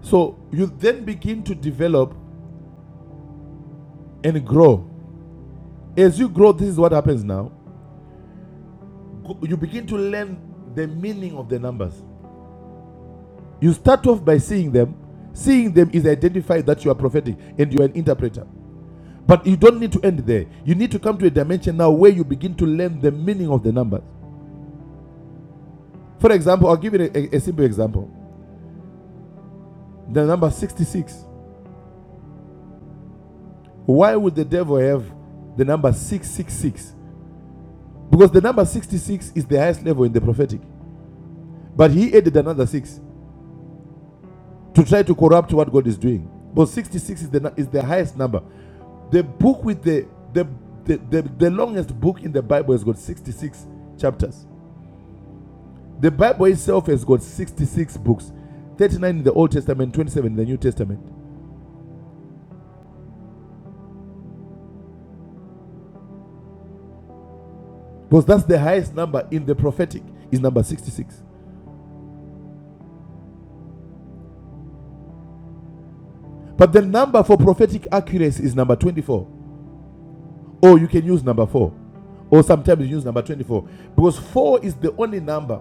Speaker 6: So you then begin to develop and grow. As you grow, this is what happens now. You begin to learn the meaning of the numbers. You start off by seeing them. Seeing them is identify that you are prophetic and you are an interpreter. But you don't need to end there. You need to come to a dimension now where you begin to learn the meaning of the numbers. For example, I'll give you a, a simple example. The number 66. Why would the devil have the number 666? Because the number 66 is the highest level in the prophetic. But he added another six to try to corrupt what God is doing. But 66 is the, is the highest number. The book with the the, the, the the longest book in the Bible has got 66 chapters. The Bible itself has got 66 books 39 in the Old Testament, 27 in the New Testament. Because that's the highest number in the prophetic, is number 66. But the number for prophetic accuracy is number 24. Or you can use number four. Or sometimes you use number 24. Because four is the only number.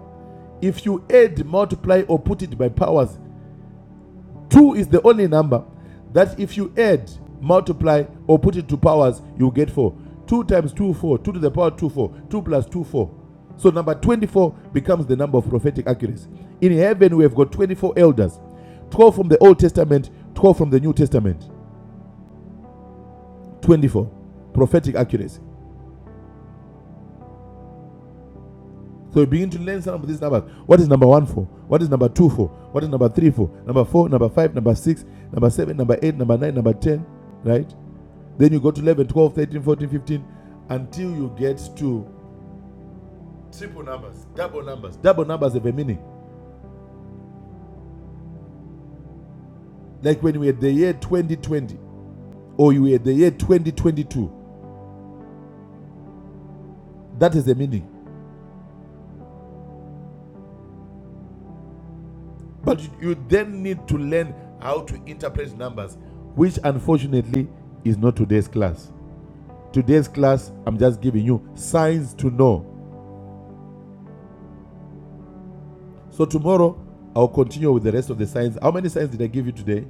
Speaker 6: If you add, multiply, or put it by powers, two is the only number that if you add, multiply, or put it to powers, you get four. Two times two, four. Two to the power two, four. Two plus two, four. So number 24 becomes the number of prophetic accuracy. In heaven, we have got 24 elders 12 from the Old Testament, 12 from the New Testament. 24. Prophetic accuracy. So you begin to learn some of these numbers. What is number one for? What is number two for? What is number three for? Number four, number five, number six, number seven, number eight, number nine, number ten, right? Then you go to 11, 12, 13, 14, 15, until you get to triple numbers, double numbers. Double numbers have a meaning. Like when we had the year 2020 or you were the year 2022, that is the meaning. But you then need to learn how to interpret numbers, which unfortunately is not today's class. Today's class, I'm just giving you signs to know. So tomorrow, I'll continue with the rest of the signs. How many signs did I give you today?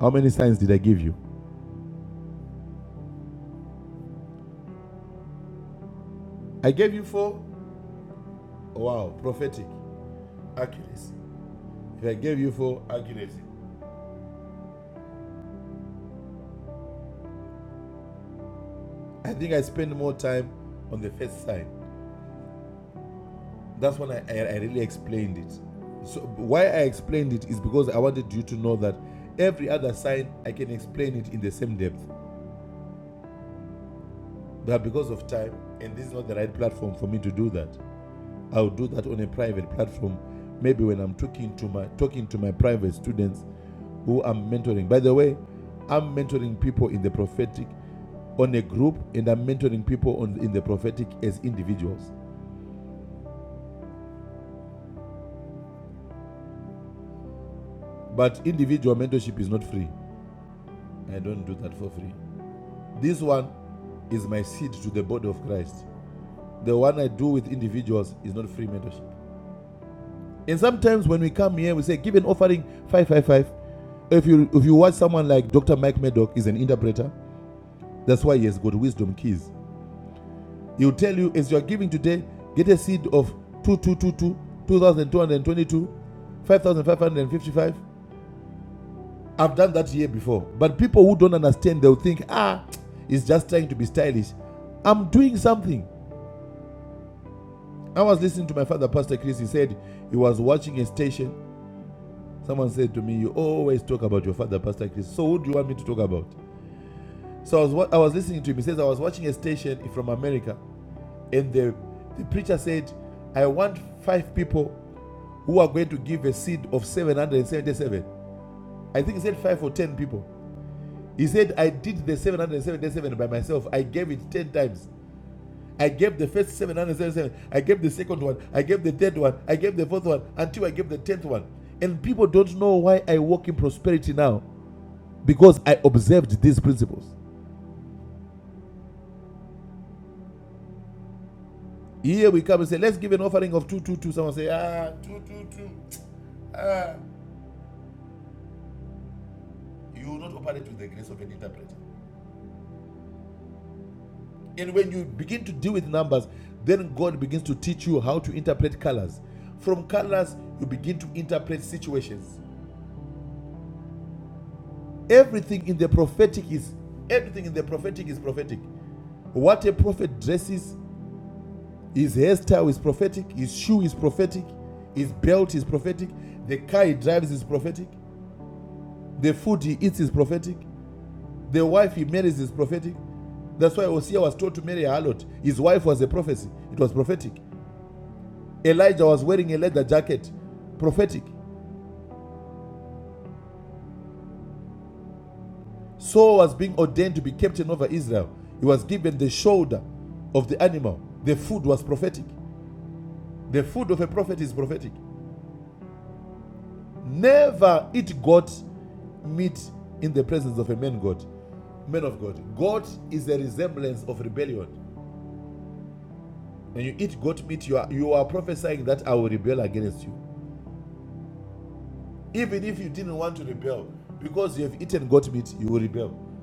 Speaker 6: How many signs did I give you? I gave you four. Wow, prophetic accuracy. If I gave you four accuracy, I think I spent more time on the first sign. That's when I, I, I really explained it. So why I explained it is because I wanted you to know that every other sign I can explain it in the same depth. But because of time, and this is not the right platform for me to do that, I'll do that on a private platform. Maybe when I'm talking to my talking to my private students who I'm mentoring. By the way, I'm mentoring people in the prophetic on a group and I'm mentoring people on in the prophetic as individuals. But individual mentorship is not free. I don't do that for free. This one is my seed to the body of Christ. The one I do with individuals is not free mentorship. And sometimes when we come here, we say, give an offering 555. If you if you watch someone like Dr. Mike Medoc is an interpreter, that's why he has got wisdom keys. He'll tell you as you are giving today, get a seed of 2222 5555. I've done that year before. But people who don't understand, they'll think, ah, it's just trying to be stylish. I'm doing something. I was listening to my father, Pastor Chris. He said he was watching a station Someone said to me, "You always talk about your father, Pastor Chris. So who do you want me to talk about?" So I was I was listening to him. He says I was watching a station from America, and the the preacher said, "I want five people who are going to give a seed of 777." I think he said five or ten people. He said, "I did the 777 by myself. I gave it ten times." I gave the first 777, I gave the second one, I gave the third one, I gave the fourth one, until I gave the tenth one. And people don't know why I walk in prosperity now. because I observed these principles. Here we come and say, let's give an offering of 222. Someone say, ah, 222. Ah, you will not operate with the grace of an interpreter. And when you begin to deal with numbers, then God begins to teach you how to interpret colors. From colors, you begin to interpret situations. Everything in the prophetic is everything in the prophetic is prophetic. What a prophet dresses, his hairstyle is prophetic, his shoe is prophetic, his belt is prophetic, the car he drives is prophetic. The food he eats is prophetic. The wife he marries is prophetic. That's why Hosea was told to marry a harlot. His wife was a prophecy. It was prophetic. Elijah was wearing a leather jacket. Prophetic. Saul was being ordained to be captain over Israel. He was given the shoulder of the animal. The food was prophetic. The food of a prophet is prophetic. Never eat goat meat in the presence of a man God. Man of God. God is a resemblance of rebellion. and you eat goat meat, you are, you are prophesying that I will rebel against you. Even if you didn't want to rebel, because you have eaten goat meat, you will rebel.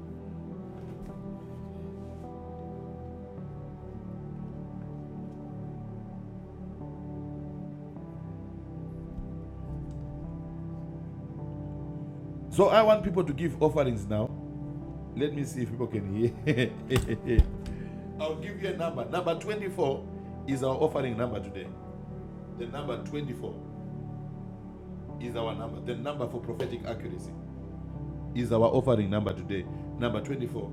Speaker 6: So I want people to give offerings now. Let me see if people can hear. I'll give you a number. Number 24 is our offering number today. The number 24 is our number. The number for prophetic accuracy is our offering number today. Number 24.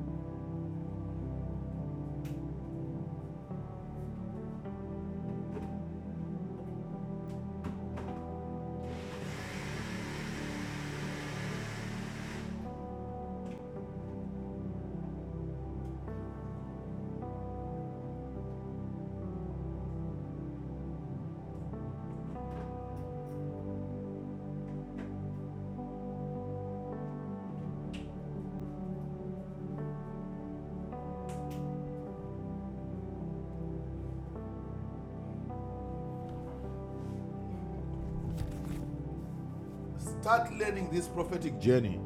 Speaker 6: Start learning this prophetic journey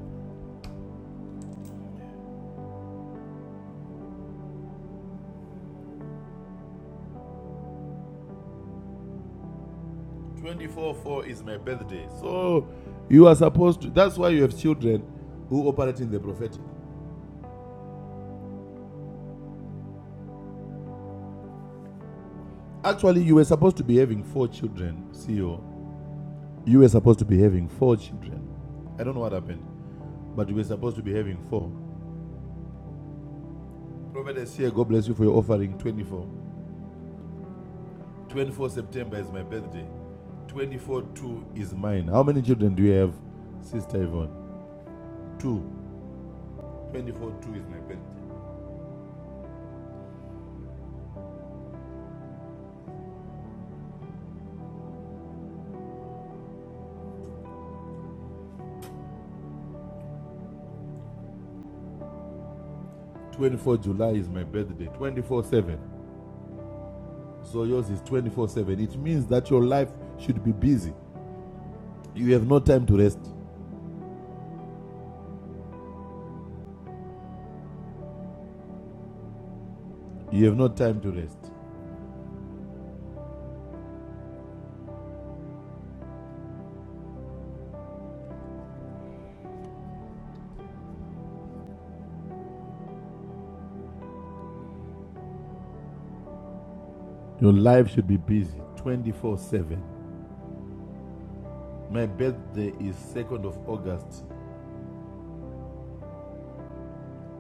Speaker 6: 24 4 is my birthday. So you are supposed to, that's why you have children who operate in the prophetic. Actually, you were supposed to be having four children, CEO. You were supposed to be having four children. I don't know what happened, but you were supposed to be having four. Prophetess here, God bless you for your offering 24. 24 September is my birthday. 24 2 is mine. How many children do you have, Sister Yvonne? Two. 24 2 is my birthday. 24 July is my birthday. 24 7. So yours is 24 7. It means that your life should be busy. You have no time to rest. You have no time to rest. Your life should be busy 24 7. My birthday is 2nd of August.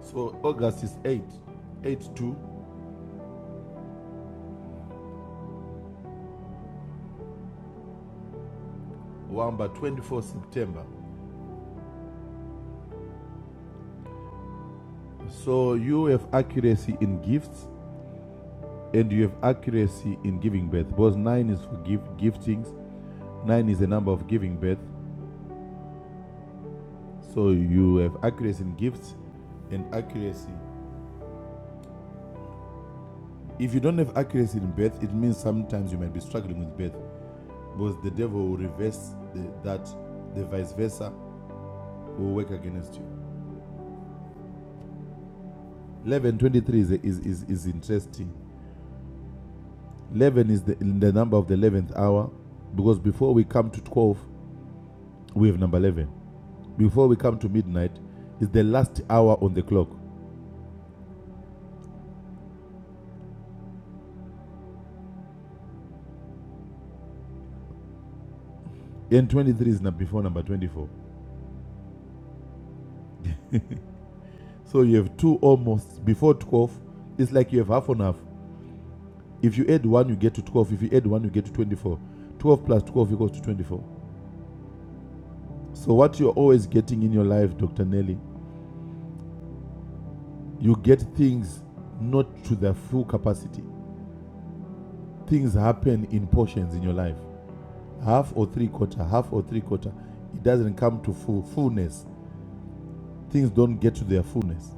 Speaker 6: So August is eight, eight two, 8 to 24 September. So you have accuracy in gifts and you have accuracy in giving birth. Because 9 is for gift, giftings, 9 is the number of giving birth. So you have accuracy in gifts and accuracy If you don't have accuracy in birth, it means sometimes you might be struggling with birth because the devil will reverse the, that, the vice versa will work against you. 1123 is, is, is, is interesting. 11 is the, the number of the 11th hour because before we come to 12, we have number 11. Before we come to midnight, is the last hour on the clock. And 23 is not before number 24. So you have two almost before 12. It's like you have half on half. If you add 1, you get to 12. If you add 1, you get to 24. 12 plus 12 equals to 24. So, what you're always getting in your life, Dr. Nelly, you get things not to their full capacity. Things happen in portions in your life half or three quarter, half or three quarter. It doesn't come to full fullness. Things don't get to their fullness.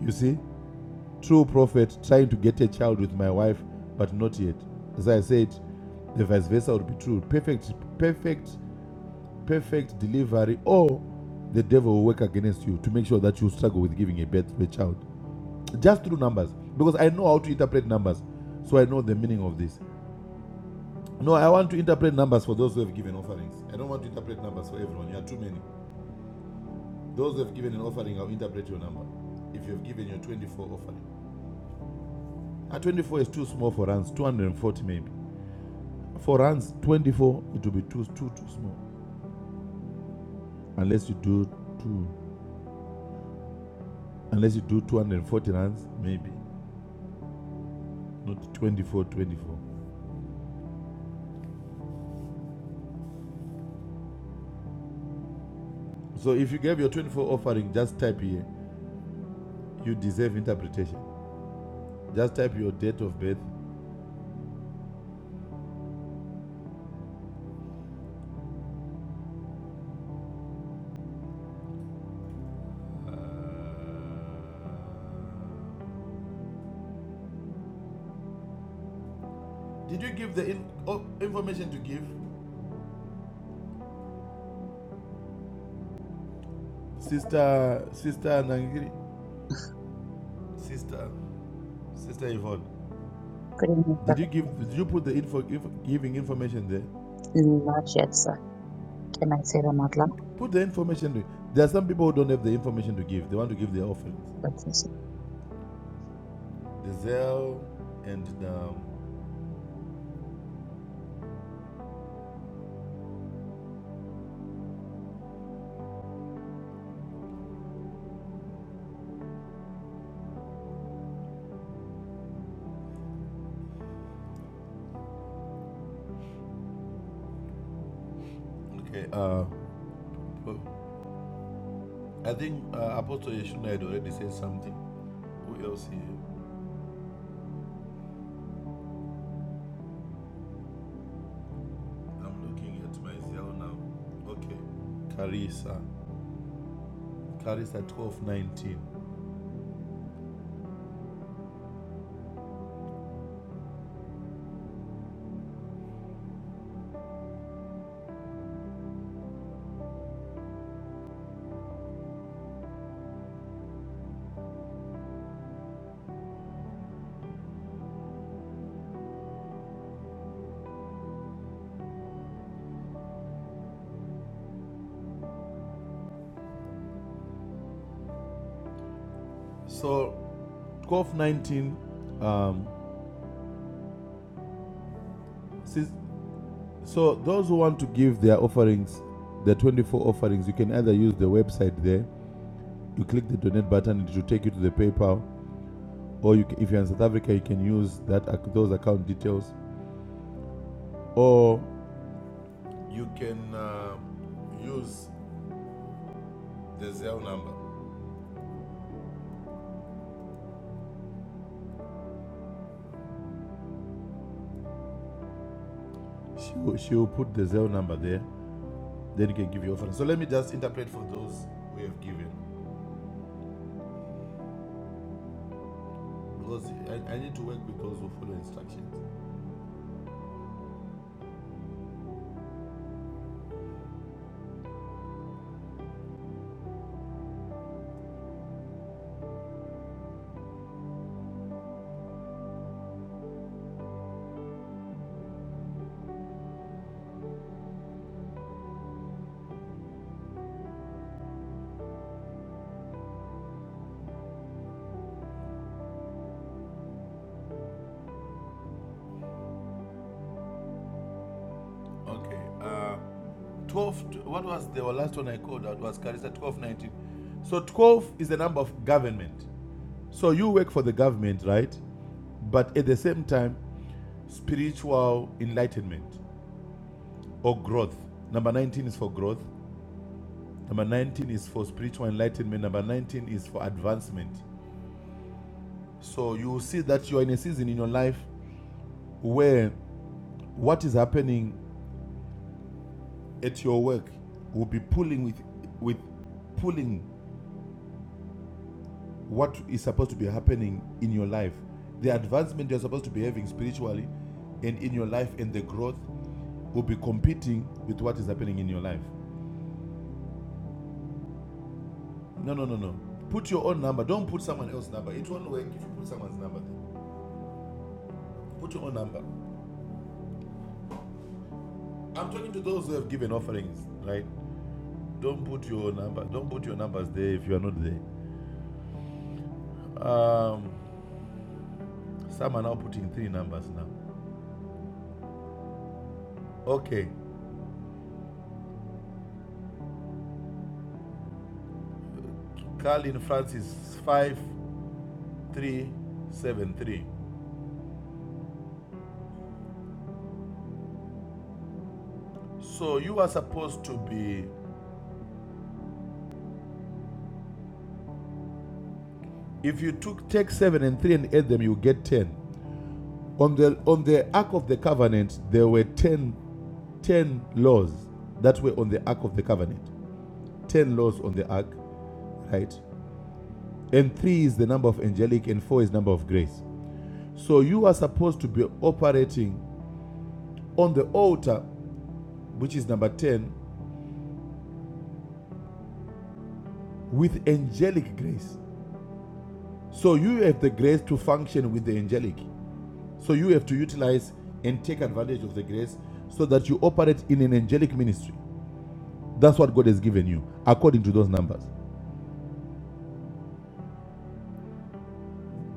Speaker 6: You see, true prophet trying to get a child with my wife, but not yet. As I said, the vice versa would be true. Perfect, perfect perfect delivery, or the devil will work against you to make sure that you struggle with giving a birth to a child. Just through numbers, because I know how to interpret numbers, so I know the meaning of this. No, I want to interpret numbers for those who have given offerings. I don't want to interpret numbers for everyone. You are too many. Those who have given an offering, I'll interpret your number. If you have given your 24 offering, a 24 is too small for runs, 240 maybe. For runs, 24 it will be too too too small, unless you do two, unless you do 240 runs maybe. not 24, 24. So if you gave your 24 offering, just type here, you deserve interpretation. Just type your date of birth. Did you give the in- oh, information to give? Sister, Sister Nangiri? Sister, Sister Yvonne.
Speaker 4: Good evening,
Speaker 6: Did you
Speaker 4: Prophet.
Speaker 6: give, did you put the info, info giving information there?
Speaker 4: Not yet, sir. Can I say that out loud?
Speaker 6: Put the information. There. there are some people who don't have the information to give. They want to give their offerings.
Speaker 4: But it's
Speaker 6: Dizelle and, um, okay, uh, I think uh, Apostle Yeshua had already said something. Who else here? I'm looking at my Zelle now. Okay. Carissa. Carissa 1219. So 1219 um sis- so those who want to give their offerings, the 24 offerings, you can either use the website there. You click the donate button, and it will take you to the PayPal. Or you, ca- if you're in South Africa, you can use that those account details. Or you can uh, use the Zelle number. She will, she will put the Zelle number there. Then you can give your offering. So let me just interpret for those who have given. Because I, I need to work with those who follow instructions. Okay. Uh, 12, what was the last one I called out was Carissa 1219. So 12 is the number of government. So you work for the government, right? But at the same time, spiritual enlightenment or growth. Number 19 is for growth. Number 19 is for spiritual enlightenment. Number 19 is for advancement. So you will see that you are in a season in your life where what is happening at your work will be pulling with with pulling what is supposed to be happening in your life the advancement you're supposed to be having spiritually and in your life and the growth will be competing with what is happening in your life no no no no put your own number don't put someone else's number it won't work if you put someone's number there. put your own number i'm talking to those who have given offerings right don't put your number don't put your numbers there if you are not there um some are now putting three numbers now Okay, Carlin Francis 5373. So you are supposed to be if you took take 7 and 3 and add them you get 10. On the on the ark of the covenant there were 10 10 laws that were on the ark of the covenant. 10 laws on the ark, right? And 3 is the number of angelic and 4 is number of grace. So you are supposed to be operating on the altar which is number 10 with angelic grace So you have the grace to function with the angelic. So you have to utilize and take advantage of the grace so that you operate in an angelic ministry. That's what God has given you according to those numbers.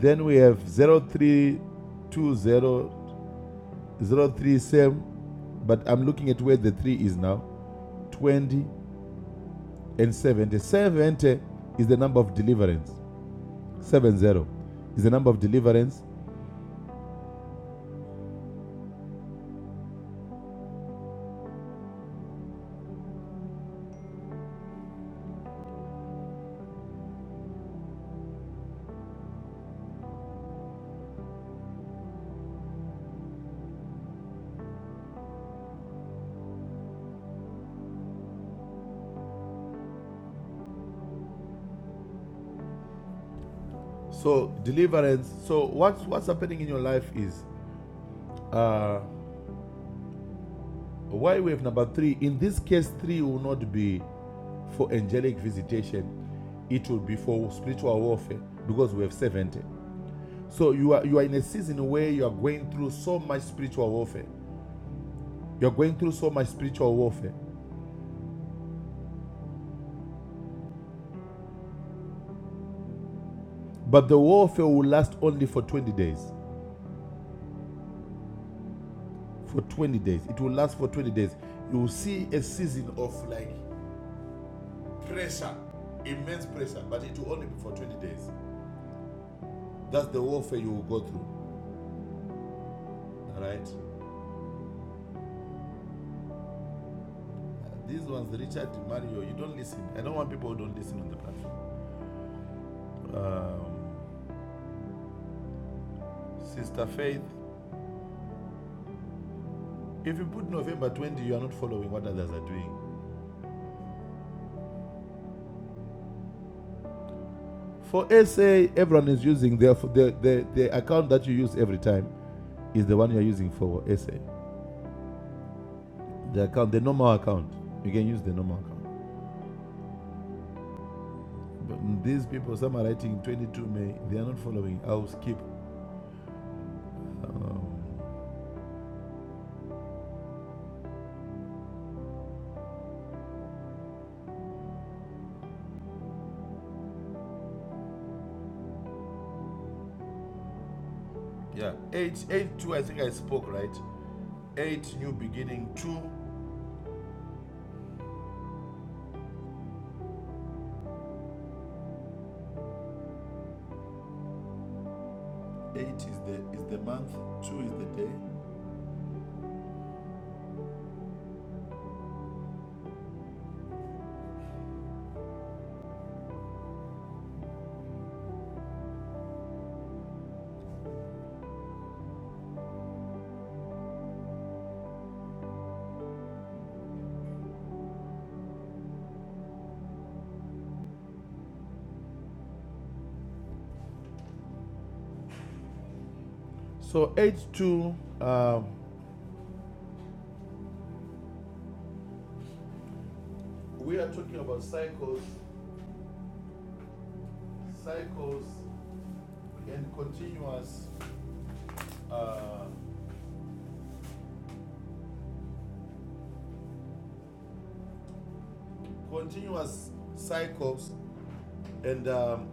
Speaker 6: Then we have 0320 same, but I'm looking at where the 3 is now. 20 and 70. 70 is the number of deliverance. 70 is the number of deliverance. So deliverance. So what's what's happening in your life is uh Why we have number three? In this case, three will not be for angelic visitation, it will be for spiritual warfare because we have 70. So you are you are in a season where you are going through so much spiritual warfare. You are going through so much spiritual warfare. But the warfare will last only for 20 days. For 20 days. It will last for 20 days. You will see a season of like pressure, immense pressure, but it will only be for 20 days. That's the warfare you will go through. All right. These ones, Richard Mario, you don't listen. I don't want people who don't listen on the platform. Um, Sister Faith, if you put November 20, you are not following what others are doing. For SA, everyone is using their the, the, the account that you use every time is the one you are using for SA. The account, the normal account, you can use the normal account. But mm, these people, some are writing 22 May, they are not following. I'll skip. Um, yeah, eight, eight, two. I think I spoke right. Eight, new beginning, two Eight is the is the month, two is the day. So eight two. Um, We are talking about cycles, cycles, and continuous, uh, continuous cycles, and um,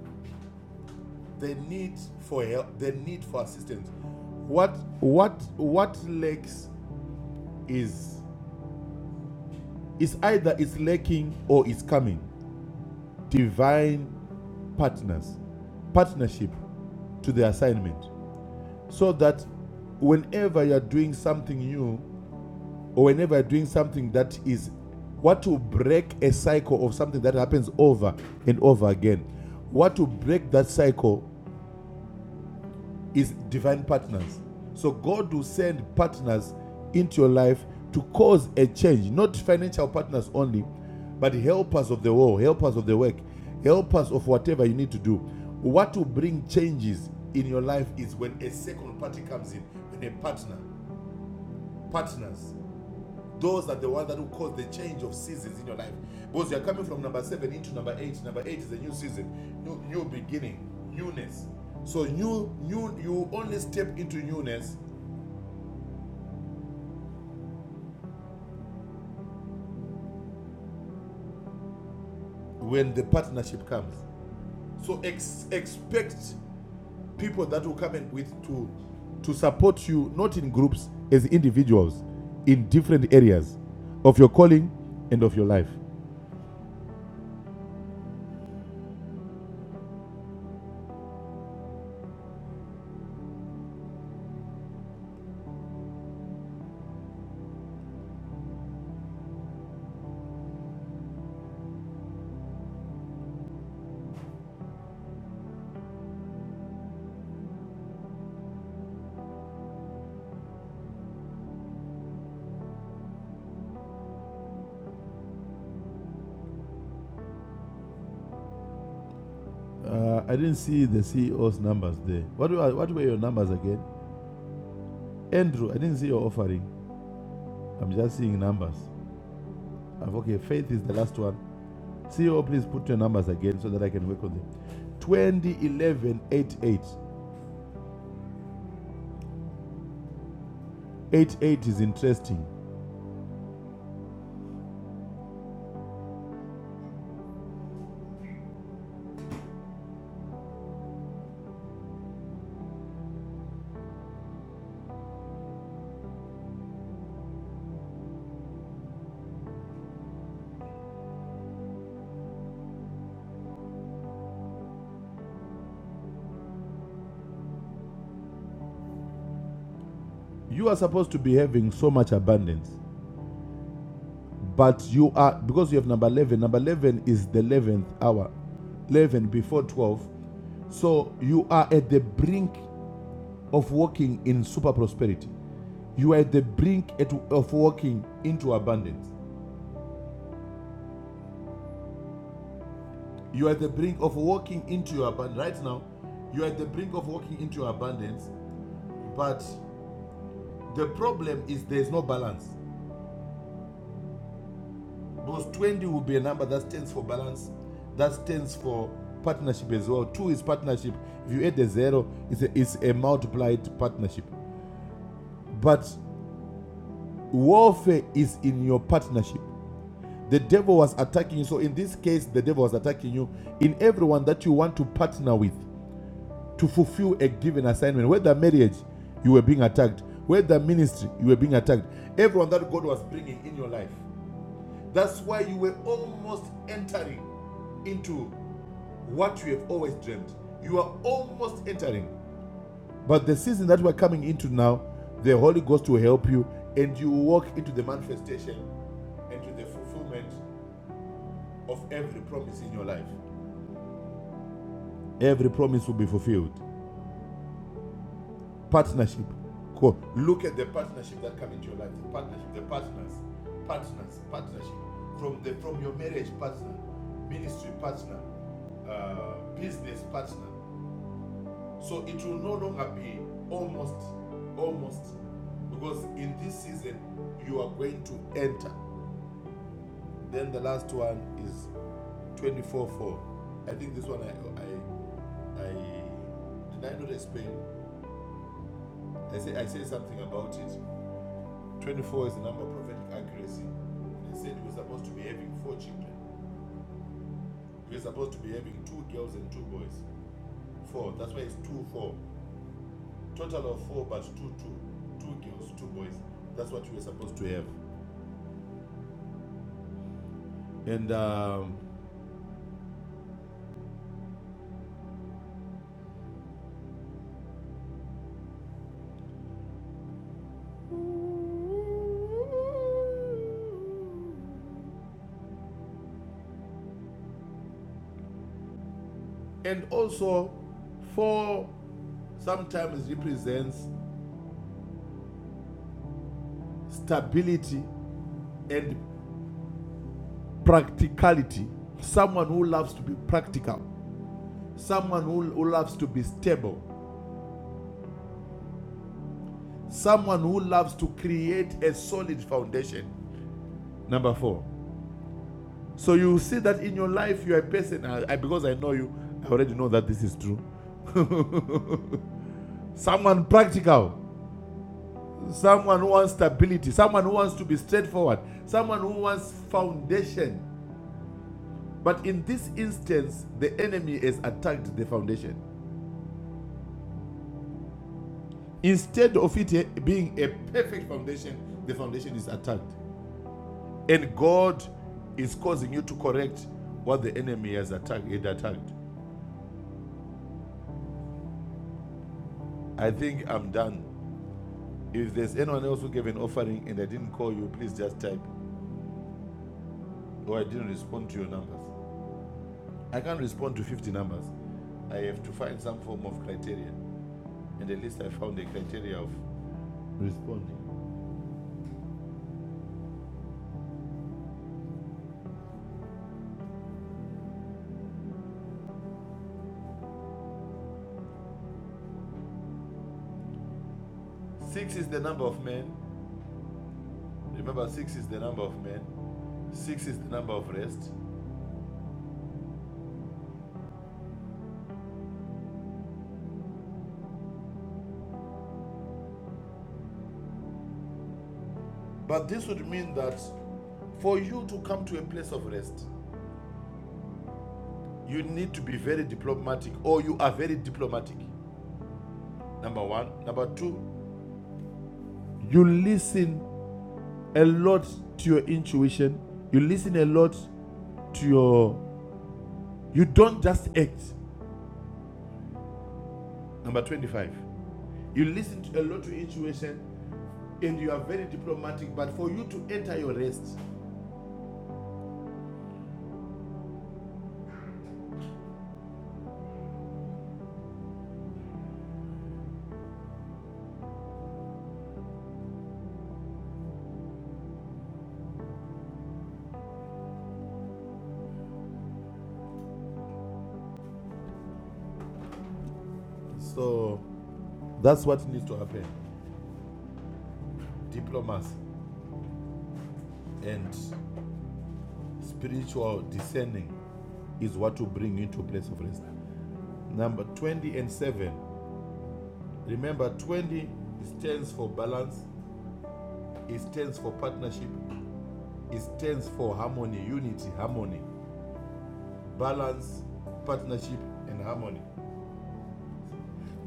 Speaker 6: the need for help, the need for assistance. What what what lacks is is either it's lacking or it's coming. Divine partners, partnership to the assignment. so that whenever you're doing something new or whenever you're doing something that is what will break a cycle of something that happens over and over again what will break that cycle is divine partners so god will send partners into your life to cause a change not financial partners only but helpers of the world helpers of the work helpers of whatever you need to do what will bring changes in your life is when a second party comes in when a partner partners those are the ones that will cause the change of seasons in your life because you're coming from number seven into number eight number eight is a new season new, new beginning newness so new new you only step into newness when the partnership comes so ex- expect people that will come in with to to support you not in groups as individuals in different areas of your calling and of your life uh, i didn't see the ceo's numbers there what were, what were your numbers again Andrew, I didn't see your offering. I'm just seeing numbers. I've, okay, faith is the last one. CEO, please put your numbers again so that I can work on them. 20, 11, 88. 88 is interesting. You are supposed to be having so much abundance, but you are, because you have number 11, number 11 is the 11th hour, 11 before 12. So you are at the brink of walking in super prosperity. You are at the brink at, of walking into abundance. You are at the brink of walking into your abundance. Right now, you are at the brink of walking into your abundance, but the problem is there's no balance. Because 20 will be a number that stands for balance, that stands for partnership as well. Two is partnership. If you add a zero, it's a, it's a multiplied partnership. But warfare is in your partnership. The devil was attacking you. So in this case, the devil was attacking you in everyone that you want to partner with. to fulfill a given assignment. Whether marriage, you were being attacked. Whether ministry, you were being attacked. Everyone that God was bringing in your life. That's why you were almost entering into what you have always dreamed. You are almost entering. But the season that we're coming into now, the Holy Ghost will help you and you walk into the manifestation and to the fulfillment of every promise in your life. Every promise will be fulfilled. Partnership. Cool. Look at the partnership that come into your life. The partnership, the partners, partners, partnership. From the from your marriage partner, ministry partner, uh, business partner. So it will no longer be almost, almost, because in this season you are going to enter. Then the last one is 24-4. I think this one I I, I did I not explain? I say I say something about it. 24 is the number of prophetic accuracy. And They said we're supposed to be having four children. We're supposed to be having two girls and two boys. Four. That's why it's two four. Total of four, but two two. Two girls, two boys. That's what we were supposed to have. And um, and also four sometimes represents stability and practicality. Someone who loves to be practical. Someone who, who loves to be stable. Someone who loves to create a solid foundation. Number four. So you see that in your life, you're a person, I, because I know you, I already know that this is true. someone practical, someone who wants stability, someone who wants to be straightforward, someone who wants foundation. But in this instance, the enemy has attacked the foundation. Instead of it eh, being a perfect foundation, the foundation is attacked. And God is causing you to correct what the enemy has attacked. It attacked. I think I'm done. If there's anyone else who gave an offering and I didn't call you, please just type. Or I didn't respond to your numbers. I can't respond to 50 numbers. I have to find some form of criteria. And at least I found the criteria of responding. Six is the number of men. Remember, six is the number of men. Six is the number of rest. But this would mean that for you to come to a place of rest, you need to be very diplomatic, or you are very diplomatic. Number one. Number two, you listen a lot to your intuition, you listen a lot to your. You don't just act. Number 25, you listen to a lot to intuition and you are very diplomatic, but for you to enter your rest. So that's what needs to happen. Diplomacy and spiritual discerning is what will bring you to a place of rest. Number 20 and 7, Remember, 20 stands for balance, it stands for partnership, it stands for harmony, unity, harmony, balance, partnership, and harmony.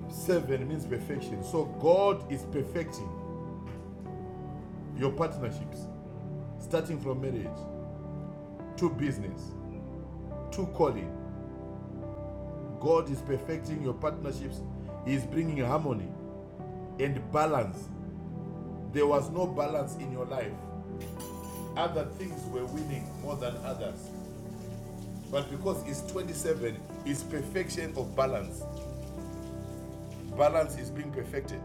Speaker 6: Seven means perfection. So God is perfecting your partnerships, starting from marriage to business to calling. God is perfecting your partnerships, He is bringing harmony and balance. There was no balance in your life. Other things were winning more than others. But because it's 27, it's perfection of balance. Balance is being perfected.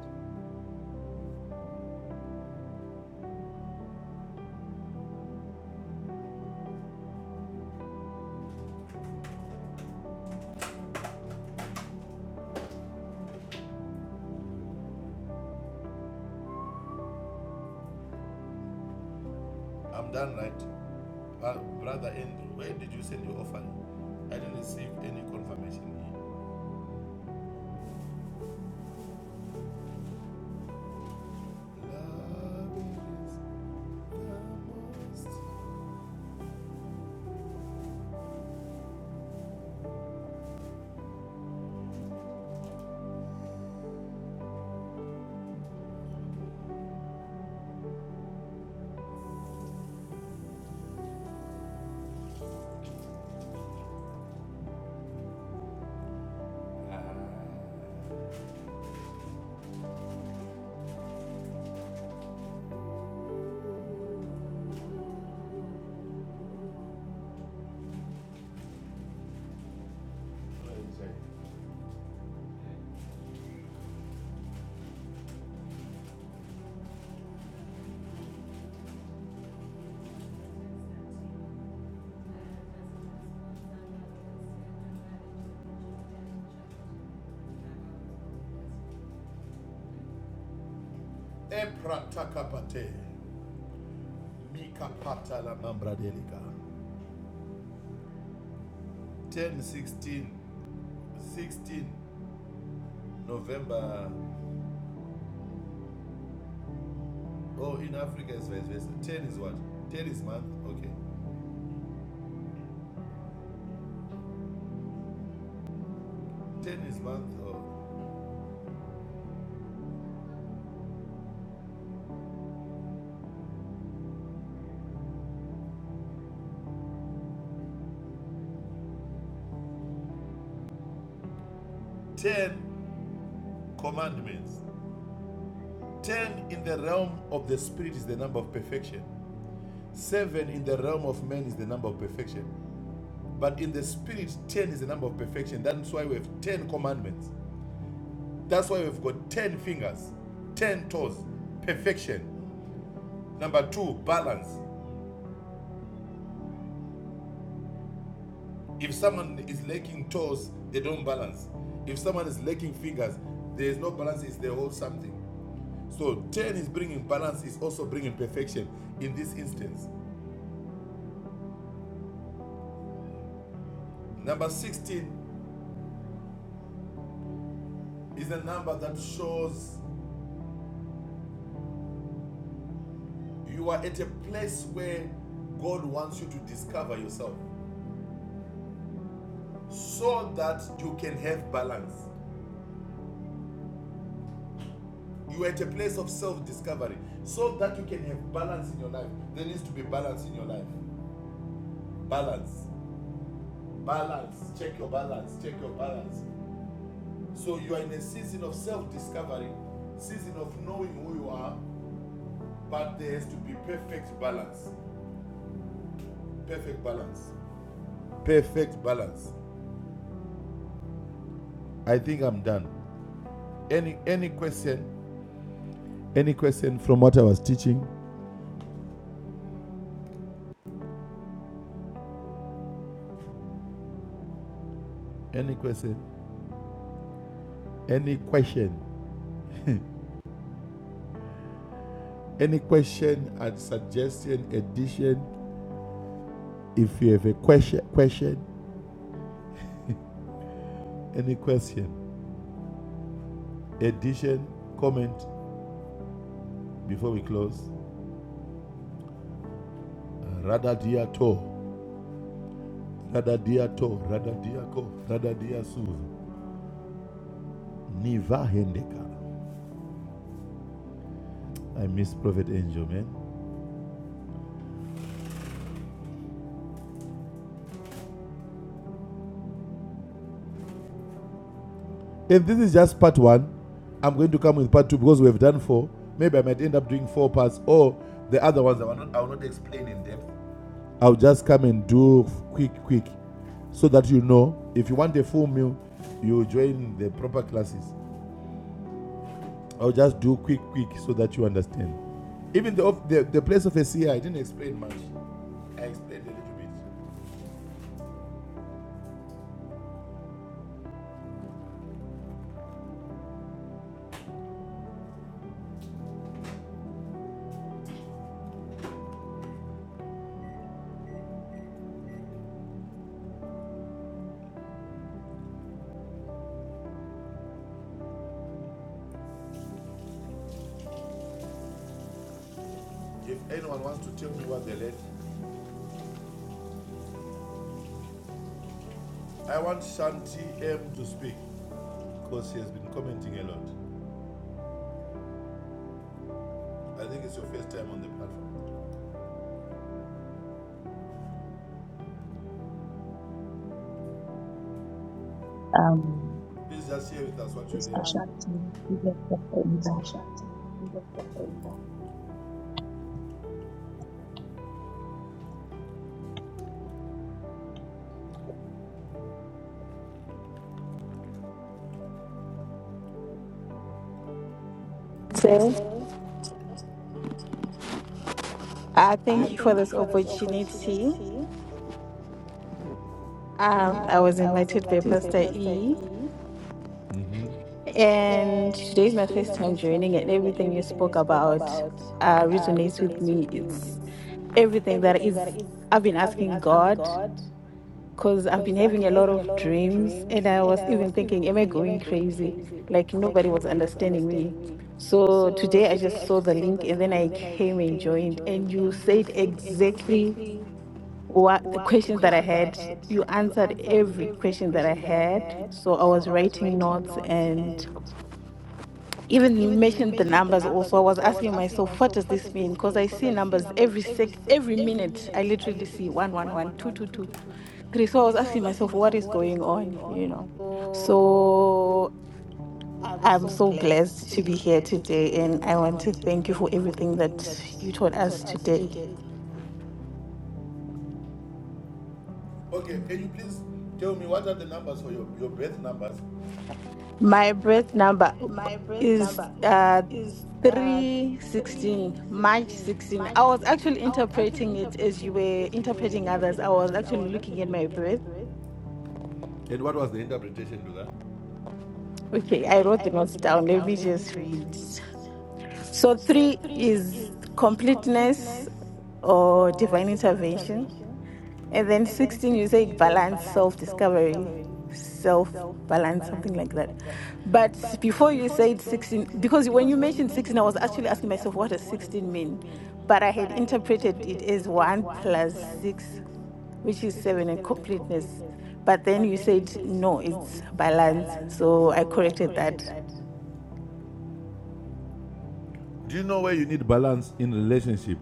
Speaker 6: I'm done, right? Uh, brother Andrew, where did you send your offering? I didn't receive any confirmation. Love is Ah. Mikapata la Mambradelica. 10, 16, sixteen November. Oh, in Africa it's vice versa. 10 is what? 10 is month. Okay. Ten is one thought. Ten commandments. Ten in the realm of the spirit is the number of perfection. Seven in the realm of man is the number of perfection. But in the spirit, ten is the number of perfection. That's why we have ten commandments. That's why we've got ten fingers, ten toes. Perfection. Number two, balance. If someone is lacking toes, they don't balance. If someone is lacking fingers, there is no balance, it's the whole something. So 10 is bringing balance, is also bringing perfection in this instance. Number 16 is a number that shows you are at a place where God wants you to discover yourself so that you can have balance. You are at a place of self discovery so that you can have balance in your life. There needs to be balance in your life. Balance, balance, check your balance, check your balance. So you are in a season of self discovery, season of knowing who you are, But there has to be perfect balance. Perfect balance. Perfect balance. I think I'm done. Any any question? Any question from what I was teaching? Any question? Any question? Any question and suggestion, addition? If you have a question, question, any question, addition, comment before we close. Rada dia to, rada dia to, rada dia ko, rada dia su, niva hendeka. I miss Prophet Angel, man. And this is just part one. I'm going to come with part two because we have done four. Maybe I might end up doing four parts or the other ones I will not, I will not explain in depth. I'll just come and do quick, quick, so that you know. If you want a full meal, you join the proper classes. I'll just do quick, quick, so that you understand. Even the the, the place of a seer, I didn't explain much. I explained a little bit. If anyone wants to tell me what they led, I want Shanti M to speak because she has been commenting a lot. I think it's your first time on the platform. Please just share with us what you learned. um, Mr. Shanti, So,
Speaker 8: So
Speaker 6: yeah.
Speaker 8: I
Speaker 6: I Yeah.
Speaker 8: thank you for
Speaker 6: thank you
Speaker 8: this
Speaker 6: for this
Speaker 8: opportunity.
Speaker 6: opportunity.
Speaker 8: Um, I was
Speaker 6: Um, I was
Speaker 8: invited by
Speaker 6: invited by
Speaker 8: Pastor
Speaker 6: Pastor
Speaker 8: E,
Speaker 6: E, Mm-hmm.
Speaker 8: and
Speaker 6: and
Speaker 8: today is my
Speaker 6: today is
Speaker 8: first
Speaker 6: my
Speaker 8: time
Speaker 6: first time
Speaker 8: joining, and
Speaker 6: joining, and
Speaker 8: everything you
Speaker 6: everything you
Speaker 8: spoke
Speaker 6: spoke
Speaker 8: about
Speaker 6: about
Speaker 8: uh,
Speaker 6: uh,
Speaker 8: resonates with
Speaker 6: resonates with
Speaker 8: me.
Speaker 6: me.
Speaker 8: It's
Speaker 6: It's
Speaker 8: everything that
Speaker 6: everything that
Speaker 8: is
Speaker 6: is
Speaker 8: I've been
Speaker 6: I've been
Speaker 8: asking
Speaker 6: asking
Speaker 8: God
Speaker 6: God
Speaker 8: because I've been
Speaker 6: because I've
Speaker 8: having
Speaker 6: been
Speaker 8: a lot
Speaker 6: having a
Speaker 8: of
Speaker 6: lot of
Speaker 8: dreams,
Speaker 6: dreams,
Speaker 8: and I
Speaker 6: and
Speaker 8: was
Speaker 6: I was
Speaker 8: even
Speaker 6: even
Speaker 8: thinking, am I
Speaker 6: thinking, am I
Speaker 8: going
Speaker 6: going
Speaker 8: crazy?
Speaker 6: crazy?
Speaker 8: Like
Speaker 6: Like
Speaker 8: nobody was
Speaker 6: nobody was
Speaker 8: understanding me.
Speaker 6: understanding me.
Speaker 8: So
Speaker 6: So
Speaker 8: today I
Speaker 6: today
Speaker 8: just
Speaker 6: I
Speaker 8: saw the
Speaker 6: just saw
Speaker 8: link,
Speaker 6: the
Speaker 8: and then
Speaker 6: link,
Speaker 8: I
Speaker 6: and then I
Speaker 8: came and
Speaker 6: came and
Speaker 8: joined, and
Speaker 6: joined,
Speaker 8: you
Speaker 6: and you
Speaker 8: said
Speaker 6: said
Speaker 8: exactly
Speaker 6: exactly
Speaker 8: what the
Speaker 6: what the
Speaker 8: questions that I
Speaker 6: questions that I
Speaker 8: had.
Speaker 6: had.
Speaker 8: You
Speaker 6: You
Speaker 8: answered
Speaker 6: answered
Speaker 8: every
Speaker 6: every
Speaker 8: question that I
Speaker 6: question that I
Speaker 8: had.
Speaker 6: had.
Speaker 8: So I
Speaker 6: So
Speaker 8: was
Speaker 6: I was
Speaker 8: writing
Speaker 6: writing
Speaker 8: notes
Speaker 6: notes,
Speaker 8: and
Speaker 6: and
Speaker 8: even you
Speaker 6: even
Speaker 8: mentioned the
Speaker 6: mentioned the
Speaker 8: numbers
Speaker 6: numbers
Speaker 8: also. I was
Speaker 6: also. I was
Speaker 8: asking
Speaker 6: asking
Speaker 8: myself, what
Speaker 6: myself,
Speaker 8: does
Speaker 6: what does
Speaker 8: this mean?
Speaker 6: this
Speaker 8: Because
Speaker 6: mean?
Speaker 8: I
Speaker 6: Because
Speaker 8: see
Speaker 6: I see
Speaker 8: numbers
Speaker 6: numbers
Speaker 8: every
Speaker 6: every
Speaker 8: sec
Speaker 6: sec,
Speaker 8: every
Speaker 6: every
Speaker 8: minute. I
Speaker 6: minute. I
Speaker 8: literally see
Speaker 6: literally
Speaker 8: one
Speaker 6: see
Speaker 8: one
Speaker 6: one,
Speaker 8: one,
Speaker 6: one,
Speaker 8: two
Speaker 6: one,
Speaker 8: two
Speaker 6: two,
Speaker 8: two,
Speaker 6: two, two,
Speaker 8: three. So I
Speaker 6: three.
Speaker 8: was
Speaker 6: So I was
Speaker 8: asking
Speaker 6: asking
Speaker 8: myself, what
Speaker 6: myself,
Speaker 8: is
Speaker 6: what is
Speaker 8: going
Speaker 6: going
Speaker 8: on? You
Speaker 6: on?
Speaker 8: know.
Speaker 6: So
Speaker 8: So
Speaker 6: I'm
Speaker 8: I'm
Speaker 6: so
Speaker 8: so
Speaker 6: blessed
Speaker 8: blessed
Speaker 6: to
Speaker 8: to
Speaker 6: be
Speaker 8: be here
Speaker 6: here
Speaker 8: today
Speaker 6: today,
Speaker 8: and
Speaker 6: and
Speaker 8: I
Speaker 6: I
Speaker 8: want to
Speaker 6: want to
Speaker 8: thank you for
Speaker 6: thank you for
Speaker 8: everything
Speaker 6: everything that
Speaker 8: that you taught
Speaker 6: you taught
Speaker 8: us
Speaker 6: us
Speaker 8: today.
Speaker 6: today. Okay, can you please tell me what are the numbers for your, your birth numbers?
Speaker 8: My birth number
Speaker 6: My birth
Speaker 8: is
Speaker 6: number
Speaker 8: uh
Speaker 6: is uh,
Speaker 8: 316, March
Speaker 6: 316,
Speaker 8: 16.
Speaker 6: March
Speaker 8: I was
Speaker 6: 16.
Speaker 8: actually
Speaker 6: I was actually
Speaker 8: interpreting it as you
Speaker 6: interpreting it
Speaker 8: were
Speaker 6: as you were
Speaker 8: interpreting others. I
Speaker 6: interpreting
Speaker 8: was
Speaker 6: others. I
Speaker 8: actually
Speaker 6: was
Speaker 8: looking
Speaker 6: actually
Speaker 8: at my
Speaker 6: looking at my
Speaker 8: birth.
Speaker 6: birth. And what was the interpretation to that?
Speaker 8: Okay, I
Speaker 6: Okay,
Speaker 8: wrote
Speaker 6: I
Speaker 8: the
Speaker 6: wrote
Speaker 8: notes
Speaker 6: the notes
Speaker 8: down. Let
Speaker 6: down.
Speaker 8: me
Speaker 6: Let me
Speaker 8: just
Speaker 6: just
Speaker 8: read.
Speaker 6: read.
Speaker 8: So
Speaker 6: So,
Speaker 8: three
Speaker 6: three
Speaker 8: is
Speaker 6: is completeness
Speaker 8: completeness or
Speaker 6: or
Speaker 8: divine
Speaker 6: divine
Speaker 8: intervention.
Speaker 6: intervention.
Speaker 8: And then
Speaker 6: And then
Speaker 8: 16, you
Speaker 6: 16,
Speaker 8: said
Speaker 6: you say
Speaker 8: balance
Speaker 6: balance,
Speaker 8: self
Speaker 6: self
Speaker 8: discovery,
Speaker 6: discovery,
Speaker 8: self
Speaker 6: self
Speaker 8: balance,
Speaker 6: balance,
Speaker 8: something like
Speaker 6: something
Speaker 8: that.
Speaker 6: like that.
Speaker 8: But
Speaker 6: But
Speaker 8: before you
Speaker 6: before you
Speaker 8: said
Speaker 6: said
Speaker 8: 16,
Speaker 6: 16,
Speaker 8: because when
Speaker 6: because
Speaker 8: you
Speaker 6: when you
Speaker 8: mentioned 16,
Speaker 6: mentioned
Speaker 8: I was
Speaker 6: 16, I was
Speaker 8: actually asking
Speaker 6: actually
Speaker 8: myself,
Speaker 6: asking
Speaker 8: what does
Speaker 6: myself, what does
Speaker 8: 16 mean?
Speaker 6: 16 mean?
Speaker 8: But I
Speaker 6: But
Speaker 8: had
Speaker 6: I had
Speaker 8: interpreted it
Speaker 6: interpreted
Speaker 8: as
Speaker 6: it as
Speaker 8: 1
Speaker 6: 1
Speaker 8: plus
Speaker 6: plus
Speaker 8: 6,
Speaker 6: 6,
Speaker 8: which is
Speaker 6: which is
Speaker 8: 7, and
Speaker 6: 7 in
Speaker 8: completeness.
Speaker 6: completeness.
Speaker 8: But then
Speaker 6: But
Speaker 8: you
Speaker 6: then you
Speaker 8: said,
Speaker 6: said,
Speaker 8: no,
Speaker 6: no,
Speaker 8: it's
Speaker 6: it's
Speaker 8: balance.
Speaker 6: balance.
Speaker 8: So I
Speaker 6: So I
Speaker 8: corrected
Speaker 6: corrected
Speaker 8: that.
Speaker 6: that. Do you know where you need balance in relationship?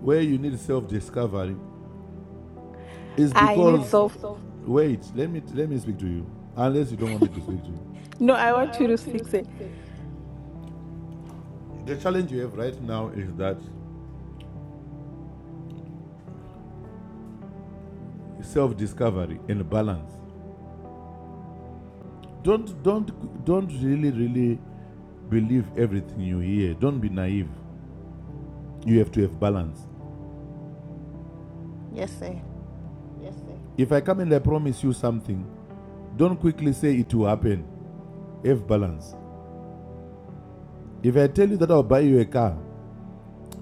Speaker 6: Where you need self discovery It's I
Speaker 8: I need
Speaker 6: because I
Speaker 8: self.
Speaker 6: need soft. wait, let me let me speak to you. Unless you don't want me to speak to you.
Speaker 8: No, I
Speaker 6: No, I
Speaker 8: want you to
Speaker 6: want you to
Speaker 8: fix it.
Speaker 6: speak. The challenge you have right now is that self-discovery and balance. Don't don't don't really really believe everything you hear. Don't be naive. You have to have balance.
Speaker 8: Yes, sir.
Speaker 6: Yes, sir. If I come and I promise you something, don't quickly say it will happen. Have balance. If I tell you that I'll buy you a car,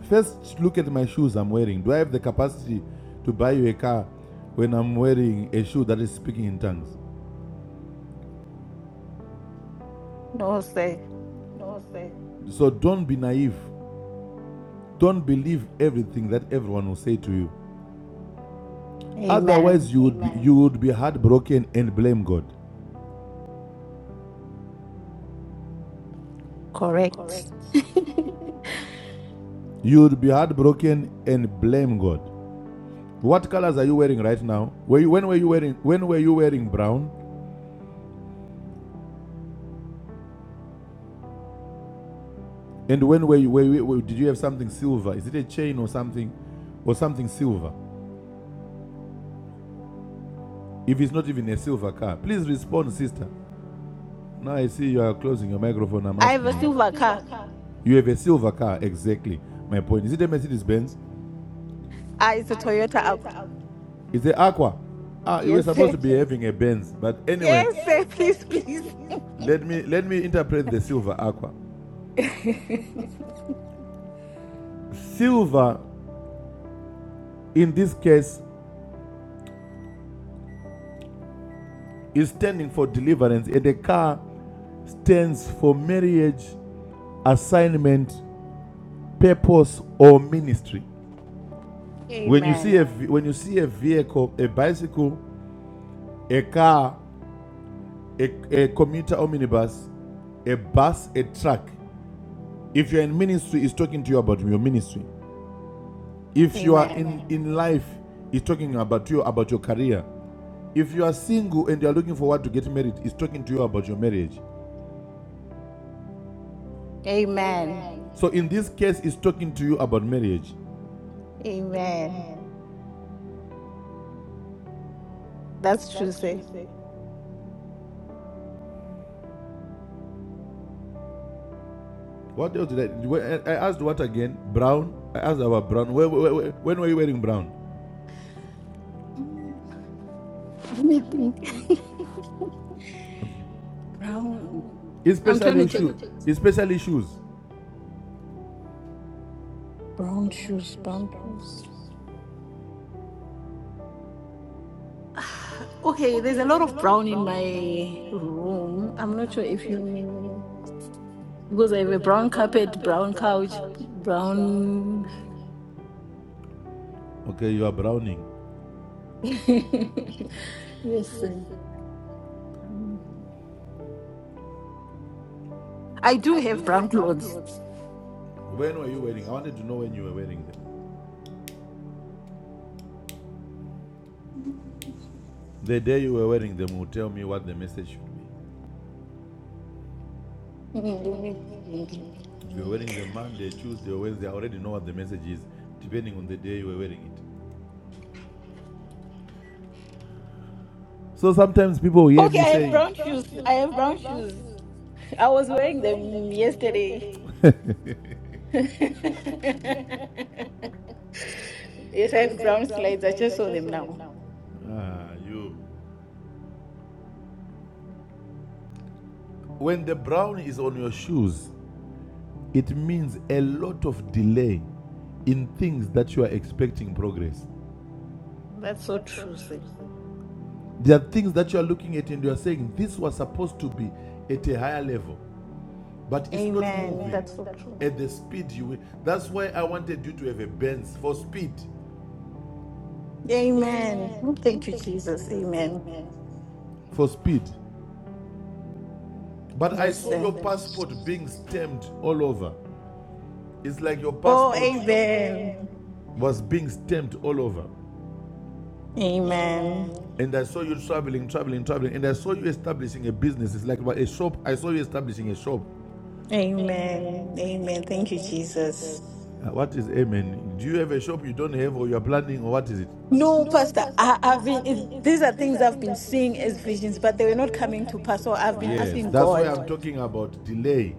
Speaker 6: First, look at my shoes I'm wearing. Do I have the capacity to buy you a car when I'm wearing a shoe that is speaking in tongues?
Speaker 8: No, sir.
Speaker 6: No, sir. So don't be naive. Don't believe everything that everyone will say to you.
Speaker 8: Amen.
Speaker 6: Otherwise, you would be, you would be heartbroken and blame God.
Speaker 8: Correct.
Speaker 6: Correct. You would be heartbroken and blame God. What colors are you wearing right now? Were you, when were you wearing when were you wearing brown? And when were you were, you- did you have something silver? Is it a chain or something or something silver? If it's not even a silver car, please respond, sister. Now I see you are closing your microphone. I'm
Speaker 8: I have
Speaker 6: asking
Speaker 8: a
Speaker 6: you. I have a
Speaker 8: silver
Speaker 6: silver
Speaker 8: car.
Speaker 6: car. You have a silver car, exactly. My point. Is it a Mercedes Benz?
Speaker 8: Ah, it's a
Speaker 6: Ah, it's a
Speaker 8: Toyota
Speaker 6: Toyota
Speaker 8: out.
Speaker 6: Aqua. Is it Aqua? Ah, you were
Speaker 8: Yes,
Speaker 6: supposed
Speaker 8: sir.
Speaker 6: to be having a Benz, but anyway,
Speaker 8: Yes,
Speaker 6: Yes,
Speaker 8: sir.
Speaker 6: sir,
Speaker 8: Please,
Speaker 6: please,
Speaker 8: please.
Speaker 6: please. let me let me interpret the silver aqua silver in this case is standing for deliverance and the car stands for marriage assignment purpose or ministry When you see
Speaker 8: Amen.
Speaker 6: a when you see a vehicle, a bicycle, a car, a, a commuter or minibus, a bus, a truck, if you're in ministry, it's talking to you about your ministry. If you are
Speaker 8: Amen.
Speaker 6: in, in life, it's talking about you about your career. If you are single and you're looking forward to get married, it's talking to you about your marriage.
Speaker 8: Amen.
Speaker 6: Amen. So in this case, it's talking to you about marriage.
Speaker 8: Amen.
Speaker 6: Amen.
Speaker 8: That's true,
Speaker 6: That's true,
Speaker 8: sir.
Speaker 6: sir. What else did I? I asked what again? Brown. I asked about brown. when were you wearing brown?
Speaker 8: Let me think. Brown. I'm
Speaker 6: Especially
Speaker 8: trying to take
Speaker 6: shoes. Especially shoes.
Speaker 8: brown
Speaker 6: Brown
Speaker 8: shoes.
Speaker 6: shoes,
Speaker 8: Brown
Speaker 6: brown
Speaker 8: shoes.
Speaker 6: shoes.
Speaker 8: Okay, there's a
Speaker 6: Okay,
Speaker 8: lot
Speaker 6: there's a
Speaker 8: of
Speaker 6: lot of
Speaker 8: brown in
Speaker 6: brown in my
Speaker 8: my room.
Speaker 6: room.
Speaker 8: I'm not sure
Speaker 6: I'm not
Speaker 8: if
Speaker 6: sure
Speaker 8: you
Speaker 6: if you
Speaker 8: mean
Speaker 6: know.
Speaker 8: because I have a
Speaker 6: because I have a
Speaker 8: brown
Speaker 6: brown
Speaker 8: carpet,
Speaker 6: carpet,
Speaker 8: brown
Speaker 6: brown
Speaker 8: couch,
Speaker 6: couch, brown.
Speaker 8: brown.
Speaker 6: Okay, you are browning.
Speaker 8: yes,
Speaker 6: yes,
Speaker 8: sir. I do
Speaker 6: I do
Speaker 8: have brown
Speaker 6: have brown
Speaker 8: clothes.
Speaker 6: clothes. When were you wearing? I wanted to know when you were wearing them. The day you were wearing them will tell me what the message should be.
Speaker 8: Okay,
Speaker 6: If you're wearing them Monday, Tuesday, or Wednesday, I already know what the message is, depending on the day you were wearing it. So sometimes people hear me
Speaker 8: I
Speaker 6: Okay, I
Speaker 8: have
Speaker 6: saying, have
Speaker 8: brown shoes.
Speaker 6: brown shoes.
Speaker 8: I have
Speaker 6: I
Speaker 8: brown
Speaker 6: have brown
Speaker 8: shoes. I
Speaker 6: shoes.
Speaker 8: was
Speaker 6: I was
Speaker 8: wearing them
Speaker 6: wearing them
Speaker 8: yesterday.
Speaker 6: yesterday.
Speaker 8: yes, I
Speaker 6: You
Speaker 8: have
Speaker 6: have
Speaker 8: brown
Speaker 6: brown
Speaker 8: slides. I
Speaker 6: slides.
Speaker 8: just
Speaker 6: I
Speaker 8: saw
Speaker 6: just
Speaker 8: them
Speaker 6: saw them
Speaker 8: now.
Speaker 6: now. ah, you. When the brown is on your shoes, it means a lot of delay in things that you are expecting progress.
Speaker 8: That's so
Speaker 6: That's so
Speaker 8: true,
Speaker 6: true.
Speaker 8: sir.
Speaker 6: sir. There are things that you are looking at and you are saying, this was supposed to be at a higher level. but it's not
Speaker 8: Amen.
Speaker 6: moving
Speaker 8: That's
Speaker 6: Amen.
Speaker 8: so
Speaker 6: That's
Speaker 8: true.
Speaker 6: it. at the speed you will. That's why I wanted you to have a Benz for speed,
Speaker 8: Amen.
Speaker 6: Amen.
Speaker 8: Thank you,
Speaker 6: Thank you,
Speaker 8: Jesus.
Speaker 6: Jesus.
Speaker 8: Amen.
Speaker 6: Amen. for speed. But I
Speaker 8: Yes,
Speaker 6: saw Yes,
Speaker 8: sir.
Speaker 6: your passport being stamped all over. It's like your
Speaker 8: Oh,
Speaker 6: passport Oh, amen.
Speaker 8: amen.
Speaker 6: was being stamped all over.
Speaker 8: Amen.
Speaker 6: Amen. And I saw you traveling, traveling, traveling. And I saw you establishing a business. It's like a shop. I saw you establishing a shop.
Speaker 8: Amen.
Speaker 6: Amen.
Speaker 8: Amen.
Speaker 6: Amen.
Speaker 8: Thank you,
Speaker 6: Thank you,
Speaker 8: Jesus.
Speaker 6: Jesus. Uh, What is amen? Do you have a shop you don't have or you're planning or what is it?
Speaker 8: No,
Speaker 6: No,
Speaker 8: Pastor,
Speaker 6: Pastor,
Speaker 8: I,
Speaker 6: I,
Speaker 8: I've been,
Speaker 6: I've
Speaker 8: it,
Speaker 6: been, it's,
Speaker 8: these are
Speaker 6: these
Speaker 8: things
Speaker 6: are
Speaker 8: I've
Speaker 6: things
Speaker 8: been
Speaker 6: I've been
Speaker 8: seeing as
Speaker 6: seeing as
Speaker 8: visions, but
Speaker 6: visions,
Speaker 8: they were
Speaker 6: but they
Speaker 8: not
Speaker 6: were not
Speaker 8: coming to
Speaker 6: coming to
Speaker 8: pass. So
Speaker 6: pass. So
Speaker 8: I've been
Speaker 6: I've been Yes,
Speaker 8: asking
Speaker 6: that's asking why I'm
Speaker 8: God.
Speaker 6: God. talking about delay.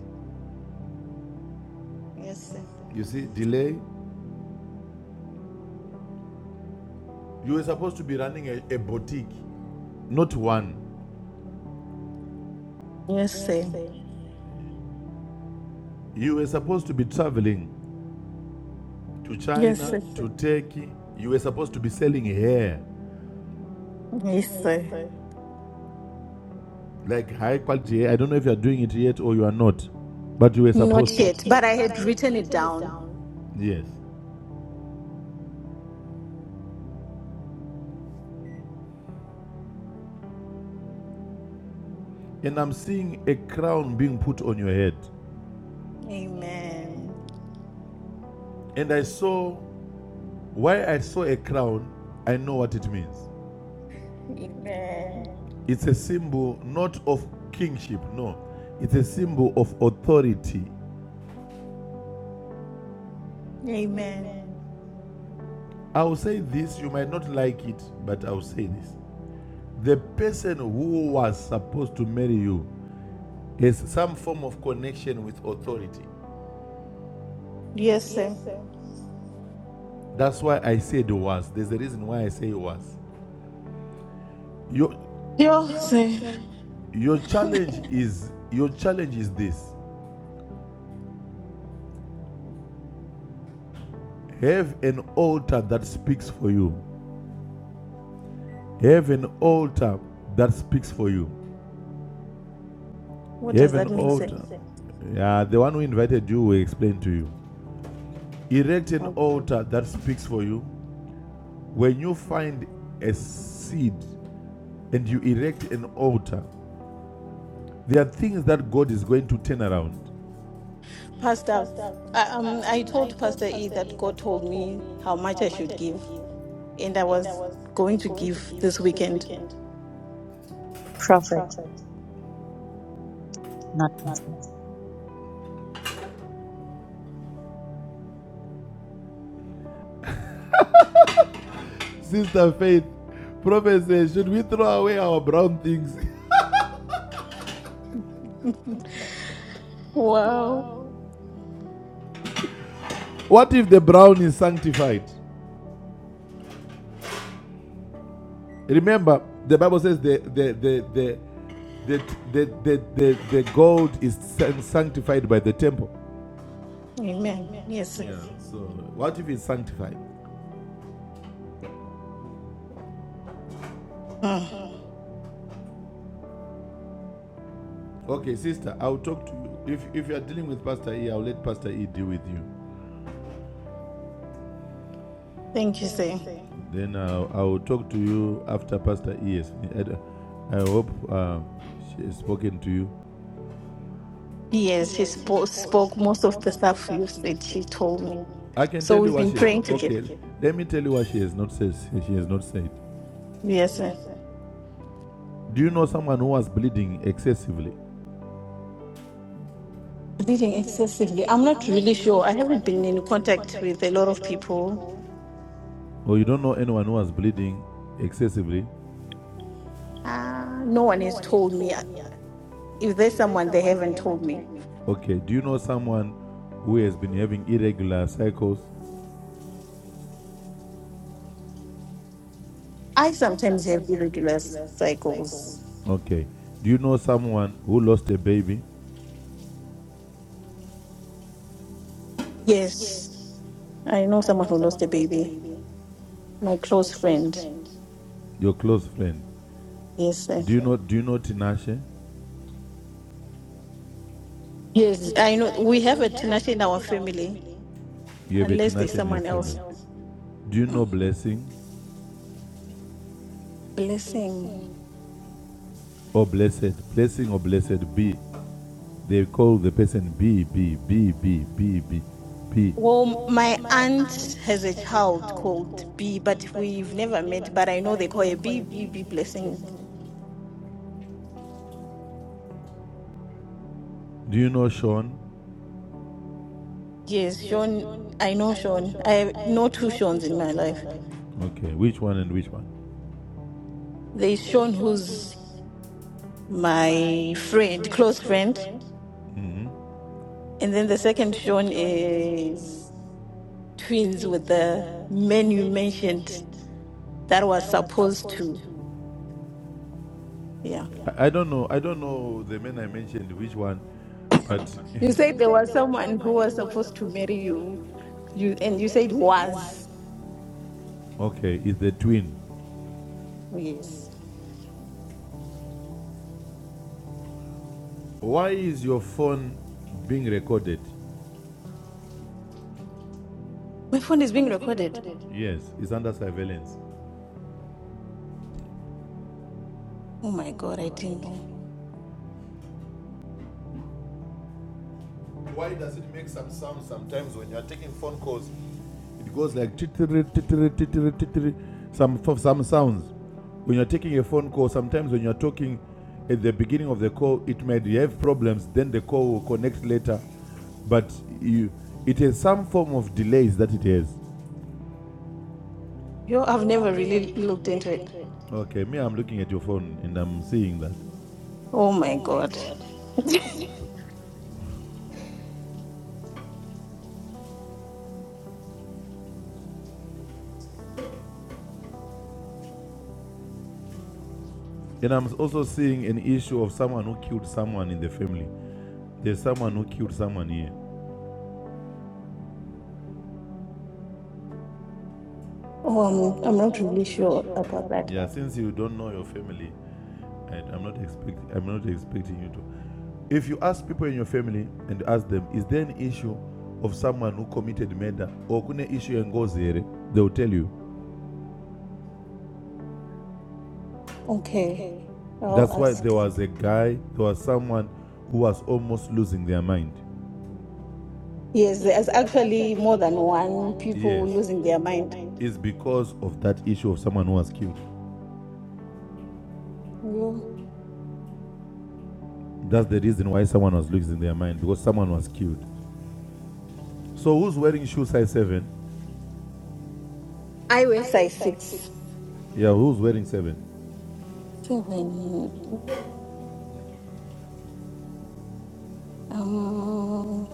Speaker 8: Yes,
Speaker 6: Yes,
Speaker 8: sir.
Speaker 6: You see, delay. You were supposed to be running a, a boutique, not one.
Speaker 8: Yes,
Speaker 6: Yes,
Speaker 8: sir.
Speaker 6: sir. You were supposed to be traveling to
Speaker 8: Yes,
Speaker 6: China,
Speaker 8: sir.
Speaker 6: Yes, sir. to Turkey. You were supposed to be selling hair.
Speaker 8: Yes,
Speaker 6: Yes,
Speaker 8: sir.
Speaker 6: sir. like high quality. I don't know if you're doing it yet or you are not, but you were supposed
Speaker 8: Not
Speaker 6: not to.
Speaker 8: yet,
Speaker 6: Not
Speaker 8: but I
Speaker 6: yet, but I
Speaker 8: had
Speaker 6: had
Speaker 8: written it
Speaker 6: written it
Speaker 8: down.
Speaker 6: down. Yes. And I'm seeing a crown being put on your head. Amen.
Speaker 8: Amen.
Speaker 6: And I saw why I saw a crown, I know what it means.
Speaker 8: Amen.
Speaker 6: Amen. It's a symbol not of kingship, no. It's a symbol of authority.
Speaker 8: Amen.
Speaker 6: Amen. I will say this, you might not like it, but I will say this. The person who was supposed to marry you is some form of connection with authority.
Speaker 8: Yes,
Speaker 6: Yes,
Speaker 8: sir.
Speaker 6: sir. That's why I said was. There's a reason why I say was. Your
Speaker 8: Yes,
Speaker 6: Yes,
Speaker 8: sir.
Speaker 6: sir. your challenge is your challenge is this. Have an altar that speaks for you. Have an altar that speaks for you.
Speaker 8: What
Speaker 6: Have
Speaker 8: does
Speaker 6: an
Speaker 8: that mean, sir?
Speaker 6: altar. Yeah, the one who invited you will explain to you. Erect an
Speaker 8: Um,
Speaker 6: altar that speaks for you. When you find a seed and you erect an altar, There are things that God is going to turn around.
Speaker 8: Pastor,
Speaker 6: Pastor,
Speaker 8: I,
Speaker 6: I,
Speaker 8: um, I
Speaker 6: um, I
Speaker 8: told
Speaker 6: told
Speaker 8: Pastor E
Speaker 6: Pastor E
Speaker 8: that
Speaker 6: that
Speaker 8: God told
Speaker 6: God told
Speaker 8: me
Speaker 6: me
Speaker 8: how much
Speaker 6: how
Speaker 8: I
Speaker 6: much
Speaker 8: should
Speaker 6: I should
Speaker 8: give, and I
Speaker 6: give, and I
Speaker 8: was
Speaker 6: was
Speaker 8: going to
Speaker 6: going to
Speaker 8: give
Speaker 6: give
Speaker 8: this
Speaker 6: this
Speaker 8: weekend.
Speaker 6: weekend.
Speaker 4: Prophet, not Pastor.
Speaker 6: Sister Faith, Prophet says, should we throw away our brown things?
Speaker 8: Wow.
Speaker 6: Wow. what if the brown is sanctified? Remember, the Bible says the the the the the the, the, the, the gold is sanctified by the temple.
Speaker 8: Amen.
Speaker 6: Amen.
Speaker 8: Yes, sir.
Speaker 6: Yeah. So what if it's sanctified?
Speaker 8: Mm.
Speaker 6: Okay, sister, I'll talk to you. If, if you are dealing with Pastor E, I'll let Pastor E deal with you.
Speaker 8: Thank you,
Speaker 6: Thank you,
Speaker 8: sir.
Speaker 6: sir. Then I'll, I'll talk to you after Pastor E has. I I hope uh, she has spoken to you.
Speaker 8: Yes, he
Speaker 6: Yes, he
Speaker 8: spoke,
Speaker 6: spoke,
Speaker 8: spoke
Speaker 6: spoke
Speaker 8: most of
Speaker 6: most
Speaker 8: the
Speaker 6: of the
Speaker 8: stuff
Speaker 6: stuff
Speaker 8: you
Speaker 6: you
Speaker 8: said.
Speaker 6: said
Speaker 8: She
Speaker 6: he
Speaker 8: told me.
Speaker 6: told me. I can
Speaker 8: So
Speaker 6: tell you so
Speaker 8: we've
Speaker 6: what
Speaker 8: been
Speaker 6: she.
Speaker 8: praying
Speaker 6: Okay,
Speaker 8: together.
Speaker 6: to let me tell you what she has not said. She has not said.
Speaker 8: Yes, sir.
Speaker 6: Yes, sir. Do you know someone who was bleeding excessively?
Speaker 8: Reading
Speaker 6: Bleeding
Speaker 8: excessively. I'm
Speaker 6: excessively.
Speaker 8: not
Speaker 6: I'm not
Speaker 8: really
Speaker 6: really
Speaker 8: sure. I
Speaker 6: sure. I
Speaker 8: haven't been
Speaker 6: haven't
Speaker 8: in
Speaker 6: been in
Speaker 8: contact
Speaker 6: contact
Speaker 8: with a
Speaker 6: with
Speaker 8: lot
Speaker 6: a
Speaker 8: of
Speaker 6: lot of
Speaker 8: people.
Speaker 6: people Or you don't know anyone who was bleeding excessively? Um,
Speaker 8: Uh, no one
Speaker 6: no
Speaker 8: has
Speaker 6: one has
Speaker 8: told me.
Speaker 6: told me.
Speaker 8: If there's
Speaker 6: If there's
Speaker 8: someone, they
Speaker 6: someone, they
Speaker 8: haven't
Speaker 6: haven't
Speaker 8: told me.
Speaker 6: told me. Okay. Do you know someone who has been having irregular cycles?
Speaker 8: I
Speaker 6: I
Speaker 8: sometimes have
Speaker 6: sometimes have
Speaker 8: irregular
Speaker 6: irregular
Speaker 8: cycles.
Speaker 6: cycles. Okay. Do you know someone who lost a baby?
Speaker 8: Yes,
Speaker 6: Yes,
Speaker 8: I know
Speaker 6: I
Speaker 8: someone
Speaker 6: know
Speaker 8: who
Speaker 6: someone
Speaker 8: lost
Speaker 6: who
Speaker 8: a
Speaker 6: lost a
Speaker 8: baby.
Speaker 6: baby.
Speaker 8: My
Speaker 6: My
Speaker 8: close
Speaker 6: close
Speaker 8: friend.
Speaker 6: friend. Your close friend.
Speaker 8: Yes,
Speaker 6: Yes.
Speaker 8: sir.
Speaker 6: Do you know do you know Tinashe?
Speaker 8: Yes, I
Speaker 6: Yes,
Speaker 8: know.
Speaker 6: I know.
Speaker 8: We have
Speaker 6: We
Speaker 8: a
Speaker 6: have a
Speaker 8: tenacious in
Speaker 6: Tinashe
Speaker 8: our
Speaker 6: in our
Speaker 8: family.
Speaker 6: family. You have a Tinashe
Speaker 8: unless there's
Speaker 6: in your
Speaker 8: someone else.
Speaker 6: family. else. Do you know
Speaker 8: Mm.
Speaker 6: blessing?
Speaker 8: Blessing.
Speaker 6: Blessing. or blessed, blessing or blessed be. They call the person B, B, B, B, B, B, B.
Speaker 8: Well,
Speaker 6: Well,
Speaker 8: my
Speaker 6: my aunt
Speaker 8: aunt has a
Speaker 6: has a
Speaker 8: child
Speaker 6: child
Speaker 8: called B,
Speaker 6: called
Speaker 8: but
Speaker 6: B, but
Speaker 8: we've
Speaker 6: we've
Speaker 8: never met.
Speaker 6: never
Speaker 8: But I
Speaker 6: met.
Speaker 8: know
Speaker 6: But I
Speaker 8: they
Speaker 6: know
Speaker 8: call
Speaker 6: they
Speaker 8: her
Speaker 6: call
Speaker 8: B,
Speaker 6: her
Speaker 8: B,
Speaker 6: B,
Speaker 8: B
Speaker 6: B, B
Speaker 8: blessing.
Speaker 6: blessing. Do you know Sean?
Speaker 8: Yes,
Speaker 6: Yes,
Speaker 8: Sean.
Speaker 6: Sean.
Speaker 8: I know
Speaker 6: I know
Speaker 8: Sean.
Speaker 6: Sean.
Speaker 8: I
Speaker 6: I
Speaker 8: know two
Speaker 6: know two
Speaker 8: Seans in my
Speaker 6: Seans in my
Speaker 8: life.
Speaker 6: life. Okay, which one and which one?
Speaker 8: There's
Speaker 6: There's
Speaker 8: Sean,
Speaker 6: Sean who's
Speaker 8: who's my
Speaker 6: my
Speaker 8: friend,
Speaker 6: friend,
Speaker 8: close
Speaker 6: close
Speaker 8: friend.
Speaker 6: friend, hmm
Speaker 8: And then the
Speaker 6: and then the
Speaker 8: second
Speaker 6: second
Speaker 8: Sean
Speaker 6: Sean
Speaker 8: is
Speaker 6: is
Speaker 8: twins with
Speaker 6: twins with
Speaker 8: the
Speaker 6: the
Speaker 8: man you
Speaker 6: men you
Speaker 8: mentioned
Speaker 6: mentioned
Speaker 8: that was
Speaker 6: that was
Speaker 8: supposed
Speaker 6: supposed
Speaker 8: to.
Speaker 6: to.
Speaker 8: Yeah.
Speaker 6: Yeah. I I don't know. I don't know the men I mentioned, which one, but
Speaker 8: You said
Speaker 6: You
Speaker 8: there
Speaker 6: said
Speaker 8: was
Speaker 6: there was
Speaker 8: someone who
Speaker 6: someone
Speaker 8: was
Speaker 6: who was
Speaker 8: supposed to
Speaker 6: supposed to
Speaker 8: marry
Speaker 6: marry
Speaker 8: you.
Speaker 6: you.
Speaker 8: You and
Speaker 6: You
Speaker 8: you
Speaker 6: and you
Speaker 8: said
Speaker 6: said was.
Speaker 8: was.
Speaker 6: okay, it's the twin.
Speaker 8: Yes.
Speaker 6: Why is your phone being recorded?
Speaker 8: My phone
Speaker 6: My
Speaker 8: is
Speaker 6: phone
Speaker 8: being
Speaker 6: is being
Speaker 8: recorded.
Speaker 6: recorded. Yes, it's under surveillance.
Speaker 8: Oh my
Speaker 6: Oh my
Speaker 8: god, I
Speaker 6: god,
Speaker 8: didn't
Speaker 6: I tell
Speaker 8: know.
Speaker 6: you. Why does it make some sound sometimes when you are taking phone calls? It goes like titri titri titri titri. Some some sounds. When you are taking a phone call, sometimes when you are talking at the beginning of the call, it might have problems. Then the call will connect later, but you, it has some form of delays that it has.
Speaker 8: Yo,
Speaker 6: You
Speaker 8: I've
Speaker 6: know,
Speaker 8: never
Speaker 6: I've never
Speaker 8: really
Speaker 6: really
Speaker 8: looked into
Speaker 6: looked
Speaker 8: it.
Speaker 6: into it. Okay, me, I'm looking at your phone and I'm seeing that.
Speaker 8: Oh my
Speaker 6: Oh my
Speaker 8: god.
Speaker 6: god. And I'm also seeing an issue of someone who killed someone in the family. There's someone who killed someone here.
Speaker 8: Oh, I'm I'm
Speaker 6: Oh, I'm,
Speaker 8: not
Speaker 6: not
Speaker 8: really
Speaker 6: really
Speaker 8: sure
Speaker 6: sure
Speaker 8: about
Speaker 6: about
Speaker 8: that.
Speaker 6: Yeah, that. since you don't know your family, I, I'm not expecting. I'm not expecting you to. If you ask people in your family and ask them, is there an issue of someone who committed murder or kune issue yengozi here, they will tell you.
Speaker 8: Okay.
Speaker 6: Okay.
Speaker 8: I'll
Speaker 6: That's why there
Speaker 8: ask.
Speaker 6: was a guy, there was someone who was almost losing their mind.
Speaker 8: Yes,
Speaker 6: Yes,
Speaker 8: there's
Speaker 6: there's
Speaker 8: actually more
Speaker 6: actually
Speaker 8: than
Speaker 6: more than
Speaker 8: one
Speaker 6: one
Speaker 8: people
Speaker 6: Yes. people
Speaker 8: losing their
Speaker 6: losing their
Speaker 8: mind.
Speaker 6: mind. It's because of that issue of someone who was killed.
Speaker 8: Yo.
Speaker 6: That's the reason why someone was losing their mind because someone was killed. So who's wearing shoe size seven?
Speaker 8: I wear
Speaker 6: I wear
Speaker 8: size
Speaker 6: size six.
Speaker 8: six.
Speaker 6: Yeah, who's wearing seven?
Speaker 8: Seven.
Speaker 6: Seven, yeah.
Speaker 8: mm, Um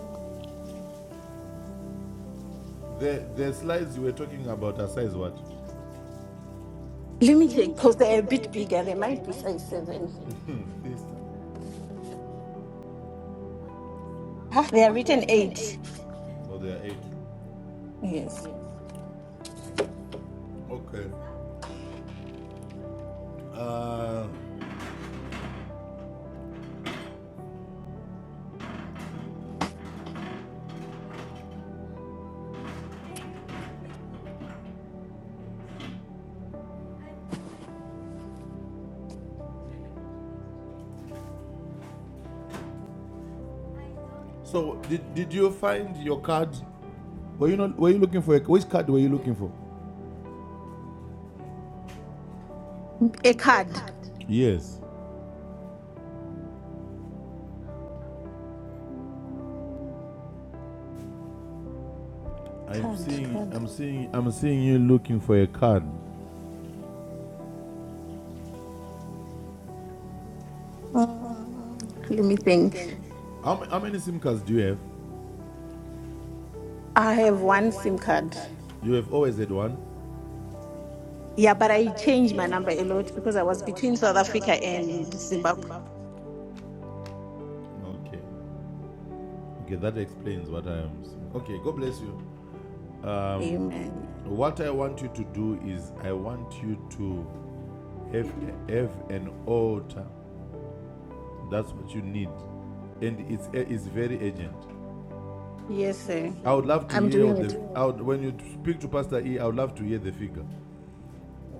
Speaker 6: The the slides you were talking about are size what?
Speaker 8: Let me
Speaker 6: Let
Speaker 8: check
Speaker 6: me check,
Speaker 8: because they're
Speaker 6: because
Speaker 8: a
Speaker 6: they're a
Speaker 8: bit
Speaker 6: bit
Speaker 8: bigger. They
Speaker 6: bigger. They
Speaker 8: might be
Speaker 6: might be
Speaker 8: size
Speaker 6: size
Speaker 8: seven.
Speaker 6: seven. Fist.
Speaker 8: Ah, they are
Speaker 6: Ah, they are
Speaker 8: written
Speaker 6: written
Speaker 8: eight.
Speaker 6: eight. Oh, they are eight.
Speaker 8: Yes.
Speaker 6: Yes. Okay. Uh, so did, did you find your card? Were you not? Were you looking for a, which card were you looking for?
Speaker 8: A
Speaker 6: A
Speaker 8: card.
Speaker 6: card. Yes.
Speaker 8: Mm,
Speaker 6: I'm
Speaker 8: Card,
Speaker 6: seeing,
Speaker 8: card.
Speaker 6: I'm seeing, I'm seeing you looking for a card.
Speaker 8: Mm, Let me
Speaker 6: Let me
Speaker 8: think.
Speaker 6: think. How, how many SIM cards do you have?
Speaker 8: I
Speaker 6: I
Speaker 8: have
Speaker 6: have
Speaker 8: one
Speaker 6: one
Speaker 8: SIM
Speaker 6: SIM
Speaker 8: card.
Speaker 6: card. You have always had one.
Speaker 8: Yeah, but
Speaker 6: Yeah,
Speaker 8: I
Speaker 6: but I
Speaker 8: changed my
Speaker 6: changed my
Speaker 8: number a
Speaker 6: number a
Speaker 8: lot because
Speaker 6: lot
Speaker 8: I
Speaker 6: because
Speaker 8: was
Speaker 6: I was
Speaker 8: between South
Speaker 6: between South
Speaker 8: Africa
Speaker 6: Africa and
Speaker 8: and Zimbabwe.
Speaker 6: Zimbabwe. Okay. Okay, that explains what I am. Seeing. Okay, God bless you. Um,
Speaker 8: Amen.
Speaker 6: what I want you to do is I want you to have, have an altar. That's what you need, and it's it's very urgent.
Speaker 8: Yes,
Speaker 6: Yes.
Speaker 8: sir.
Speaker 6: sir. I would love to
Speaker 8: I'm
Speaker 6: hear I
Speaker 8: doing
Speaker 6: the.
Speaker 8: it.
Speaker 6: I would, when you speak to Pastor E, I would love to hear the figure,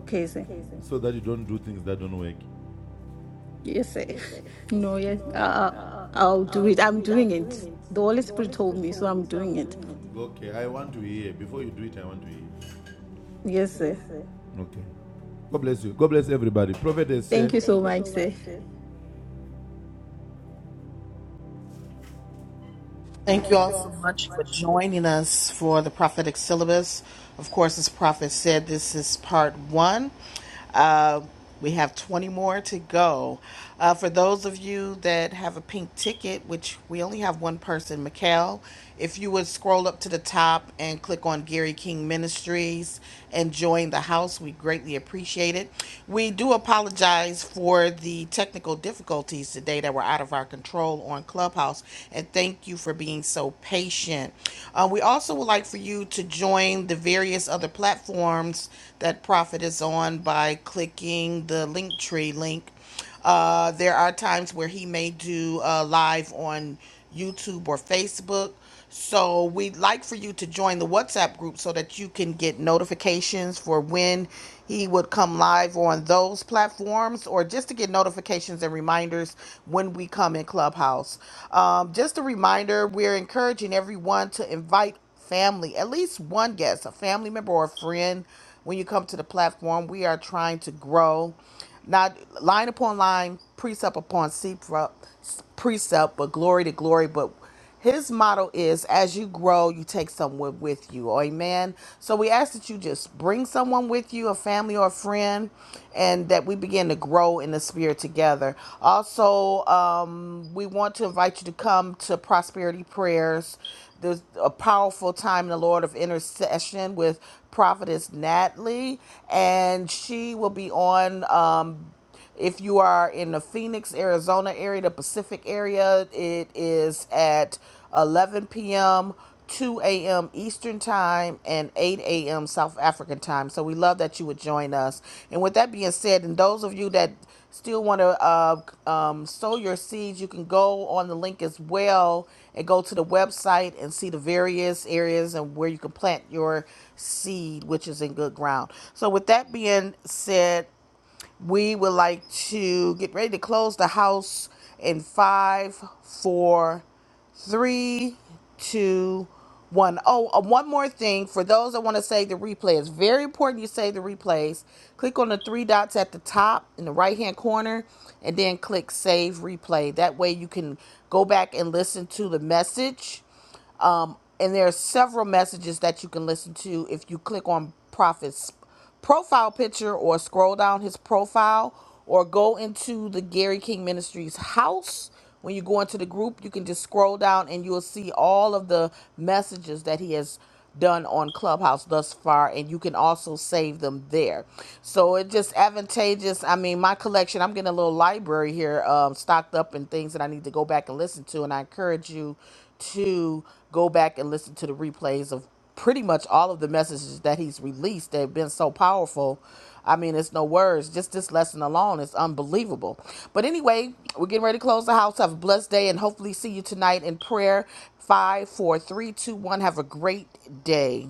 Speaker 8: Okay, sir.
Speaker 6: Okay, sir. so that you don't do things that don't work.
Speaker 8: Yes, sir.
Speaker 6: Yes, sir.
Speaker 8: No, yes.
Speaker 6: No, yes.
Speaker 8: Uh,
Speaker 6: Uh,
Speaker 8: I'll do
Speaker 6: I'll
Speaker 8: it.
Speaker 6: do
Speaker 8: I'm
Speaker 6: it.
Speaker 8: doing
Speaker 6: I'm doing
Speaker 8: it.
Speaker 6: it.
Speaker 8: The Holy
Speaker 6: The Holy
Speaker 8: Spirit told
Speaker 6: Spirit
Speaker 8: me, so
Speaker 6: told me,
Speaker 8: I'm
Speaker 6: so I'm
Speaker 8: doing it.
Speaker 6: doing it. Okay, I want to hear. Before you do it, I want to hear.
Speaker 8: Yes, sir.
Speaker 6: Yes, sir. Okay. God bless you. God bless everybody. Prophet is
Speaker 8: Thank
Speaker 6: here.
Speaker 8: you so
Speaker 6: Thank you
Speaker 8: much,
Speaker 6: so
Speaker 8: sir.
Speaker 6: much, sir.
Speaker 1: Thank you
Speaker 6: Thank
Speaker 1: all
Speaker 6: you
Speaker 1: so
Speaker 6: all so
Speaker 1: much for
Speaker 6: much.
Speaker 1: joining us for the prophetic syllabus. Of course, as Prophet said, this is part one. Uh, we have 20 more to go. Uh, for those of you that have a pink ticket, which we only have one person, Mikhail, if you would scroll up to the top and click on Gary King Ministries and join the house, we greatly appreciate it. We do apologize for for the technical difficulties today that were out of our control on Clubhouse. And thank you for being so patient. Uh, we also would like for you to join the various other platforms that Prophet is on by clicking the Linktree link uh, there are times where he may do uh, live on YouTube or Facebook. So we'd like for you to join the WhatsApp group so that you can get notifications for when he would come live on those platforms or just to get notifications and reminders when we come in Clubhouse. Um, just a reminder, we're encouraging everyone to invite family, at least one guest, a family member or a friend when you come to the platform. We are trying to grow. Not line upon line, precept upon sepra- precept, but glory to glory. But his motto is as you grow, you take someone with you. Amen. So we ask that you just bring someone with you, a family or a friend, and that we begin to grow in the spirit together. Also, um, we want to invite you to come to prosperity prayers. There's a powerful time in the Lord of intercession with prophetess Natalie, and she will be on. Um, if you are in the Phoenix, Arizona area, the Pacific area, it is at 11 p.m., 2 a.m. Eastern Time, and 8 a.m. South African Time. So we love that you would join us. And with that being said, and those of you that still want to uh, um, sow your seeds, you can go on the link as well and go to the website and see the various areas and where you can plant your seed, which is in good ground. So, with that being said, we would like to get ready to close the house in five, four, three, two, one. Oh, uh, one more thing for those that want to save the replay. It's very important you save the replays. Click on the three dots at the top in the right hand corner and then click save replay. That way you can go back and listen to the message and there are several messages that you can listen to if you click on prophet's profile picture or scroll down his profile or go into the gary king ministries house when you go into the group you can just scroll down and you'll see all of the messages that he has done on Clubhouse thus far, and you can also save them there. So it's just advantageous. I mean, my collection, I'm getting a little library here um, stocked up and things that I need to go back and listen to, and I encourage you to go back and listen to the replays of pretty much all of the messages that he's released they've been so powerful i mean it's no words just this lesson alone is unbelievable but anyway we're getting ready to close the house have a blessed day and hopefully see you tonight in prayer five four three two one have a great day